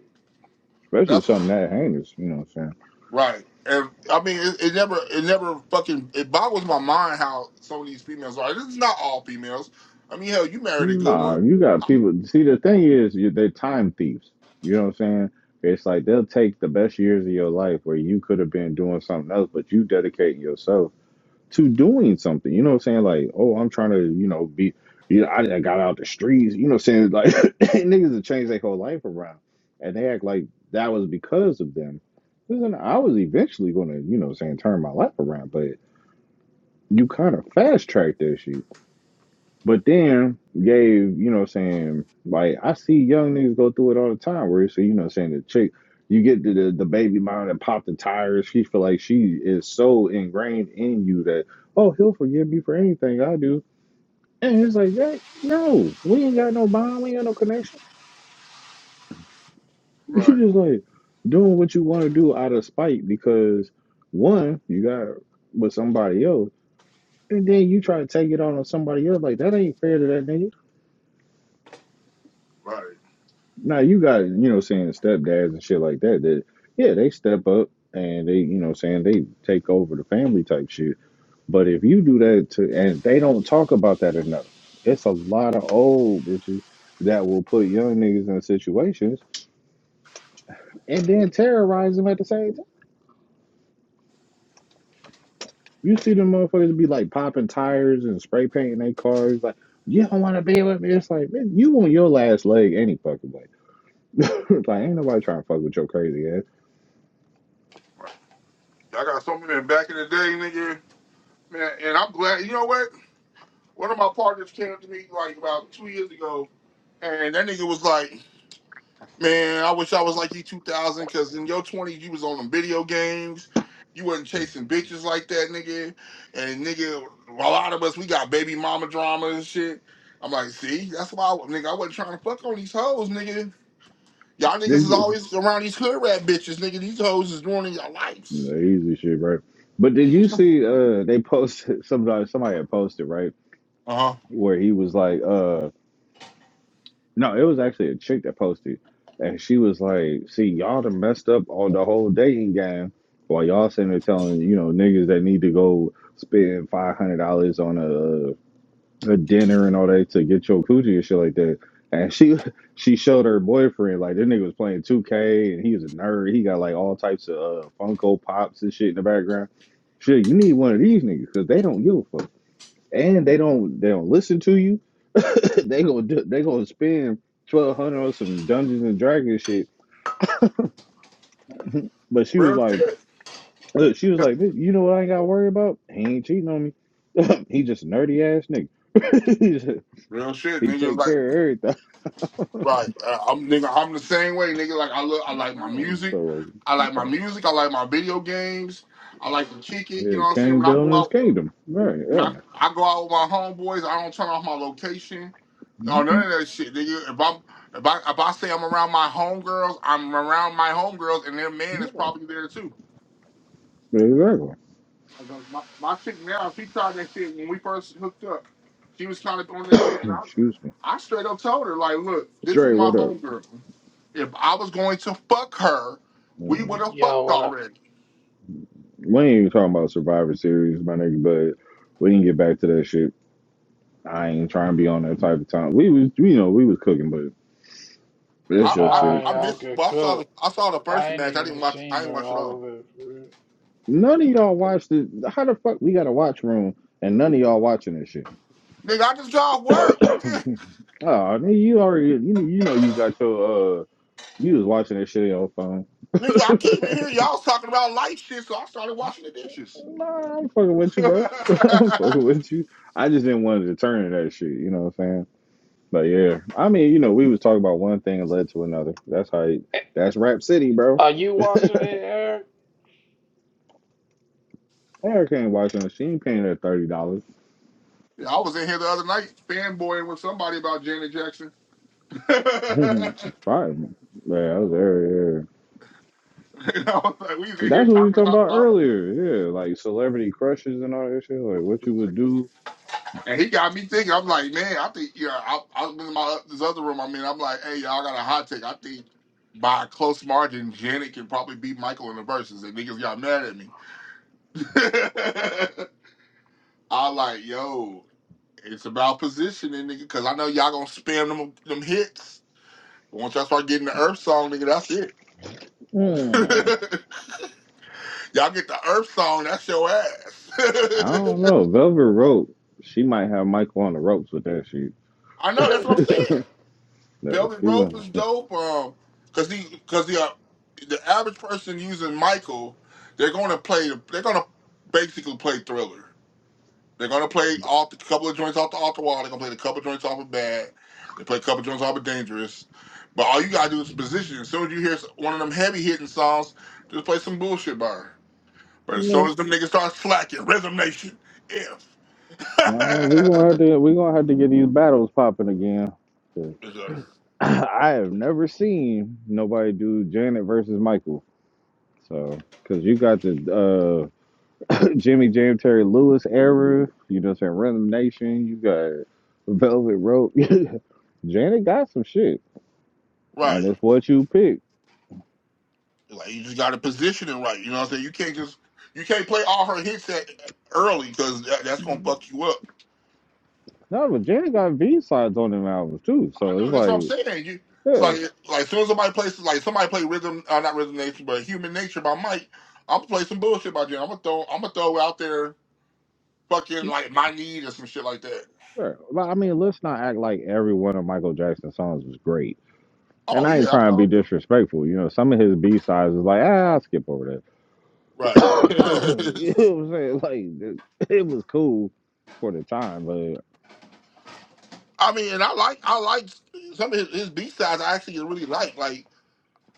Speaker 3: especially
Speaker 7: That's
Speaker 3: something that heinous. You know what I'm saying?
Speaker 7: right. And I mean, it, it never, it never fucking it boggles my mind how some of these females are. This is not all females. I mean, hell, you married a good
Speaker 3: Nah,
Speaker 7: one,
Speaker 3: you got people. See, the thing is, you, they're time thieves. You know what I'm saying? It's like they'll take the best years of your life where you could have been doing something else, but you dedicate yourself to doing something. You know what I'm saying? Like, oh, I'm trying to, you know, be, you know, I, I got out the streets. You know what I'm saying? Like, niggas have changed their whole life around, and they act like that was because of them. Listen, I was eventually gonna, you know, what I'm saying turn my life around, but you kind of fast track that shit. But then gave, you know what I'm saying, like I see young niggas go through it all the time where it's you know what I'm saying the chick you get to the, the baby mom that popped the tires, she feel like she is so ingrained in you that, oh, he'll forgive me for anything I do. And it's like that no, we ain't got no bond, we ain't got no connection. You
Speaker 7: right?
Speaker 3: just like doing what you want to do out of spite because one, you got with somebody else, and then you try to take it on on somebody else, like that ain't fair to that nigga.
Speaker 7: Right.
Speaker 3: Now you got, you know, saying stepdads and shit like that. That yeah, they step up and they, you know, saying they take over the family type shit. But if you do that to, and they don't talk about that enough, it's a lot of old bitches that will put young niggas in situations and then terrorize them at the same time. You see them motherfuckers be like popping tires and spray painting their cars. Like you don't want to be with me. It's like man, you on your last leg any fucking way. like ain't nobody trying to fuck with your crazy ass.
Speaker 7: I got so many back in the day, nigga. Man, and I'm glad. You know what? One of my partners came up to me like about two years ago, and that nigga was like, "Man, I wish I was like you 2000, because in your 20s you was on them video games, you wasn't chasing bitches like that, nigga. And nigga, a lot of us we got baby mama drama and shit. I'm like, see, that's why, I, nigga, I wasn't trying to fuck on these hoes, nigga. Y'all niggas is
Speaker 3: did you.
Speaker 7: always around these hood rat bitches, nigga. These hoes is ruining your lives.
Speaker 3: The easy shit, right? But did you see uh they posted somebody somebody had posted, right?
Speaker 7: Uh huh.
Speaker 3: Where he was like, uh no, it was actually a chick that posted and she was like, See, y'all done messed up on the whole dating game while y'all sitting there telling, you know, niggas that need to go spend five hundred dollars on a a dinner and all that to get your coochie and shit like that. And she she showed her boyfriend like this nigga was playing 2K and he was a nerd. He got like all types of uh, Funko Pops and shit in the background. Shit, you need one of these niggas because they don't give a fuck and they don't they don't listen to you. they gonna do, they gonna spend twelve hundred on some Dungeons and Dragons shit. But she was
Speaker 7: Real
Speaker 3: like,
Speaker 7: shit.
Speaker 3: look, she was like, "Bitch, you know what I ain't got to worry about? He ain't cheating on me. He just a nerdy ass nigga.
Speaker 7: Real shit,
Speaker 3: he
Speaker 7: nigga.
Speaker 3: take
Speaker 7: Like,
Speaker 3: care of everything.
Speaker 7: like, Uh, I'm nigga. I'm the same way, nigga. Like, I look. I like my music.
Speaker 3: So
Speaker 7: I like my music. I like my video games. I like to kick it. You
Speaker 3: Yeah,
Speaker 7: know what I'm saying?
Speaker 3: Cain
Speaker 7: When I go
Speaker 3: building his
Speaker 7: out,
Speaker 3: kingdom. Right,
Speaker 7: when I,
Speaker 3: yeah.
Speaker 7: I go out with my homeboys. I don't turn off my location. or none
Speaker 3: Mhm.
Speaker 7: of that shit, nigga. If I'm if I if I say I'm around my homegirls, I'm around my homegirls, and their man is
Speaker 3: Yeah,
Speaker 7: probably there too.
Speaker 3: Exactly.
Speaker 7: Like, uh, My, my chick now, she tried that shit when we first hooked up. She was kind of on that shit, and I,
Speaker 3: Excuse me.
Speaker 7: I straight up told her like, look, this is
Speaker 3: Dre,
Speaker 7: my
Speaker 3: what up?
Speaker 7: homegirl. If I was going to fuck her, we would
Speaker 3: Mm.
Speaker 7: have
Speaker 1: Yo,
Speaker 7: fucked
Speaker 1: what up?
Speaker 7: already.
Speaker 3: We ain't even talking about Survivor Series, my nigga, but we can get back to that shit. I ain't trying to be on that type of time. We was, you know, we was cooking, but that's
Speaker 7: I,
Speaker 3: your
Speaker 7: I,
Speaker 1: Nah,
Speaker 3: shit.
Speaker 7: I
Speaker 1: y'all
Speaker 7: missed.
Speaker 1: could
Speaker 7: Well, I saw the
Speaker 1: cook.
Speaker 7: I saw the first
Speaker 1: I ain't
Speaker 7: match. I didn't
Speaker 1: even
Speaker 7: watch. I
Speaker 1: seen
Speaker 7: didn't
Speaker 1: the,
Speaker 7: watch it
Speaker 1: all
Speaker 7: all.
Speaker 1: of it. For real.
Speaker 3: None of y'all watched it. How the fuck we got a watch room and none of y'all watching this shit?
Speaker 7: Nigga, I just got off work. Nigga,
Speaker 3: Oh, nigga, you already, you, you know, you got your, uh, you was watching that shit on your
Speaker 7: nigga, I
Speaker 3: phone.
Speaker 7: came in here. Y'all was talking about light shit, so I started washing the dishes.
Speaker 3: Nah, I'm fucking with you,
Speaker 7: yeah,
Speaker 3: bro. I'm fucking
Speaker 7: I
Speaker 3: with you. I just didn't want to turn to that shit. You know what I'm saying? But yeah, I mean, you know, we was talking about one thing and led to another. That's how. It,
Speaker 1: Eh,
Speaker 3: that's Rap City, bro.
Speaker 1: Are you watching it, Eric?
Speaker 3: Erica ain't watching. it. She ain't paying that thirty dollars.
Speaker 7: was in here the other night fanboying with somebody about Janet Jackson.
Speaker 3: it's fine. Yeah, that was there. Yeah.
Speaker 7: And I was like, we was in here
Speaker 3: That's what we was
Speaker 7: talking
Speaker 3: talking
Speaker 7: about
Speaker 3: about
Speaker 7: something.
Speaker 3: earlier. Yeah, like celebrity crushes and all that shit. Like what you would
Speaker 7: Like,
Speaker 3: do.
Speaker 7: And he got me thinking. I'm like, man, I think yeah. I, I was in my this other room. I mean, I'm like, hey, y'all got a hot take. I think by a close margin, Janet can probably beat Michael in the verses. And niggas got mad at me. I like, yo, it's about positioning, nigga, because I know y'all gonna spam them them hits. But once y'all start getting the Earth song, nigga, that's it.
Speaker 3: Hmm.
Speaker 7: y'all get the Earth song, that's your ass.
Speaker 3: I don't know. Velvet Rope. She might have Michael on the ropes with that shit.
Speaker 7: I know, that's what I'm saying.
Speaker 3: That
Speaker 7: Belly
Speaker 3: she
Speaker 7: rope is
Speaker 3: gonna.
Speaker 7: dope. Um, cause the cause the uh, the average person using Michael, they're gonna play. They're gonna basically play Thriller. They're gonna play off a couple of joints off the off the wall. They're gonna play a couple of joints off of Bad. They play a couple of joints off of Dangerous. But all you gotta do is position. As soon as you hear one of them heavy hitting songs, just play some bullshit by her. But as soon as them niggas start slacking, Rhythm Nation, if.
Speaker 3: No, we gonna have to we gonna have to get these battles popping again. 'cause I have never seen nobody do Janet versus Michael. So, because you got the uh, Jimmy Jam Terry Lewis era, you know, what I'm saying Rhythm Nation. You got Velvet Rope. Janet got some shit, and
Speaker 7: right.
Speaker 3: it's what you pick.
Speaker 7: Like you just got to position it right. You know what I'm saying? You can't just you can't play all her hits at, early because that, that's gonna fuck you up.
Speaker 3: No, but Janet got B sides on them albums too.
Speaker 7: I
Speaker 3: So it's
Speaker 7: know that's what I'm
Speaker 3: like,
Speaker 7: saying. You it's like
Speaker 3: yeah,
Speaker 7: like soon as somebody plays like somebody play rhythm uh, not rhythm nation but human nature by Mike, I'm gonna play some bullshit by Jim. I'm gonna throw I'm gonna throw out there fucking like my need or some shit like that.
Speaker 3: sure. But I mean, let's not act like every one of Michael Jackson's songs was great and
Speaker 7: Oh
Speaker 3: I ain't
Speaker 7: yeah, I
Speaker 3: trying to be
Speaker 7: know.
Speaker 3: disrespectful. You know, some of his B sides is like, ah, I'll skip over that.
Speaker 7: right.
Speaker 3: you know what I'm saying? Like, it, it was cool for the time, but
Speaker 7: I mean, and I like I like some of his, his B sides. I actually really like like.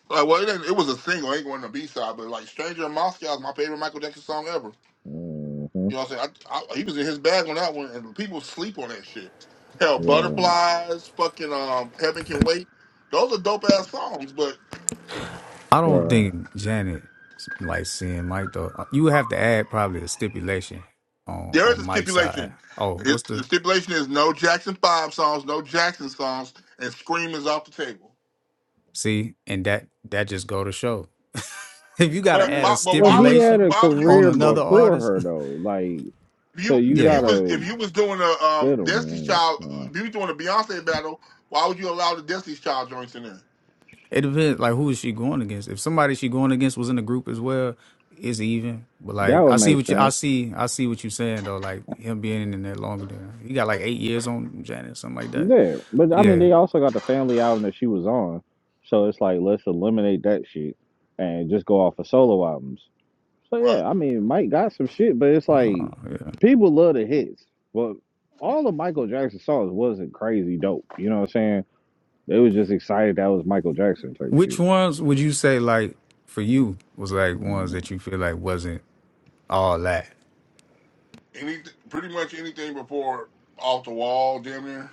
Speaker 7: Like, well, it, ain't- it was a single. It ain't one of the B side, but like "Stranger in Moscow" is my favorite Michael Jackson song ever. You
Speaker 3: mhm,
Speaker 7: know what I'm saying? I, I, he was in his bag on that one, and people sleep on that shit. Hell,
Speaker 3: right,
Speaker 7: "Butterflies," fucking um, "Heaven Can Wait." Those are dope ass songs, but
Speaker 8: I don't
Speaker 3: right.
Speaker 8: think Janet like seeing Mike though. Uh, You would have to add probably a stipulation on
Speaker 7: there is
Speaker 8: on
Speaker 7: a
Speaker 8: Mike's
Speaker 7: stipulation.
Speaker 8: side. Oh,
Speaker 7: It,
Speaker 8: what's
Speaker 7: the
Speaker 8: the
Speaker 7: stipulation is no Jackson Five songs, no Jackson songs, and "Scream" is off the table.
Speaker 8: see? And that that just go to show. if you got to
Speaker 7: But
Speaker 8: add
Speaker 3: Well,
Speaker 8: a
Speaker 7: why, but
Speaker 3: well,
Speaker 7: why
Speaker 3: he
Speaker 7: would you?
Speaker 3: had
Speaker 8: stipulation
Speaker 3: a
Speaker 7: Why would you
Speaker 8: on
Speaker 3: career
Speaker 7: include
Speaker 8: another
Speaker 7: a group?
Speaker 3: before
Speaker 8: artist,
Speaker 3: her though. Like,
Speaker 7: If
Speaker 3: so
Speaker 7: you
Speaker 3: you
Speaker 7: if you
Speaker 8: yeah,
Speaker 7: was
Speaker 3: gotta
Speaker 7: if you was doing a
Speaker 3: fit
Speaker 7: um
Speaker 3: him,
Speaker 7: Destiny's
Speaker 3: man.
Speaker 7: Child,
Speaker 3: So,
Speaker 7: if you was doing a Beyonce battle, why would you allow the Destiny's Child joints in there?
Speaker 8: it depends. Like who is she going against? If somebody she going against was in the group as well, it's even. But
Speaker 3: that
Speaker 8: like
Speaker 3: would
Speaker 8: I see
Speaker 3: make
Speaker 8: what you I
Speaker 3: sense.
Speaker 8: see I see what you saying though. Like him being in there longer than he got like eight years on Janet, something like that.
Speaker 3: Yeah, but I mean,
Speaker 8: Yeah.
Speaker 3: they also got the family album that she was on, so it's like let's eliminate that shit and just go off of solo albums. So
Speaker 7: Right.
Speaker 3: yeah, I mean, Mike got some shit, but it's like people love the hits. But all of Michael Jackson's songs wasn't crazy dope. You know what I'm saying? They was just excited that was Michael Jackson type
Speaker 8: Which
Speaker 3: shit.
Speaker 8: ones would you say like for you was like ones
Speaker 3: Um,
Speaker 8: that you feel like wasn't all that?
Speaker 7: Any pretty much anything before off the wall, damn near.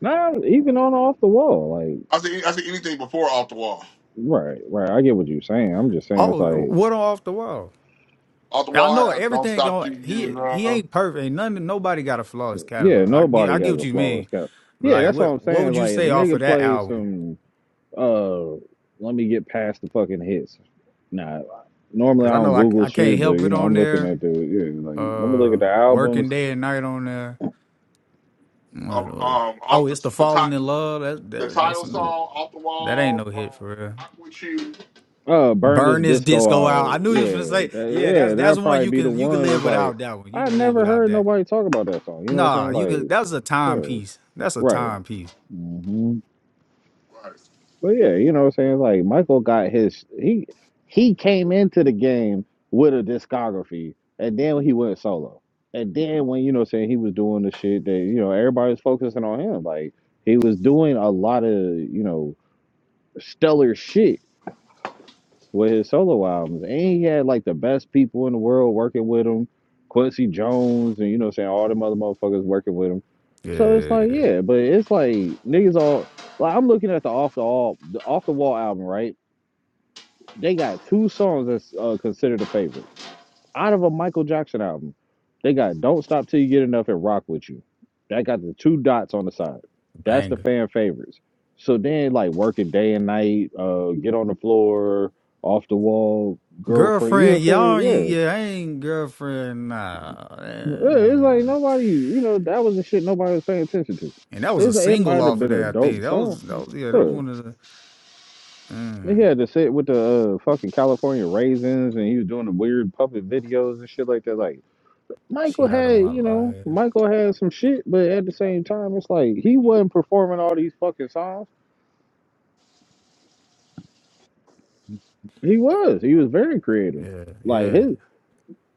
Speaker 3: Nah, even on off the wall, like
Speaker 7: I say I say anything before off the wall.
Speaker 3: right, right. I get what you're saying. I'm just saying it's
Speaker 8: Oh,
Speaker 3: like,
Speaker 8: what on off the wall?
Speaker 7: Off the
Speaker 8: I
Speaker 7: wall
Speaker 8: know
Speaker 7: has don't
Speaker 8: everything
Speaker 7: stop
Speaker 8: going.
Speaker 7: till you get
Speaker 8: He he
Speaker 7: enough.
Speaker 8: ain't perfect. Ain't none nobody got a flawless
Speaker 3: yeah,
Speaker 8: catalog. I get I
Speaker 3: nobody
Speaker 8: get
Speaker 3: has
Speaker 8: what
Speaker 3: a
Speaker 8: you
Speaker 3: flawless
Speaker 8: mean.
Speaker 3: cat.
Speaker 8: But
Speaker 3: Yeah,
Speaker 8: like
Speaker 3: that's all
Speaker 8: what
Speaker 3: I'm
Speaker 8: what
Speaker 3: saying.
Speaker 8: would you
Speaker 3: Like if
Speaker 8: say
Speaker 3: a
Speaker 8: off of
Speaker 3: nigga
Speaker 8: that
Speaker 3: plays
Speaker 8: album?
Speaker 3: some. Uh, let me get past the fucking hits. Nah, normally
Speaker 8: Because
Speaker 3: I
Speaker 8: I
Speaker 3: don't
Speaker 8: know I
Speaker 3: Google
Speaker 8: I can't
Speaker 3: shit, but
Speaker 8: help
Speaker 3: you
Speaker 8: it
Speaker 3: know
Speaker 8: on
Speaker 3: I'm looking
Speaker 8: there.
Speaker 3: at the yeah, like let me look
Speaker 8: Uh,
Speaker 3: at the albums.
Speaker 8: working day and night on there.
Speaker 7: Um,
Speaker 8: What, what-
Speaker 7: um
Speaker 8: Oh,
Speaker 7: off the
Speaker 8: it's the
Speaker 7: the,
Speaker 8: falling in
Speaker 7: ti-
Speaker 8: love. That,
Speaker 7: the
Speaker 8: that that's
Speaker 7: title
Speaker 8: an,
Speaker 7: song off the
Speaker 8: that ain't no
Speaker 7: wall. Um,
Speaker 8: hit for real.
Speaker 7: rock with you.
Speaker 3: Uh, burn this
Speaker 8: Burn this
Speaker 3: disco
Speaker 8: disco out. I
Speaker 3: out.
Speaker 8: knew you was gonna
Speaker 3: Yeah,
Speaker 8: say,
Speaker 3: that,
Speaker 8: yeah, that's
Speaker 3: yeah,
Speaker 8: that's
Speaker 3: that'd
Speaker 8: one
Speaker 3: probably
Speaker 8: you
Speaker 3: be the
Speaker 8: can you can
Speaker 3: one.
Speaker 8: live
Speaker 3: It's like
Speaker 8: without that one. You
Speaker 3: I
Speaker 8: can live
Speaker 3: never
Speaker 8: without
Speaker 3: heard
Speaker 8: that.
Speaker 3: nobody talk about that song. You know what
Speaker 8: Nah,
Speaker 3: I'm saying?
Speaker 8: you can
Speaker 3: Like,
Speaker 8: that's a
Speaker 3: yeah,
Speaker 8: timepiece. That's a
Speaker 3: right.
Speaker 8: timepiece.
Speaker 3: Mm-hmm.
Speaker 7: Right.
Speaker 3: But yeah, you know what I'm saying? Like Michael got his he he came into the game with a discography and then he went solo. And then when you know what I'm saying he was doing the shit that, you know, everybody was focusing on him. Like he was doing a lot of, you know, stellar shit with his solo albums. And he had like the best people in the world working with him, Quincy Jones and you know what I'm saying, all them other motherfuckers working with him. So it's like,
Speaker 8: Yeah.
Speaker 3: yeah, but it's like niggas all like I'm looking at the off the all the off the wall album, right? They got two songs that's uh, considered a favorite out of a Michael Jackson album. They got "Don't Stop Till You Get Enough" and "Rock with You." That got the two dots on the side. That's the
Speaker 8: Banger.
Speaker 3: fan favorites. So then, like working day and night, uh, get on the floor, off the wall, girlfriend. You know
Speaker 8: Girlfriend,
Speaker 3: what I'm
Speaker 8: y'all
Speaker 3: saying?
Speaker 8: ain't yeah, I ain't girlfriend. Nah.
Speaker 3: Yeah. Yeah, It's like
Speaker 8: Mm.
Speaker 3: nobody. You know that was the shit nobody was paying attention to.
Speaker 8: And that was a
Speaker 3: It's like, it
Speaker 8: single
Speaker 3: might have
Speaker 8: off of
Speaker 3: been
Speaker 8: that,
Speaker 3: a
Speaker 8: I think.
Speaker 3: dope
Speaker 8: That
Speaker 3: song.
Speaker 8: was that was yeah, that was
Speaker 3: Yeah.
Speaker 8: one of the
Speaker 3: They
Speaker 8: mm,
Speaker 3: had to sit with the uh, fucking California raisins, and he was doing the weird puppet videos and shit like that. Like Michael
Speaker 8: she out of
Speaker 3: had,
Speaker 8: my
Speaker 3: you know,
Speaker 8: life.
Speaker 3: Michael had some shit, but at the same time, it's like he wasn't performing all these fucking songs. He was, he was very creative.
Speaker 8: Yeah,
Speaker 3: Like
Speaker 8: yeah.
Speaker 3: his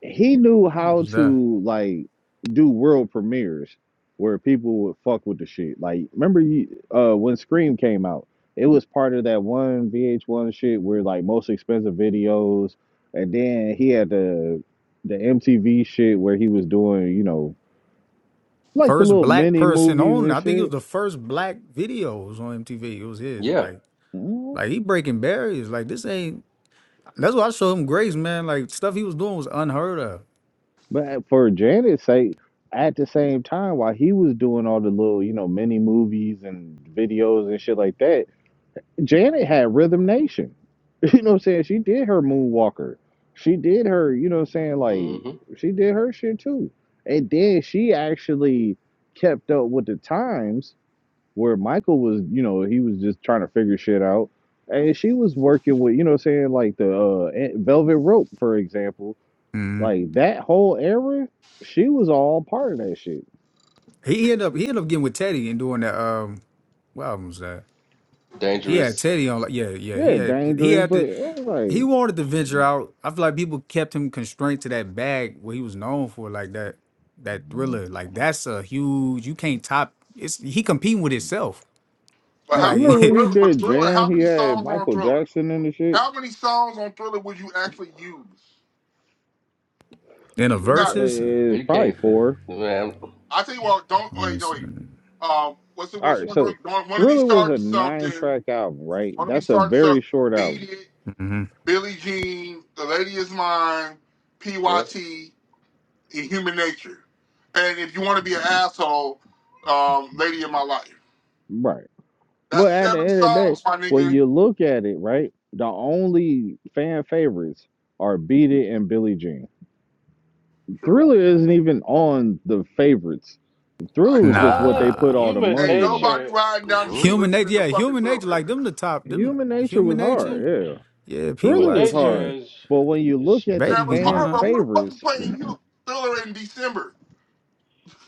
Speaker 3: he knew
Speaker 8: What
Speaker 3: how
Speaker 8: was that?
Speaker 3: to like do world premieres where people would fuck with the shit. Like, remember you uh when Scream came out, it was part of that one VH1 shit where like most expensive videos, and then he had the the MTV shit where he was doing you know like the
Speaker 8: First
Speaker 3: little
Speaker 8: black
Speaker 3: mini
Speaker 8: person
Speaker 3: movies
Speaker 8: on
Speaker 3: and
Speaker 8: I think it was
Speaker 3: shit.
Speaker 8: the first black videos on MTV. It was his.
Speaker 5: Yeah.
Speaker 8: Like
Speaker 3: Mhm.
Speaker 8: Like he breaking barriers. Like this ain't. That's why I showed him grace, man. Like stuff he was doing was unheard of.
Speaker 3: But for Janet's sake, at the same time, while he was doing all the little you know mini movies and videos and shit like that Janet had Rhythm Nation. You know what I'm saying? She did her Moonwalker. She did her, you know what I'm saying? Like,
Speaker 5: hmm
Speaker 3: she did her shit too. And then she actually kept up with the times where Michael was, you know, he was just trying to figure shit out. And she was working with, you know what I'm saying? Like the uh, eh, Velvet Rope, for example.
Speaker 8: hmm
Speaker 3: Like that whole era, she was all part of that shit.
Speaker 8: He ended up he ended up getting with Teddy and doing that. Um, what album was that? He had
Speaker 5: Dangerous.
Speaker 8: Teddy on. Like yeah, yeah. He
Speaker 3: Yeah,
Speaker 8: had he
Speaker 3: dangerous,
Speaker 8: had
Speaker 3: but
Speaker 8: to.
Speaker 3: it was
Speaker 8: He
Speaker 3: like,
Speaker 8: wanted to venture out. I feel like people kept him constrained to that bag what he was known for, like that that thriller. Like that's a huge. You can't top. It's he competing with himself.
Speaker 7: But
Speaker 8: And
Speaker 3: right,
Speaker 7: how?
Speaker 3: you
Speaker 8: like
Speaker 3: remember
Speaker 7: But
Speaker 3: when he
Speaker 7: thriller. But
Speaker 3: did
Speaker 7: thriller.
Speaker 3: Jam?
Speaker 7: How
Speaker 3: He
Speaker 7: many
Speaker 3: had
Speaker 7: songs on
Speaker 3: Michael
Speaker 7: thriller?
Speaker 3: Jackson and the shit?
Speaker 7: How many songs on thriller would you actually use?
Speaker 8: in a
Speaker 7: 'Cause You got
Speaker 8: verses.
Speaker 3: It's
Speaker 5: You
Speaker 3: probably
Speaker 5: can't.
Speaker 3: four.
Speaker 5: Man.
Speaker 7: I tell you what, don't
Speaker 8: hmm
Speaker 7: wait, no wait. Um, what's the
Speaker 3: All
Speaker 7: what's the
Speaker 3: right,
Speaker 7: one doing?
Speaker 3: so
Speaker 7: Don't want to be
Speaker 3: Thriller was a
Speaker 7: starting something.
Speaker 3: nine-track album, right?
Speaker 7: Want to be
Speaker 3: That's a
Speaker 7: starting
Speaker 3: very
Speaker 7: something.
Speaker 3: short
Speaker 7: Beat
Speaker 3: album,
Speaker 7: it. Billie Jean. The lady is mine.
Speaker 5: Yep.
Speaker 7: Pyt. And human nature. And if you want to be an asshole, um, lady in my life.
Speaker 3: right?
Speaker 7: That's
Speaker 3: Well, at the
Speaker 7: seven
Speaker 3: end of the day,
Speaker 7: songs, my
Speaker 3: when
Speaker 7: nigga.
Speaker 3: you look at it, right, the only fan favorites are Beat It and Billie Jean.
Speaker 7: True.
Speaker 3: Thriller isn't even on the favorites.
Speaker 7: Right.
Speaker 3: Thriller was just what they
Speaker 1: What?
Speaker 3: put
Speaker 8: Nah.
Speaker 3: all the
Speaker 1: Human
Speaker 7: Ain't
Speaker 3: money in.
Speaker 7: nobody
Speaker 1: nature.
Speaker 7: riding down the street
Speaker 5: hmm
Speaker 8: Human nature,
Speaker 7: listening to
Speaker 8: yeah,
Speaker 7: fucking
Speaker 8: human nature,
Speaker 7: Thriller.
Speaker 8: like them the top, them
Speaker 3: Human Nature
Speaker 8: human
Speaker 3: was
Speaker 1: Human
Speaker 8: nature,
Speaker 3: hard, yeah.
Speaker 8: yeah,
Speaker 1: human
Speaker 3: Thriller was
Speaker 1: nature
Speaker 8: PYT,
Speaker 3: hard,
Speaker 1: is
Speaker 3: but when you
Speaker 1: is
Speaker 3: look at the
Speaker 8: baby
Speaker 7: That
Speaker 8: be
Speaker 7: was hard,
Speaker 3: fan
Speaker 7: but
Speaker 8: mine.
Speaker 7: Who the fuck is
Speaker 3: favorites,
Speaker 7: playing Hu- Thriller in December?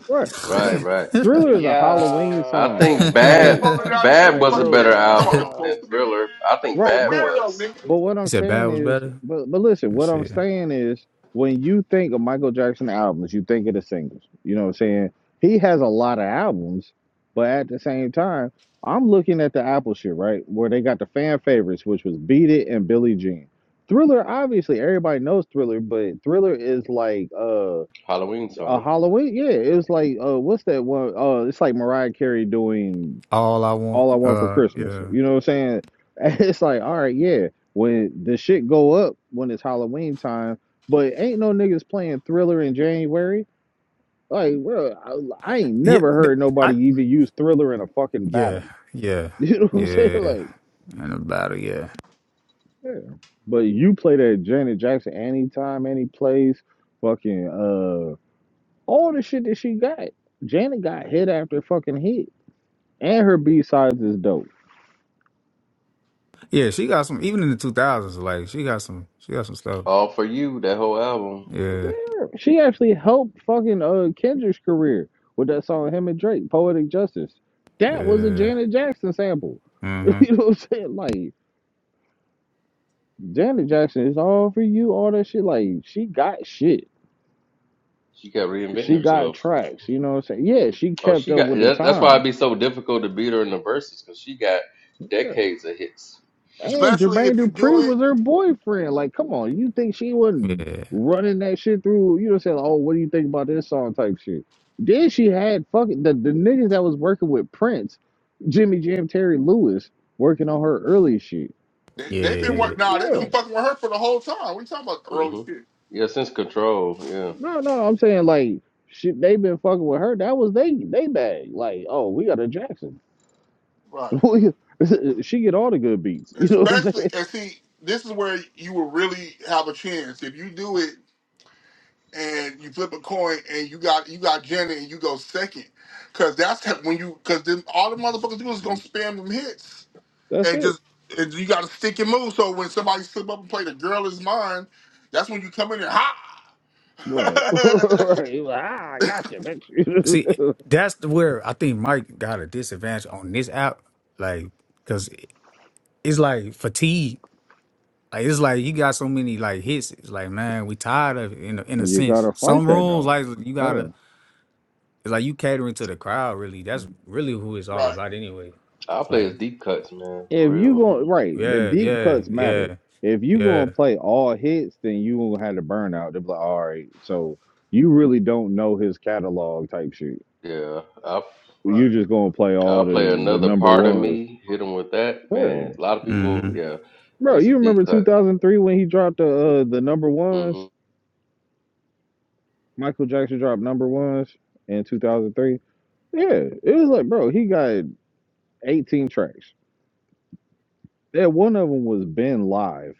Speaker 3: right?
Speaker 5: Right. Right.
Speaker 3: Thriller is a
Speaker 1: yeah.
Speaker 3: Halloween
Speaker 5: I
Speaker 3: song,
Speaker 8: he
Speaker 5: think
Speaker 3: like,
Speaker 5: Bad
Speaker 7: rolling down the street,
Speaker 5: Bad
Speaker 3: like,
Speaker 5: was a
Speaker 7: fucking
Speaker 3: bro.
Speaker 5: better
Speaker 7: Christmas. You talking
Speaker 5: album
Speaker 7: about it's
Speaker 1: yeah.
Speaker 7: close
Speaker 5: than
Speaker 7: to me?
Speaker 5: Thriller. I
Speaker 7: Like,
Speaker 5: think
Speaker 7: you
Speaker 3: Right,
Speaker 7: a
Speaker 5: Bad
Speaker 3: but
Speaker 7: weirdo,
Speaker 5: was
Speaker 7: nigga.
Speaker 3: but what I'm
Speaker 8: said bad
Speaker 3: saying
Speaker 8: was
Speaker 3: is,
Speaker 8: better.
Speaker 3: but but listen,
Speaker 8: Let's
Speaker 3: what I'm
Speaker 8: see.
Speaker 3: saying is, when you think of Michael Jackson albums, you think of the singles. You know what I'm saying? He has a lot of albums, but at the same time, I'm looking at the Apple shit, right? Where they got the fan favorites, which was Beat It and Billie Jean. Thriller, obviously, everybody knows Thriller, but Thriller is like uh
Speaker 5: Halloween
Speaker 3: a
Speaker 5: song.
Speaker 3: Halloween. Yeah, it was like uh what's that one? Uh, it's like Mariah Carey doing
Speaker 8: All I want,
Speaker 3: all I want for
Speaker 8: uh,
Speaker 3: Christmas.
Speaker 8: yeah,
Speaker 3: You know what I'm saying? It's like, all right, yeah. When the shit go up when it's Halloween time, but ain't no niggas playing Thriller in January. Like, well, I, I ain't
Speaker 8: yeah,
Speaker 3: never
Speaker 8: th-
Speaker 3: heard
Speaker 8: I,
Speaker 3: nobody even use Thriller in a fucking
Speaker 8: yeah,
Speaker 3: battle.
Speaker 8: yeah,
Speaker 3: You know what I'm saying?
Speaker 8: yeah,
Speaker 3: Like,
Speaker 8: and about it, yeah,
Speaker 3: yeah. But you play that Janet Jackson anytime, any place, fucking uh, all the shit that she got. Janet got hit after fucking hit, and her B sides is dope.
Speaker 8: yeah. She got some, even in the two thousands, like she got some, she got some stuff.
Speaker 5: All for you. That whole album.
Speaker 8: Yeah,
Speaker 3: Damn, she actually helped fucking uh Kendrick's career with that song him and Drake, Poetic Justice. That was a
Speaker 8: yeah,
Speaker 3: Janet Jackson sample.
Speaker 8: mm-hmm,
Speaker 3: you know what I'm saying? Like Janet Jackson is all for you, all that shit. Like she got shit.
Speaker 5: She kept reinventing
Speaker 3: She
Speaker 5: herself.
Speaker 3: got tracks, you know what I'm saying? Yeah,
Speaker 5: Mhm.
Speaker 3: she
Speaker 5: Oh,
Speaker 3: kept
Speaker 5: she
Speaker 3: up
Speaker 5: got
Speaker 3: with the
Speaker 5: that, that's why it'd
Speaker 3: times.
Speaker 5: be so difficult to beat her in the verses because she got decades of hits.
Speaker 3: And
Speaker 7: Especially
Speaker 3: Jermaine
Speaker 7: if you do
Speaker 3: Dupri
Speaker 7: it.
Speaker 3: was her boyfriend. Like, come on, you think she wasn't
Speaker 8: yeah,
Speaker 3: running that shit through? You know, what I'm saying, Like, "Oh, what do you think about this song?" type shit. Then she had fucking the the niggas that was working with Prince, Jimmy Jam, Terry Lewis, working on her early shit.
Speaker 7: They, they've been
Speaker 3: Shit,
Speaker 8: yeah.
Speaker 7: work. Nah, they've
Speaker 3: yeah,
Speaker 7: been fucking with her for the whole time. We talking about early
Speaker 5: hmm
Speaker 7: shit,
Speaker 5: Yeah, since Control, yeah,
Speaker 3: no, no, I'm saying like shit. They been fucking with her. That was they they bag. Like, oh, we got a Jackson.
Speaker 7: right?
Speaker 3: she get all the good beats. You know what I'm
Speaker 7: Especially
Speaker 3: saying?
Speaker 7: and see, this is where you will really have a chance if you do it and you flip a coin and you got you got Jenna and you go second, because that's how- when you because then all the motherfuckers do is gonna spam them hits
Speaker 3: That's
Speaker 7: and
Speaker 3: it.
Speaker 7: just and you got to stick and move. So when somebody slip up and play the girl is mine, that's when you come in and ha.
Speaker 3: Right, right. He ah, I got you,
Speaker 8: See,
Speaker 3: bitch.
Speaker 8: that's where I think Mike got a disadvantage on this app, like, cause it's like fatigue. Like it's like you got so many like hits. It's like man, we tired of it in a, in a
Speaker 3: You
Speaker 8: sense.
Speaker 3: gotta fight
Speaker 8: Some
Speaker 3: that
Speaker 8: rules
Speaker 3: though.
Speaker 8: like you gotta.
Speaker 3: Uh,
Speaker 8: It's like you catering to the crowd. Really, that's really who it's all
Speaker 7: right,
Speaker 8: about anyway.
Speaker 5: I'll
Speaker 8: It's
Speaker 5: play
Speaker 8: like
Speaker 5: his deep cuts, man,
Speaker 3: If
Speaker 5: for
Speaker 3: you going
Speaker 5: real.
Speaker 3: right, the
Speaker 8: yeah,
Speaker 3: deep
Speaker 8: yeah,
Speaker 3: cuts matter.
Speaker 8: yeah,
Speaker 3: If you
Speaker 8: yeah.
Speaker 3: gonna play all hits, then you gonna have to burn out. They'll be like, all right, so you really don't know his catalog type shit.
Speaker 5: Yeah, I'll
Speaker 7: right.
Speaker 3: You just gonna play all
Speaker 5: I'll play
Speaker 3: the the
Speaker 5: another
Speaker 3: number
Speaker 5: part of
Speaker 3: ones.
Speaker 5: me. Hit him with that,
Speaker 3: Yeah.
Speaker 5: man. A lot of
Speaker 8: hmm
Speaker 5: people, yeah,
Speaker 3: Bro,
Speaker 5: that's a
Speaker 3: you
Speaker 5: deep
Speaker 3: remember
Speaker 5: cut.
Speaker 3: 2003 when he dropped the uh, the number
Speaker 5: hmm
Speaker 3: ones? Michael Jackson dropped number ones in 2003. Yeah, it was like, bro, he got 18 tracks. Yeah, one of them was Ben Live.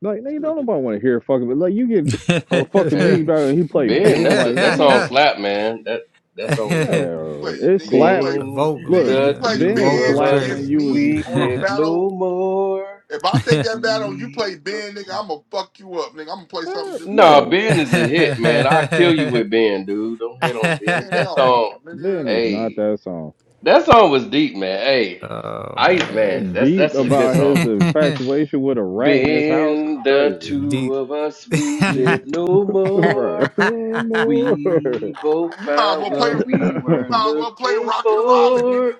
Speaker 3: Like, nigga, don't
Speaker 7: you
Speaker 3: nobody want to hear fucking, but like, you get into a fucking
Speaker 8: the
Speaker 5: Hey,
Speaker 3: music battle and he play
Speaker 5: Ben,
Speaker 3: Ben,
Speaker 5: that's a
Speaker 3: like,
Speaker 5: that song
Speaker 3: nigga,
Speaker 5: slap, man. That that song was dope.
Speaker 7: play,
Speaker 3: no, it
Speaker 7: nigga. You
Speaker 3: slapped.
Speaker 7: play,
Speaker 5: Ben,
Speaker 8: vocals,
Speaker 7: nigga.
Speaker 3: Look,
Speaker 7: You
Speaker 5: the
Speaker 8: man.
Speaker 7: play
Speaker 8: The
Speaker 3: Ben
Speaker 5: two
Speaker 8: vocals
Speaker 7: Ben
Speaker 5: of
Speaker 3: slapped
Speaker 5: us,
Speaker 8: crazy.
Speaker 3: when
Speaker 7: against
Speaker 3: you
Speaker 7: me
Speaker 5: we
Speaker 3: was,
Speaker 7: on a
Speaker 5: live
Speaker 7: battle.
Speaker 5: no more.
Speaker 7: If I take that battle and you play
Speaker 5: We
Speaker 7: Ben, nigga, I'm gonna fuck you up, nigga. I'm gonna play something
Speaker 3: Eh,
Speaker 7: just.
Speaker 5: Nah,
Speaker 3: bro,
Speaker 5: Ben is a hit, man. I'll kill you with Ben, dude. Don't hit on Ben.
Speaker 7: Man,
Speaker 5: That
Speaker 7: hell no,
Speaker 5: song,
Speaker 3: Ben
Speaker 7: nigga.
Speaker 3: is not
Speaker 5: hey,
Speaker 3: that song.
Speaker 5: that song was deep, man. Hey,
Speaker 8: oh
Speaker 5: Ice Man,
Speaker 8: man,
Speaker 5: that's
Speaker 3: Deep
Speaker 5: that's a good
Speaker 3: about
Speaker 5: song.
Speaker 3: his infatuation with a rat in his house is
Speaker 5: Ben, the
Speaker 3: crazy.
Speaker 5: two
Speaker 8: deep.
Speaker 5: of us, we
Speaker 3: Mm.
Speaker 5: live no
Speaker 3: Right.
Speaker 5: more.
Speaker 3: no more.
Speaker 5: We both
Speaker 7: You might as well
Speaker 5: found
Speaker 7: play. You
Speaker 5: what we were
Speaker 7: might as well play
Speaker 5: looking
Speaker 7: Rock and Robin,
Speaker 5: for.
Speaker 7: nigga.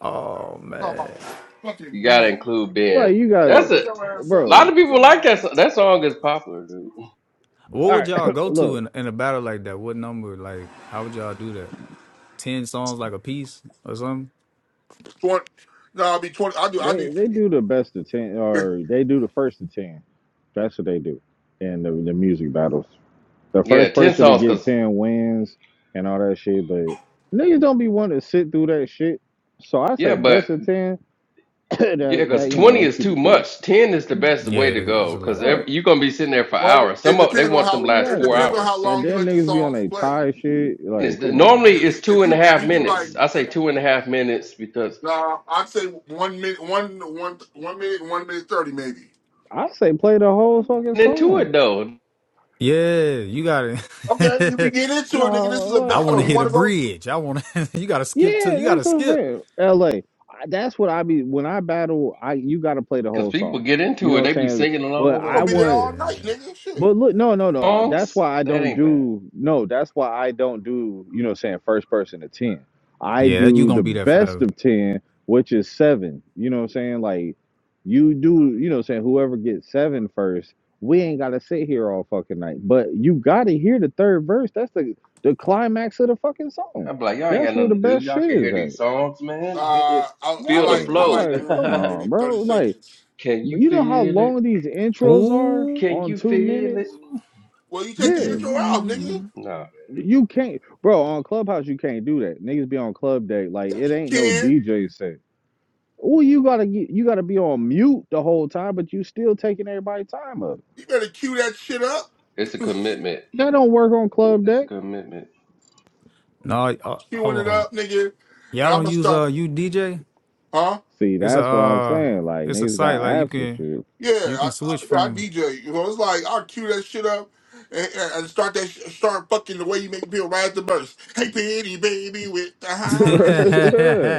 Speaker 8: Oh
Speaker 7: Talking
Speaker 8: man,
Speaker 7: about fucking
Speaker 5: You gotta
Speaker 7: Ben.
Speaker 5: include
Speaker 3: like,
Speaker 5: Ben.
Speaker 3: you
Speaker 5: That's
Speaker 3: gotta,
Speaker 5: a
Speaker 7: Shut your ass
Speaker 5: lot
Speaker 3: bro,
Speaker 5: of
Speaker 7: up.
Speaker 5: people
Speaker 7: Come here
Speaker 5: like
Speaker 7: and
Speaker 5: that.
Speaker 7: kick.
Speaker 5: Song. That song is popular, dude.
Speaker 8: what
Speaker 3: all
Speaker 8: would
Speaker 3: right,
Speaker 8: y'all go to
Speaker 3: look,
Speaker 8: in in a battle like that? What number? Like, how would y'all do that? Ten songs like a piece or something?
Speaker 7: Twenty. No, I'll be twenty. I do. I
Speaker 3: they,
Speaker 7: do.
Speaker 3: they do the best of 10, or they do the first of 10. That's what they do in the, the music battles. The
Speaker 5: Yeah,
Speaker 3: first
Speaker 5: ten
Speaker 3: person to
Speaker 5: songs,
Speaker 3: get
Speaker 5: cause
Speaker 3: 10 wins and all that shit, but niggas don't be wanting to sit through that shit. So I
Speaker 5: yeah,
Speaker 3: say
Speaker 5: but
Speaker 3: best of 10,
Speaker 5: Yeah,
Speaker 3: that,
Speaker 5: because
Speaker 3: that, you
Speaker 5: 20
Speaker 3: know,
Speaker 5: is
Speaker 3: keep
Speaker 5: too
Speaker 3: it cool.
Speaker 5: much. 10 is the best way
Speaker 8: Yeah,
Speaker 5: to
Speaker 8: it's it's
Speaker 5: go
Speaker 8: a
Speaker 5: because
Speaker 3: All
Speaker 8: lot.
Speaker 3: right,
Speaker 5: you're going to be sitting there for
Speaker 7: What?
Speaker 5: hours.
Speaker 7: it
Speaker 5: Some of they
Speaker 7: depends on
Speaker 5: want them
Speaker 7: how.
Speaker 5: last
Speaker 7: It
Speaker 5: four
Speaker 7: depends
Speaker 3: exactly.
Speaker 7: on how
Speaker 5: hours.
Speaker 3: And
Speaker 7: long you
Speaker 3: then
Speaker 7: let the
Speaker 3: niggas be on
Speaker 7: songs
Speaker 3: a
Speaker 7: play.
Speaker 3: tie shit.
Speaker 5: It's,
Speaker 3: Like, come on,
Speaker 5: normally
Speaker 3: bro.
Speaker 7: If
Speaker 5: it's
Speaker 7: you
Speaker 5: two
Speaker 7: if
Speaker 5: and a
Speaker 7: you if
Speaker 5: half
Speaker 7: you do like
Speaker 5: minutes. I say two and a half minutes because
Speaker 7: nah, I'd say one minute one one one minute one minute thirty maybe.
Speaker 3: I say play the whole fucking
Speaker 5: and into it
Speaker 3: song.
Speaker 5: though,
Speaker 8: Yeah, you got
Speaker 7: Okay, you be
Speaker 8: to
Speaker 7: getting into it, nigga. This is a
Speaker 3: No,
Speaker 8: I
Speaker 3: like,
Speaker 8: want
Speaker 7: battle.
Speaker 8: to
Speaker 7: You
Speaker 8: hit a
Speaker 7: wanna go
Speaker 8: bridge. I want to. you got to skip to.
Speaker 3: yeah,
Speaker 8: You got to
Speaker 3: that's what I'm
Speaker 8: skip.
Speaker 3: saying. LA. That's what I be when I battle. I you got to play the
Speaker 5: because
Speaker 3: whole
Speaker 5: people
Speaker 3: song.
Speaker 5: get
Speaker 3: You
Speaker 5: into
Speaker 3: know
Speaker 5: it. They
Speaker 3: what
Speaker 5: be
Speaker 3: I'm saying?
Speaker 5: singing
Speaker 3: But
Speaker 7: we
Speaker 5: along
Speaker 3: I
Speaker 5: and
Speaker 7: gonna be there
Speaker 5: hmm,
Speaker 3: want.
Speaker 7: all
Speaker 8: Yeah,
Speaker 7: night, nigga. Shit.
Speaker 3: But look, no, no, no. That's
Speaker 5: songs.
Speaker 3: why I
Speaker 5: That
Speaker 3: don't
Speaker 5: ain't bad.
Speaker 3: do no, that's why I don't do, you know, what I'm saying first person to 10. I
Speaker 8: yeah, you
Speaker 3: do the
Speaker 8: gonna be there
Speaker 3: best
Speaker 8: forever.
Speaker 3: of 10, which is 7. You know what I'm saying? Like you do, you know what I'm saying, whoever gets seven first, we ain't got to sit here all fucking night. But you got to hear the third verse. That's the the climax of the fucking song.
Speaker 5: I'm like, y'all ain't
Speaker 3: That's
Speaker 5: got
Speaker 3: where the
Speaker 5: nothing to do.
Speaker 3: best
Speaker 5: Y'all
Speaker 3: shit
Speaker 5: can
Speaker 3: is
Speaker 5: hear
Speaker 3: at.
Speaker 5: these songs, man. Hit
Speaker 7: Uh
Speaker 5: it.
Speaker 7: I, I
Speaker 5: Feel the
Speaker 3: No,
Speaker 7: like I
Speaker 5: flow.
Speaker 7: like
Speaker 3: like
Speaker 7: doing the
Speaker 3: come
Speaker 7: one minute
Speaker 3: on,
Speaker 7: and thirty
Speaker 3: bro. Like
Speaker 7: seconds.
Speaker 5: can you
Speaker 3: you know how
Speaker 5: feel it?
Speaker 3: long these intros are
Speaker 8: Ooh.
Speaker 5: Can
Speaker 3: on
Speaker 5: you
Speaker 3: 2
Speaker 5: feel it?
Speaker 3: minutes?
Speaker 7: Well you take the
Speaker 3: Yeah.
Speaker 7: intro out, nigga.
Speaker 8: Mm.
Speaker 5: No,
Speaker 3: You can't, bro. On Clubhouse, you can't do that. Niggas be on club day, like it
Speaker 7: Yes you
Speaker 3: ain't no
Speaker 7: can.
Speaker 3: DJ set. Well, you gotta get, you gotta be on mute the whole time, but you still taking everybody's time up.
Speaker 7: You better cue that shit up.
Speaker 5: it's a commitment.
Speaker 3: That don't work on club
Speaker 5: It's a
Speaker 3: day.
Speaker 5: commitment.
Speaker 8: No,
Speaker 7: I'm
Speaker 8: uh,
Speaker 7: queuing
Speaker 8: hold
Speaker 7: it
Speaker 8: on.
Speaker 7: up, nigga. And
Speaker 8: Y'all don't
Speaker 7: I'ma
Speaker 8: use
Speaker 7: start
Speaker 8: uh UDJ?
Speaker 7: huh?
Speaker 3: See,
Speaker 8: It's a
Speaker 3: that's what I'm
Speaker 8: uh
Speaker 3: saying. Like
Speaker 8: it's a
Speaker 3: niggas got
Speaker 8: site like you
Speaker 3: apps and
Speaker 8: can
Speaker 3: shit.
Speaker 7: Yeah,
Speaker 8: you
Speaker 7: I,
Speaker 8: can
Speaker 7: I,
Speaker 8: switch
Speaker 7: yeah,
Speaker 8: from
Speaker 7: DJ. You know, it's like I'll cue that shit up and, and and start that sh- start fucking the way you make me feel right at the verse. Hey, pretty baby with the high heels on.
Speaker 3: yeah,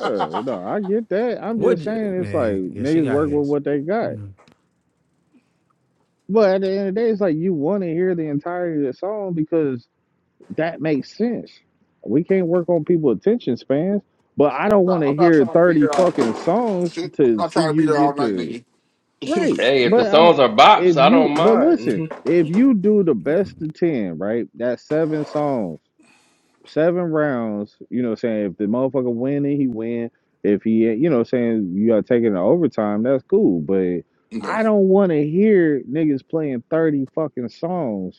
Speaker 3: Uh, no, I get that. I'm
Speaker 8: what
Speaker 3: just
Speaker 8: j-
Speaker 3: saying it's like
Speaker 8: man, yeah, she
Speaker 3: niggas
Speaker 8: got
Speaker 3: work with
Speaker 8: his.
Speaker 3: what they got.
Speaker 8: Mm.
Speaker 3: But at the end of the day, it's like you want to hear the entirety of the song because that makes sense. We can't work on people's attention spans, but I don't want
Speaker 7: Nah,
Speaker 3: to
Speaker 7: I'm not
Speaker 3: hear
Speaker 7: trying to be
Speaker 3: 30
Speaker 7: there all
Speaker 3: fucking songs
Speaker 7: shit. I'm
Speaker 3: to
Speaker 7: not
Speaker 3: see
Speaker 7: trying to be
Speaker 3: you
Speaker 7: there all
Speaker 3: get
Speaker 7: night,
Speaker 3: to
Speaker 7: nigga.
Speaker 3: right.
Speaker 7: okay.
Speaker 5: Hey, if the
Speaker 3: But I
Speaker 5: songs
Speaker 3: mean,
Speaker 5: are
Speaker 3: if
Speaker 5: bops, I don't
Speaker 3: you but listen,
Speaker 5: mind.
Speaker 3: if you do the best of 10, right? That's seven songs, seven rounds, you know what I'm saying? If the motherfucker win it, he win. If he, you know what I'm saying, you got taking the overtime, that's cool, but I don't want to hear niggas playing 30 fucking songs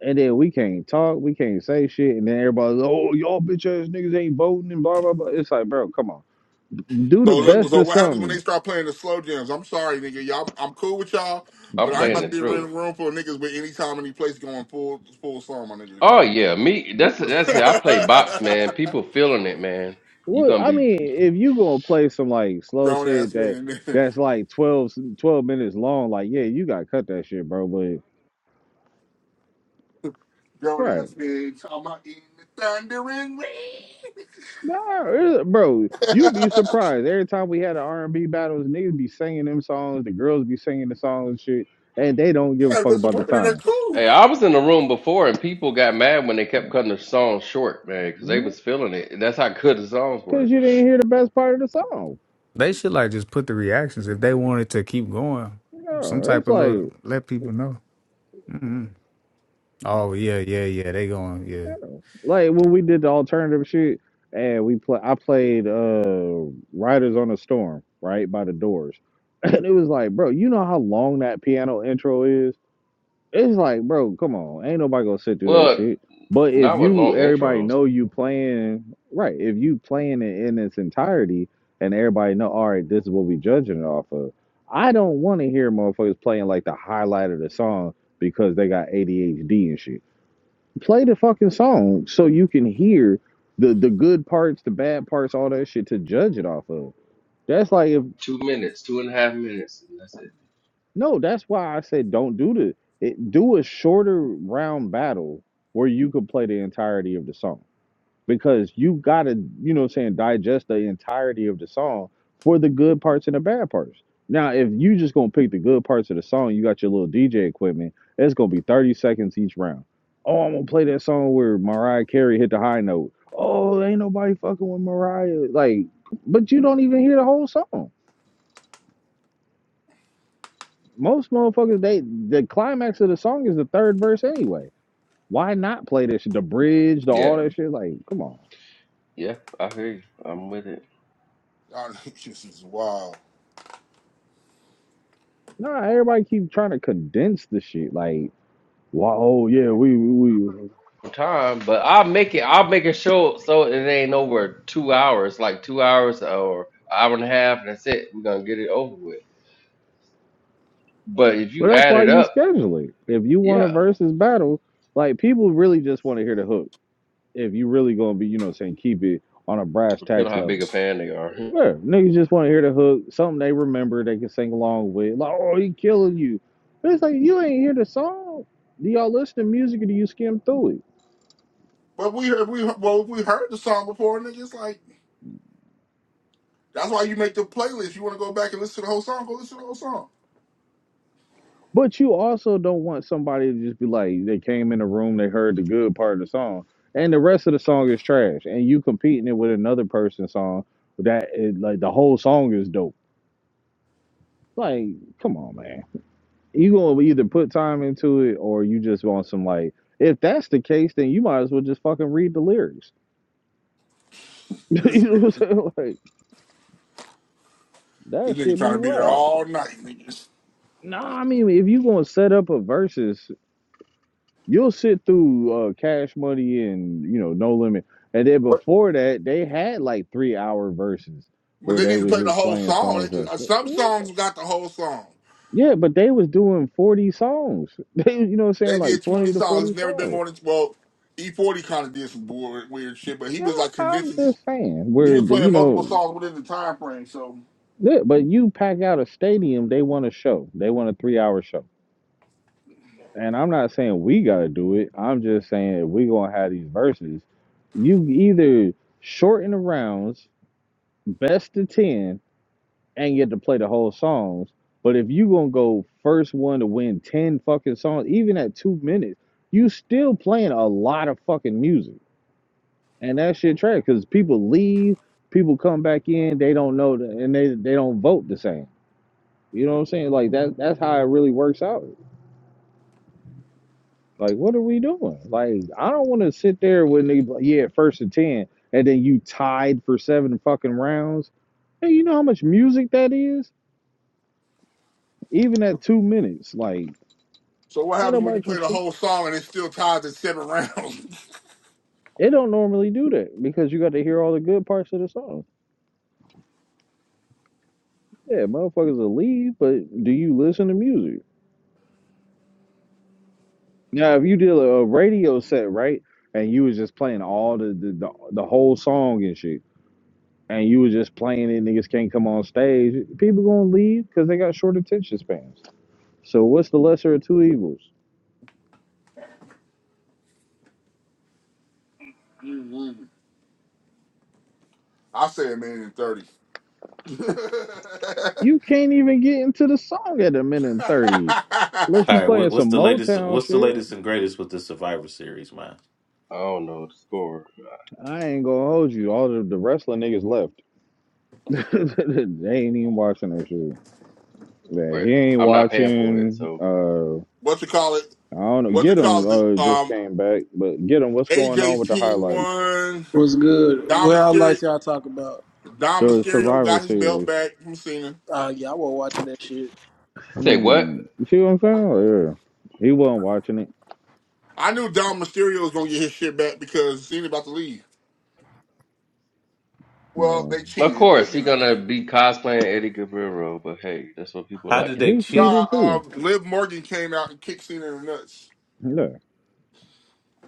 Speaker 3: and then we can't talk, we can't say shit, and then everybody's like, oh y'all bitch ass niggas ain't voting and blah blah blah. It's like, bro, come on, do the
Speaker 7: So look,
Speaker 3: best
Speaker 5: hey,
Speaker 7: so
Speaker 3: of
Speaker 7: what happens when they
Speaker 3: something.
Speaker 7: start playing the slow jams? I'm sorry, nigga. Y'all, I'm cool with y'all, but
Speaker 5: I'm
Speaker 7: I ain't
Speaker 5: playing
Speaker 7: about to
Speaker 5: it
Speaker 7: be in a
Speaker 5: through.
Speaker 7: room full of niggas with any time, any place going full full song, my nigga.
Speaker 5: Oh
Speaker 7: No.
Speaker 5: yeah, me. That's that's it. I play bops, man. People feeling it, man. You
Speaker 3: What
Speaker 5: gonna
Speaker 3: I
Speaker 5: be.
Speaker 3: mean, if you gonna play some like slow
Speaker 7: Grown ass
Speaker 3: shit that
Speaker 7: men.
Speaker 3: that's like 12 12 minutes long, like yeah, you gotta cut that shit, bro. But
Speaker 7: grown
Speaker 3: right,
Speaker 7: ass man talking about eating the thundering rain.
Speaker 3: nah, it- bro,
Speaker 7: yeah,
Speaker 3: you be surprised every time we had an R and B battles, niggas be singing them songs, the girls be singing the songs and shit, and they don't give a fuck
Speaker 7: that's a
Speaker 3: about the
Speaker 7: women in their
Speaker 3: time,
Speaker 7: cool.
Speaker 5: Hey, I was in the room before, and people got mad when they kept
Speaker 3: cause
Speaker 5: cutting the songs short, man, because they was feeling it. That's how good the songs were.
Speaker 3: you didn't hear the best part of the song.
Speaker 8: They should like just put the reactions if they wanted to keep going. Some
Speaker 3: Yeah,
Speaker 8: type
Speaker 3: it's
Speaker 8: of
Speaker 3: like
Speaker 8: look let people know. mm Oh yeah, yeah, yeah. They going, yeah.
Speaker 3: like when we did the alternative shit and we play I played uh Riders on a Storm, right, by the doors. And it was like, bro, you know how long that piano intro is? It's like, bro, come on. Ain't nobody gonna sit through that
Speaker 5: Well,
Speaker 3: shit. But if
Speaker 5: not with
Speaker 3: you
Speaker 5: long
Speaker 3: everybody
Speaker 5: intros.
Speaker 3: know you playing right, if you playing it in its entirety and everybody know, all right, this is what we judging it off of. I don't wanna hear motherfuckers playing like the highlight of the song because they got ADHD and shit. play the fucking song so you can hear the the good parts, the bad parts, all that shit to judge it off of. That's like if
Speaker 5: Two minutes, two and a half minutes, and that's it.
Speaker 3: no, that's why I said don't do the it, do a shorter round battle where you could play the entirety of the song. because you gotta, you know what I'm saying, digest the entirety of the song for the good parts and the bad parts. Now, if you just gonna pick the good parts of the song, you got your little DJ equipment, it's gonna be 30 seconds each round. Oh, I'm gonna play that song where Mariah Carey hit the high note. Oh, ain't nobody fucking with Mariah. Like, but you don't even hear the whole song. Most motherfuckers, they the climax of the song is the third verse anyway. Why not play this? shit? The bridge, the
Speaker 5: Yeah,
Speaker 3: all that shit. Like, come on.
Speaker 5: yeah. I hear you. I'm with it.
Speaker 7: Y'all, this is wild.
Speaker 3: No, everybody keep trying to condense the shit. Like, wow, oh yeah, we we. we.
Speaker 5: time, but I'll make it. I'll make it show so it ain't over two hours, like two hours or hour and a half, and that's it. We're gonna get it over with. But if
Speaker 3: Well,
Speaker 5: you
Speaker 3: that's
Speaker 5: add
Speaker 3: why
Speaker 5: it
Speaker 3: you
Speaker 5: up,
Speaker 3: schedule it. If you want a
Speaker 5: yeah,
Speaker 3: versus battle, like people really just want to hear the hook. If you really gonna be, you know, what I'm saying keep it on a brass
Speaker 5: depending
Speaker 3: tax
Speaker 5: on how big
Speaker 3: level.
Speaker 5: a fan they are.
Speaker 3: Yeah, niggas just want to hear the hook, something they remember, they can sing along with. Like, oh, he killing you. But it's like you ain't hear the song. Do y'all listen to music or do you skim through it?
Speaker 7: But we heard, we well, we heard the song before, and it's just like that's why you make the playlist. You want to go back and listen to the whole song? Go listen to the whole song.
Speaker 3: But you also don't want somebody to just be like, they came in the room, they heard the good part of the song, and the rest of the song is trash, and you competing it with another person's song that is, like the whole song is dope. Like, come on, man. You gonna either put time into it or you just want some like. If that's the case, then you might as well just fucking read the lyrics. you
Speaker 7: This
Speaker 3: know
Speaker 7: nigga,
Speaker 3: what I'm
Speaker 7: this
Speaker 3: saying? Like that
Speaker 7: nigga
Speaker 3: should
Speaker 7: trying
Speaker 3: be
Speaker 7: to be there
Speaker 3: wild.
Speaker 7: all night, niggas.
Speaker 3: No, I mean if you gonna set up a versus You'll sit through uh, Cash Money and you know No Limit, and then
Speaker 7: But
Speaker 3: before that they had like three hour verses
Speaker 7: but
Speaker 3: where
Speaker 7: they
Speaker 3: they
Speaker 7: need to
Speaker 3: was
Speaker 7: play the
Speaker 3: just
Speaker 7: whole
Speaker 3: playing
Speaker 7: song.
Speaker 3: songs. Of,
Speaker 7: Uh, Some songs got the whole song.
Speaker 3: yeah, but they was doing forty songs. They you know what I'm saying
Speaker 7: They
Speaker 3: like
Speaker 7: did twenty
Speaker 3: twenty to
Speaker 7: songs. It's
Speaker 3: forty
Speaker 7: never been
Speaker 3: songs.
Speaker 7: more than well. E forty kind of did some weird, weird shit, but he
Speaker 3: Yeah,
Speaker 7: was like
Speaker 3: I'm
Speaker 7: condensing.
Speaker 3: just saying
Speaker 7: He
Speaker 3: where
Speaker 7: was
Speaker 3: the,
Speaker 7: playing
Speaker 3: you
Speaker 7: multiple
Speaker 3: know,
Speaker 7: songs within the time frame. So,
Speaker 3: yeah, but you pack out a stadium, they want a show. They want a three hour show. And I'm not saying we gotta do it. I'm just saying if we gonna have these verses, you either shorten the rounds, best of ten and get to play the whole songs. But if you gonna go first one to win ten fucking songs, even at two minutes, you still playing a lot of fucking music, and that shit trash because people leave, people come back in, they don't know, the, and they they don't vote the same. You know what I'm saying? Like that that's how it really works out. Like what are we doing? Like I don't want to sit there when they be like, yeah first and ten, and then you tied for seven fucking rounds. Hey, you know how much music that is? Even at two minutes, like.
Speaker 7: so what
Speaker 3: Ain't
Speaker 7: happens when
Speaker 3: nobody
Speaker 7: you play the
Speaker 3: trusting. it.
Speaker 7: whole song and it still ties at seven rounds?
Speaker 3: They don't normally do that because you got to hear all the good parts of the song. Yeah, motherfuckers will leave, but do you listen to music? Now, if you did a, a radio set, right, and you was just playing all the the, the the whole song and shit, and you was just playing it, niggas can't come on stage. People gonna leave because they got short attention spans. So what's the lesser of two evils?
Speaker 7: I say a minute and thirty.
Speaker 3: You can't even get into the song at a minute and thirty unless
Speaker 9: All
Speaker 3: you
Speaker 9: right, what,
Speaker 3: playing
Speaker 9: what's
Speaker 3: some
Speaker 9: the latest?
Speaker 3: Motown
Speaker 9: What's the
Speaker 3: shit.
Speaker 9: latest and greatest with the Survivor Series, man?
Speaker 5: I don't know the score,
Speaker 3: I ain't gonna hold you. All the, the wrestling niggas left. they ain't even watching that shit. Yeah,
Speaker 5: but
Speaker 3: he ain't
Speaker 5: I'm not paying for it.
Speaker 3: watching.
Speaker 5: So
Speaker 3: Uh,
Speaker 7: what you call it?
Speaker 3: I don't know.
Speaker 7: What you
Speaker 3: Get
Speaker 7: call
Speaker 3: him.
Speaker 7: it?
Speaker 3: Uh,
Speaker 7: The
Speaker 3: just
Speaker 7: um,
Speaker 3: came back, but get him. What's going on
Speaker 7: AJ's
Speaker 3: with the
Speaker 7: team
Speaker 3: highlights?
Speaker 7: won.
Speaker 2: What's good?
Speaker 7: Dom
Speaker 2: What I
Speaker 7: Mysterio,
Speaker 2: like y'all talk about?
Speaker 7: Dom
Speaker 3: The
Speaker 7: Mysterio
Speaker 3: Survivor
Speaker 7: got his belt
Speaker 3: Series.
Speaker 7: back from Cena.
Speaker 2: Uh, yeah, I was watching that shit.
Speaker 5: say what?
Speaker 3: Hmm. You see what I'm saying? Oh, Yeah. He wasn't watching it.
Speaker 7: I knew Dom Mysterio was gonna get his shit back because Cena about to leave. Well,
Speaker 3: No.
Speaker 7: they
Speaker 5: Of
Speaker 7: cheated, but
Speaker 5: course,
Speaker 7: you
Speaker 5: he
Speaker 7: know.
Speaker 5: gonna be cosplaying Eddie Guerrero, but hey, that's what people
Speaker 9: How
Speaker 5: like.
Speaker 9: did they
Speaker 3: He
Speaker 9: cheat?
Speaker 7: Nah,
Speaker 3: cheated too.
Speaker 7: um, Liv Morgan came out and kicked Cena in the nuts.
Speaker 3: Yeah.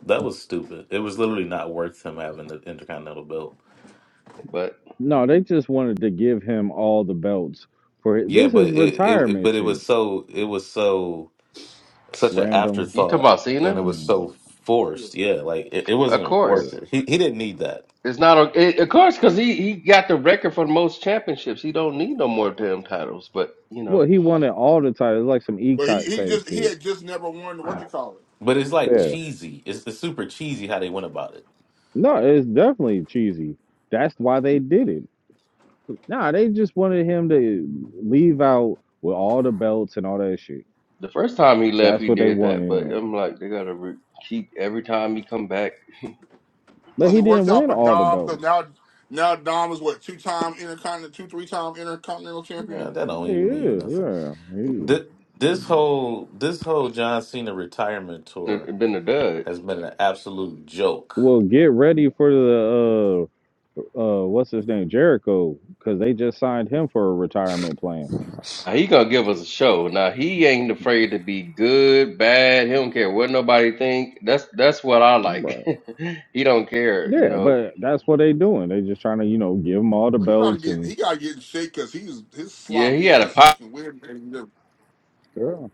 Speaker 9: That was stupid. It was literally not worth him having the Intercontinental Belt.
Speaker 5: But
Speaker 3: No, they just wanted to give him all the belts for it.
Speaker 9: Yeah,
Speaker 3: This
Speaker 9: but
Speaker 3: is
Speaker 9: it, it but
Speaker 3: retirement
Speaker 9: it
Speaker 3: shit.
Speaker 9: was so it was so such an
Speaker 3: Random.
Speaker 5: you talking
Speaker 9: afterthought,
Speaker 5: about
Speaker 9: and
Speaker 5: Cena?
Speaker 9: it was
Speaker 3: Hmm.
Speaker 9: so
Speaker 7: Yeah.
Speaker 9: forced. Yeah, like it, it
Speaker 5: Of
Speaker 9: wasn't
Speaker 3: Yeah.
Speaker 9: worth
Speaker 5: course.
Speaker 9: it. He he didn't need that.
Speaker 5: It's not a, it, of course because he, he got the record for the most championships. He don't need no more damn titles, but you know.
Speaker 3: Well, he wanted all the titles, like some
Speaker 7: But he,
Speaker 3: ECOT
Speaker 7: he
Speaker 3: type
Speaker 7: just he
Speaker 3: shit.
Speaker 7: had just never won what you call it
Speaker 9: But it's like
Speaker 3: Yeah.
Speaker 9: cheesy. It's, it's super cheesy how they went about it.
Speaker 3: No, it's definitely cheesy. That's why they did it. Nah, they just wanted him to leave out with all the belts and all that shit.
Speaker 5: The first time he left,
Speaker 3: That's
Speaker 5: he
Speaker 3: what they
Speaker 5: did that, but
Speaker 3: wanted.
Speaker 5: I'm like, they gotta re- keep every time he come back.
Speaker 3: But
Speaker 7: because
Speaker 3: he
Speaker 7: it
Speaker 3: didn't
Speaker 7: worked out
Speaker 3: win
Speaker 7: for
Speaker 3: all the
Speaker 7: Dom because
Speaker 3: belts.
Speaker 7: now now Dom is what two time intercontinental two three time intercontinental
Speaker 9: Man,
Speaker 7: champion.
Speaker 9: that don't
Speaker 3: Hey,
Speaker 9: even mean
Speaker 3: Yeah,
Speaker 9: nothing.
Speaker 3: yeah,
Speaker 9: Th-
Speaker 3: yeah.
Speaker 9: this whole this whole John Cena retirement tour
Speaker 5: it Been a dud.
Speaker 9: has been an absolute joke.
Speaker 3: Well, get ready for the uh uh what's his name Jericho because they just signed him for a retirement plan.
Speaker 5: Now, he gonna give us a show. Now he ain't afraid to be good, bad. He don't care what nobody think. That's that's what I like.
Speaker 3: Right.
Speaker 5: he don't care. You
Speaker 3: Yeah,
Speaker 5: know.
Speaker 3: but that's what they doing. They just trying to you know give him all the
Speaker 7: But he gotta
Speaker 3: belts
Speaker 7: get
Speaker 3: and
Speaker 7: he gotta get in shape because he's his
Speaker 5: Yeah, he
Speaker 7: sloppy
Speaker 5: had a
Speaker 7: ass is
Speaker 5: pop.
Speaker 7: looking weird. Man.
Speaker 3: yeah.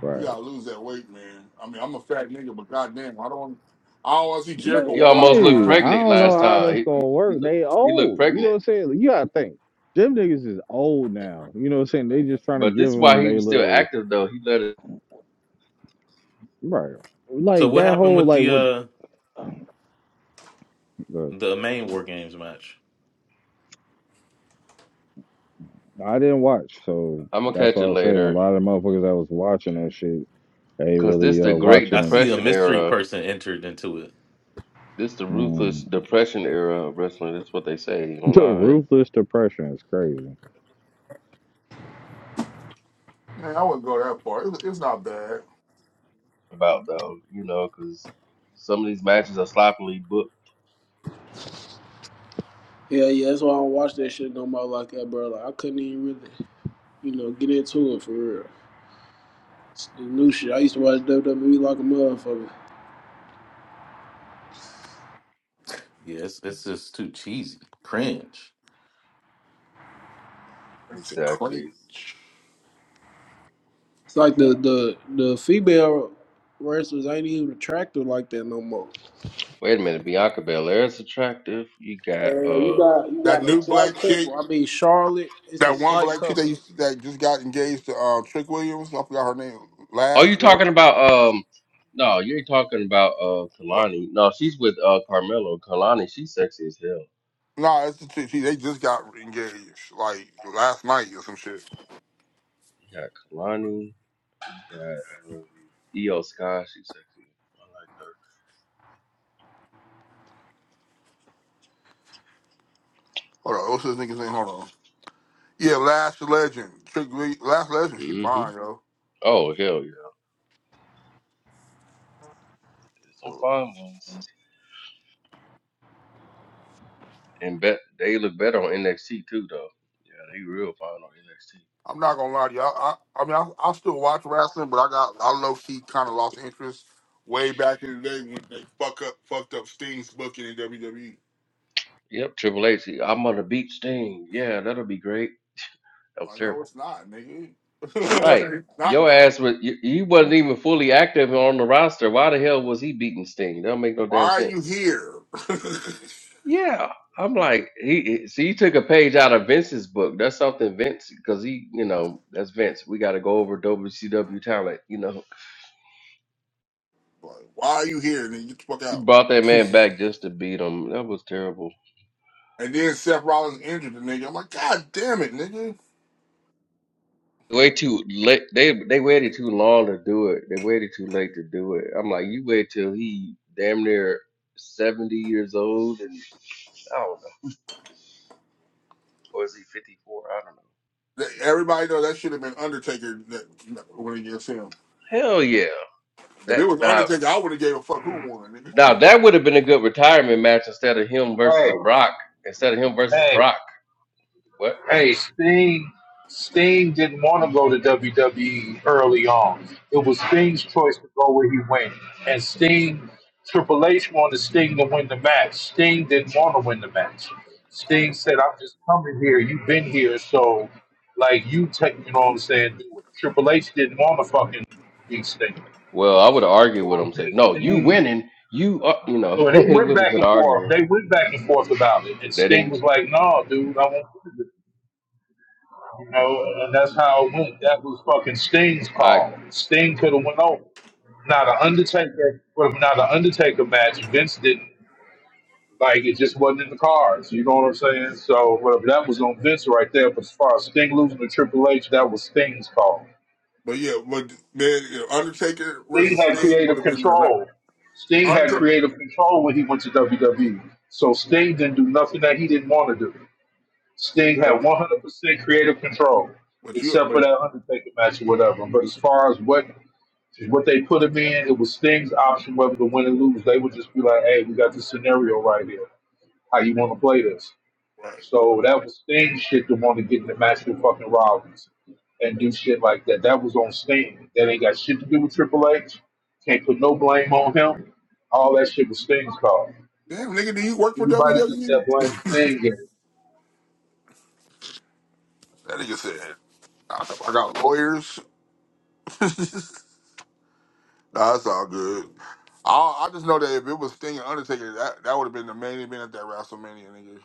Speaker 3: right.
Speaker 7: He he gotta lose that weight, man. I mean I'm a fat nigga, but goddamn, I don't I don't want to see
Speaker 3: But
Speaker 7: Jericho
Speaker 5: He
Speaker 3: yeah, I
Speaker 5: almost
Speaker 7: flopping
Speaker 5: looked
Speaker 3: mean,
Speaker 7: around.
Speaker 3: I
Speaker 5: pregnant
Speaker 3: don't
Speaker 7: Nigga.
Speaker 3: know
Speaker 5: last
Speaker 3: how
Speaker 5: time.
Speaker 3: that's
Speaker 5: He he,
Speaker 3: gonna
Speaker 5: he,
Speaker 3: work.
Speaker 5: looked,
Speaker 3: They
Speaker 5: he looked
Speaker 3: old, you know what
Speaker 5: pregnant.
Speaker 3: I'm saying? Like, You gotta think, them niggas is old now. You know what I'm saying? They just trying to
Speaker 5: But
Speaker 3: give
Speaker 5: this is
Speaker 3: them
Speaker 5: why he
Speaker 3: they
Speaker 5: was still
Speaker 3: little
Speaker 5: active though. He let it.
Speaker 3: right,
Speaker 9: So
Speaker 3: like
Speaker 9: what
Speaker 3: that
Speaker 9: happened
Speaker 3: whole
Speaker 9: with
Speaker 3: like
Speaker 9: the
Speaker 3: what
Speaker 9: uh
Speaker 3: uh,
Speaker 9: the main War Games match?
Speaker 3: I didn't watch, so
Speaker 5: I'm gonna
Speaker 3: that's
Speaker 5: catch
Speaker 3: what I
Speaker 5: it
Speaker 3: was saying. A
Speaker 5: later.
Speaker 3: lot of the motherfuckers that was watching that shit, they
Speaker 5: Cause
Speaker 3: really
Speaker 5: this
Speaker 3: uh
Speaker 5: the Great
Speaker 3: watching
Speaker 9: I
Speaker 3: it.
Speaker 9: see a
Speaker 5: Depression
Speaker 9: mystery
Speaker 5: era.
Speaker 9: person entered into it.
Speaker 5: This the ruthless
Speaker 3: Um,
Speaker 5: depression era of wrestling. That's what they say
Speaker 3: the
Speaker 5: online
Speaker 3: ruthless depression is crazy.
Speaker 7: Man, I wouldn't go that far. It's, it's not bad.
Speaker 5: about though. You know, because some of these matches are sloppily booked.
Speaker 2: Yeah, yeah, that's why I don't watch that shit no more like that, bro. Like I couldn't even really, you know, get into it for real. It's the new shit. I used to watch WWE like a motherfucker.
Speaker 9: Yeah, it's, it's just too cheesy, cringe.
Speaker 7: It's a cringe.
Speaker 5: Exactly.
Speaker 2: It's like the the the female wrestlers ain't even attractive like that no more.
Speaker 5: Wait a minute, Bianca Belair is attractive. You got
Speaker 2: Uh, you got
Speaker 5: um.
Speaker 2: you
Speaker 7: That
Speaker 2: got a
Speaker 7: new
Speaker 2: slight
Speaker 7: black chick.
Speaker 2: couple. I mean Charlotte, it's a
Speaker 7: That one
Speaker 2: slight
Speaker 7: black chick
Speaker 2: couple.
Speaker 7: that used that just got engaged to uh, Trick Williams. I forgot her name.
Speaker 5: Oh, you
Speaker 7: Last year.
Speaker 5: talking about um? No, you are talking about uh
Speaker 7: What?
Speaker 5: Kalani. No, she's with uh Carmelo. Kalani, she's sexy as hell.
Speaker 7: Nah, it's the chick. She, they just got engaged like last night or some shit.
Speaker 5: You got Kalani. You got um Io Sky. She's sexy. I
Speaker 7: Hold on. What's this nigga's name? Hold on. Yeah, Last Legend. Trick Williams. Last Legend. She
Speaker 5: like her. hmm
Speaker 7: fine, yo.
Speaker 5: Oh hell yeah. There's some
Speaker 7: So
Speaker 5: fine ones. And bet they look better on NXT too, though. Yeah, they real fine on NXT.
Speaker 7: I'm not gonna lie to you. I, I, I mean, I, I still watch wrestling, but I got I low key kind of lost interest way back in the day when they fuck up fucked up Sting's booking in WWE.
Speaker 5: Yep, Triple H. am gonna beat Sting. Yeah, that'll be great. That was
Speaker 7: Like, no,
Speaker 5: terrible.
Speaker 7: it's not, nigga.
Speaker 5: Right.
Speaker 7: It's not
Speaker 5: Your
Speaker 7: great.
Speaker 5: ass was you, you wasn't even fully active on the roster. Why the hell was he beating Sting? That don't make no
Speaker 7: Why
Speaker 5: damn
Speaker 7: are you
Speaker 5: sense.
Speaker 7: here? like,
Speaker 5: Yeah, I'm like he. he- See, he took a page out of Vince's book. That's something Vince, because he, you know, that's Vince. We got to go over WCW talent. You know,
Speaker 7: why are you here? Nigga, get the fuck
Speaker 5: he
Speaker 7: out.
Speaker 5: brought that man back just to beat him. That was terrible.
Speaker 7: and then Seth Rollins injured the nigga. I'm like, God damn it, nigga.
Speaker 5: Way too late. They they waited too long to do it. They waited too late to do it. I'm like, you wait till he damn near 70 years old, and I don't know, or is he 54? I don't know.
Speaker 7: That- Everybody knows that should have been Undertaker that, when it gets him.
Speaker 5: Hell yeah.
Speaker 7: If it
Speaker 5: That
Speaker 7: was
Speaker 5: now
Speaker 7: Undertaker, I would have gave a fuck who won, nigga.
Speaker 5: now that would have been a good retirement match instead of him
Speaker 10: Hey,
Speaker 5: versus Brock. Instead of him versus
Speaker 10: hey,
Speaker 5: Brock. What?
Speaker 10: hey, Sting Sting didn't want to go to WWE early on. It was Sting's choice to go where he went. And Sting Triple H wanted Sting to win the match. Sting didn't want to win the match. Sting said, I'm just coming here. You've been here, so like you take you know what I'm saying, do it. Triple H didn't want to fucking beat Sting.
Speaker 5: Well,
Speaker 10: You
Speaker 5: I would have argued
Speaker 10: know what
Speaker 5: with
Speaker 10: I'm
Speaker 5: him, say, "No,
Speaker 10: saying?
Speaker 5: you
Speaker 10: Sting,
Speaker 5: winning. You are, you know."
Speaker 10: you they
Speaker 5: it
Speaker 10: went
Speaker 5: would have
Speaker 10: back
Speaker 5: been an
Speaker 10: and forth.
Speaker 5: argument.
Speaker 10: They went back and forth about it. And
Speaker 5: They
Speaker 10: Sting
Speaker 5: didn't.
Speaker 10: was like, no, dude, I won't do it. You know, and that's how it went. That was fucking Sting's
Speaker 5: I
Speaker 10: call. Sting could have went over. Not an Undertaker, but not an Undertaker match. Vince didn't like it. Just wasn't in the cards. You know what I'm saying? So whatever that was on Vince right there. But as far as Sting losing to Triple H, that was Sting's call.
Speaker 7: But yeah, but man, you know, Undertaker
Speaker 10: Sting
Speaker 7: versus
Speaker 10: had
Speaker 7: Sting would
Speaker 10: creative
Speaker 7: have been the right
Speaker 10: control. Sting had
Speaker 7: Undertaker.
Speaker 10: creative control when he went to WWE. So Sting didn't do nothing that he didn't want to do. Sting
Speaker 7: But
Speaker 10: had 100% creative control
Speaker 7: but you
Speaker 10: except for
Speaker 7: but
Speaker 10: that Undertaker match or whatever. But as far as what What they put him in, it was Sting's option whether to win or lose. They would just be like, hey, we got this scenario right here. How you want to play this? So that was Sting's shit to want to get in the match with fucking Rollins and do shit like that. That was on Sting. That ain't got shit to do with Triple H. Can't put no blame on him. All that shit was Sting's call.
Speaker 7: damn nigga, do you work for
Speaker 10: Anybody gets
Speaker 7: WWE?
Speaker 10: that blame Sting
Speaker 7: that nigga said, I I got lawyers. That's all good. I, I just know that if it was Sting and Undertaker, that, that would have been the main event at that WrestleMania, nigga.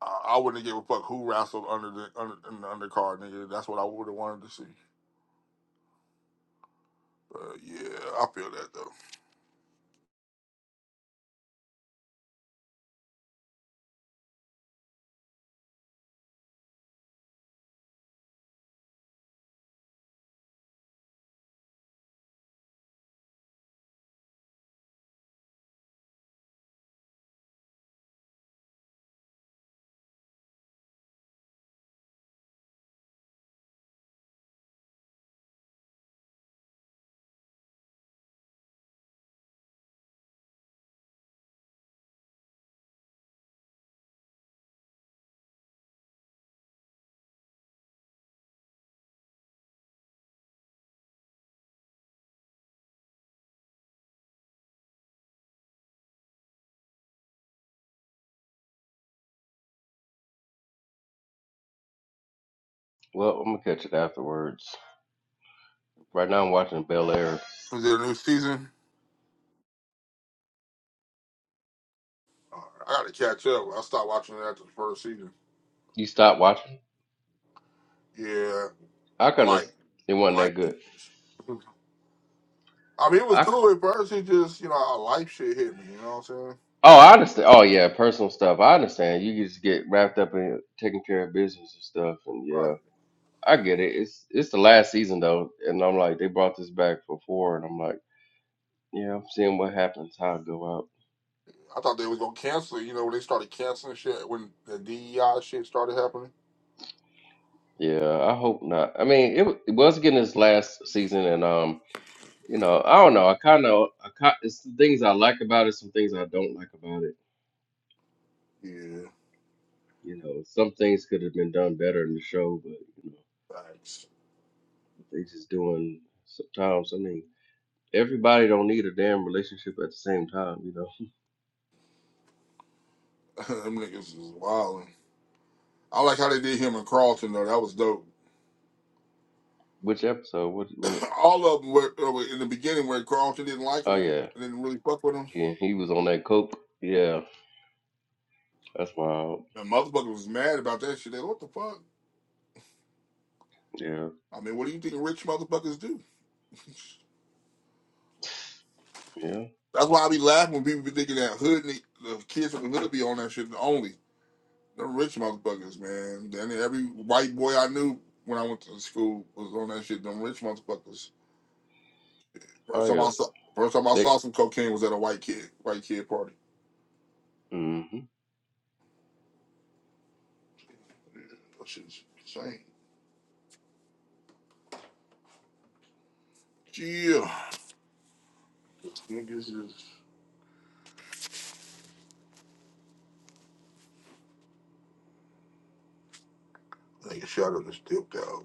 Speaker 7: I, I wouldn't give a fuck who wrestled under the under in the undercard, nigga. That's what I would have wanted to see. But yeah, I feel that though.
Speaker 5: well, I'm gonna catch it afterwards. Right now, I'm watching Bel Air.
Speaker 7: Is it a new season? Uh, I gotta catch up. I stopped watching it after the first season.
Speaker 5: You stop watching.
Speaker 7: Yeah,
Speaker 5: I couldn't.
Speaker 7: like
Speaker 5: It wasn't
Speaker 7: like.
Speaker 5: that good.
Speaker 7: I mean, it was
Speaker 5: I,
Speaker 7: cool at first. It just you know, life shit hit me. You know what I'm saying?
Speaker 5: oh, I understand. Oh yeah, personal stuff. I understand. You just get wrapped up in taking care of business and stuff, and
Speaker 7: Right.
Speaker 5: yeah, I get it. It's it's the last season though, and I'm like, they brought this back for four, and I'm like, yeah, I'm seeing what happens, how it go out.
Speaker 7: I thought they was gonna cancel it. You know, when they started canceling shit when the DEI shit started happening.
Speaker 5: Yeah, I hope not. I mean, it, wa- it was getting this last season, and um, you know, I don't know. I kind of, I kind, it's some things I like about it, some things I don't like about it.
Speaker 7: Yeah,
Speaker 5: You know, some things could have been done better in the show,
Speaker 7: facts.
Speaker 5: They just doing sometimes. I mean, everybody don't need a damn relationship at the same time, you know.
Speaker 7: Them niggas was wildin'. I like how they did him and Carlton though. That was dope.
Speaker 5: Which episode? What? What?
Speaker 7: All of them were, uh, were in the beginning where Carlton didn't like
Speaker 5: Oh
Speaker 7: him,
Speaker 5: yeah,
Speaker 7: didn't really fuck with him.
Speaker 5: yeah. He was on that coke. Yeah, that's wild.
Speaker 7: The motherfucker was mad about that shit. They what the fuck?
Speaker 5: Yeah,
Speaker 7: I mean, what do you think rich motherfuckers do?
Speaker 5: yeah.
Speaker 7: That's why I be laughing when people be thinking that hood ni- the kids from the hood be on that shit only. The rich motherfuckers, man. Then every white boy I knew when I went to school was on that shit. Them rich motherfuckers.
Speaker 5: Oh
Speaker 7: First time
Speaker 5: yeah.
Speaker 7: I saw, first time I
Speaker 5: They.
Speaker 7: saw some cocaine was at a white kid, white kid party.
Speaker 5: mhm.
Speaker 7: Yeah, that shit's insane. Yeah, niggas is niggas shot up and still out.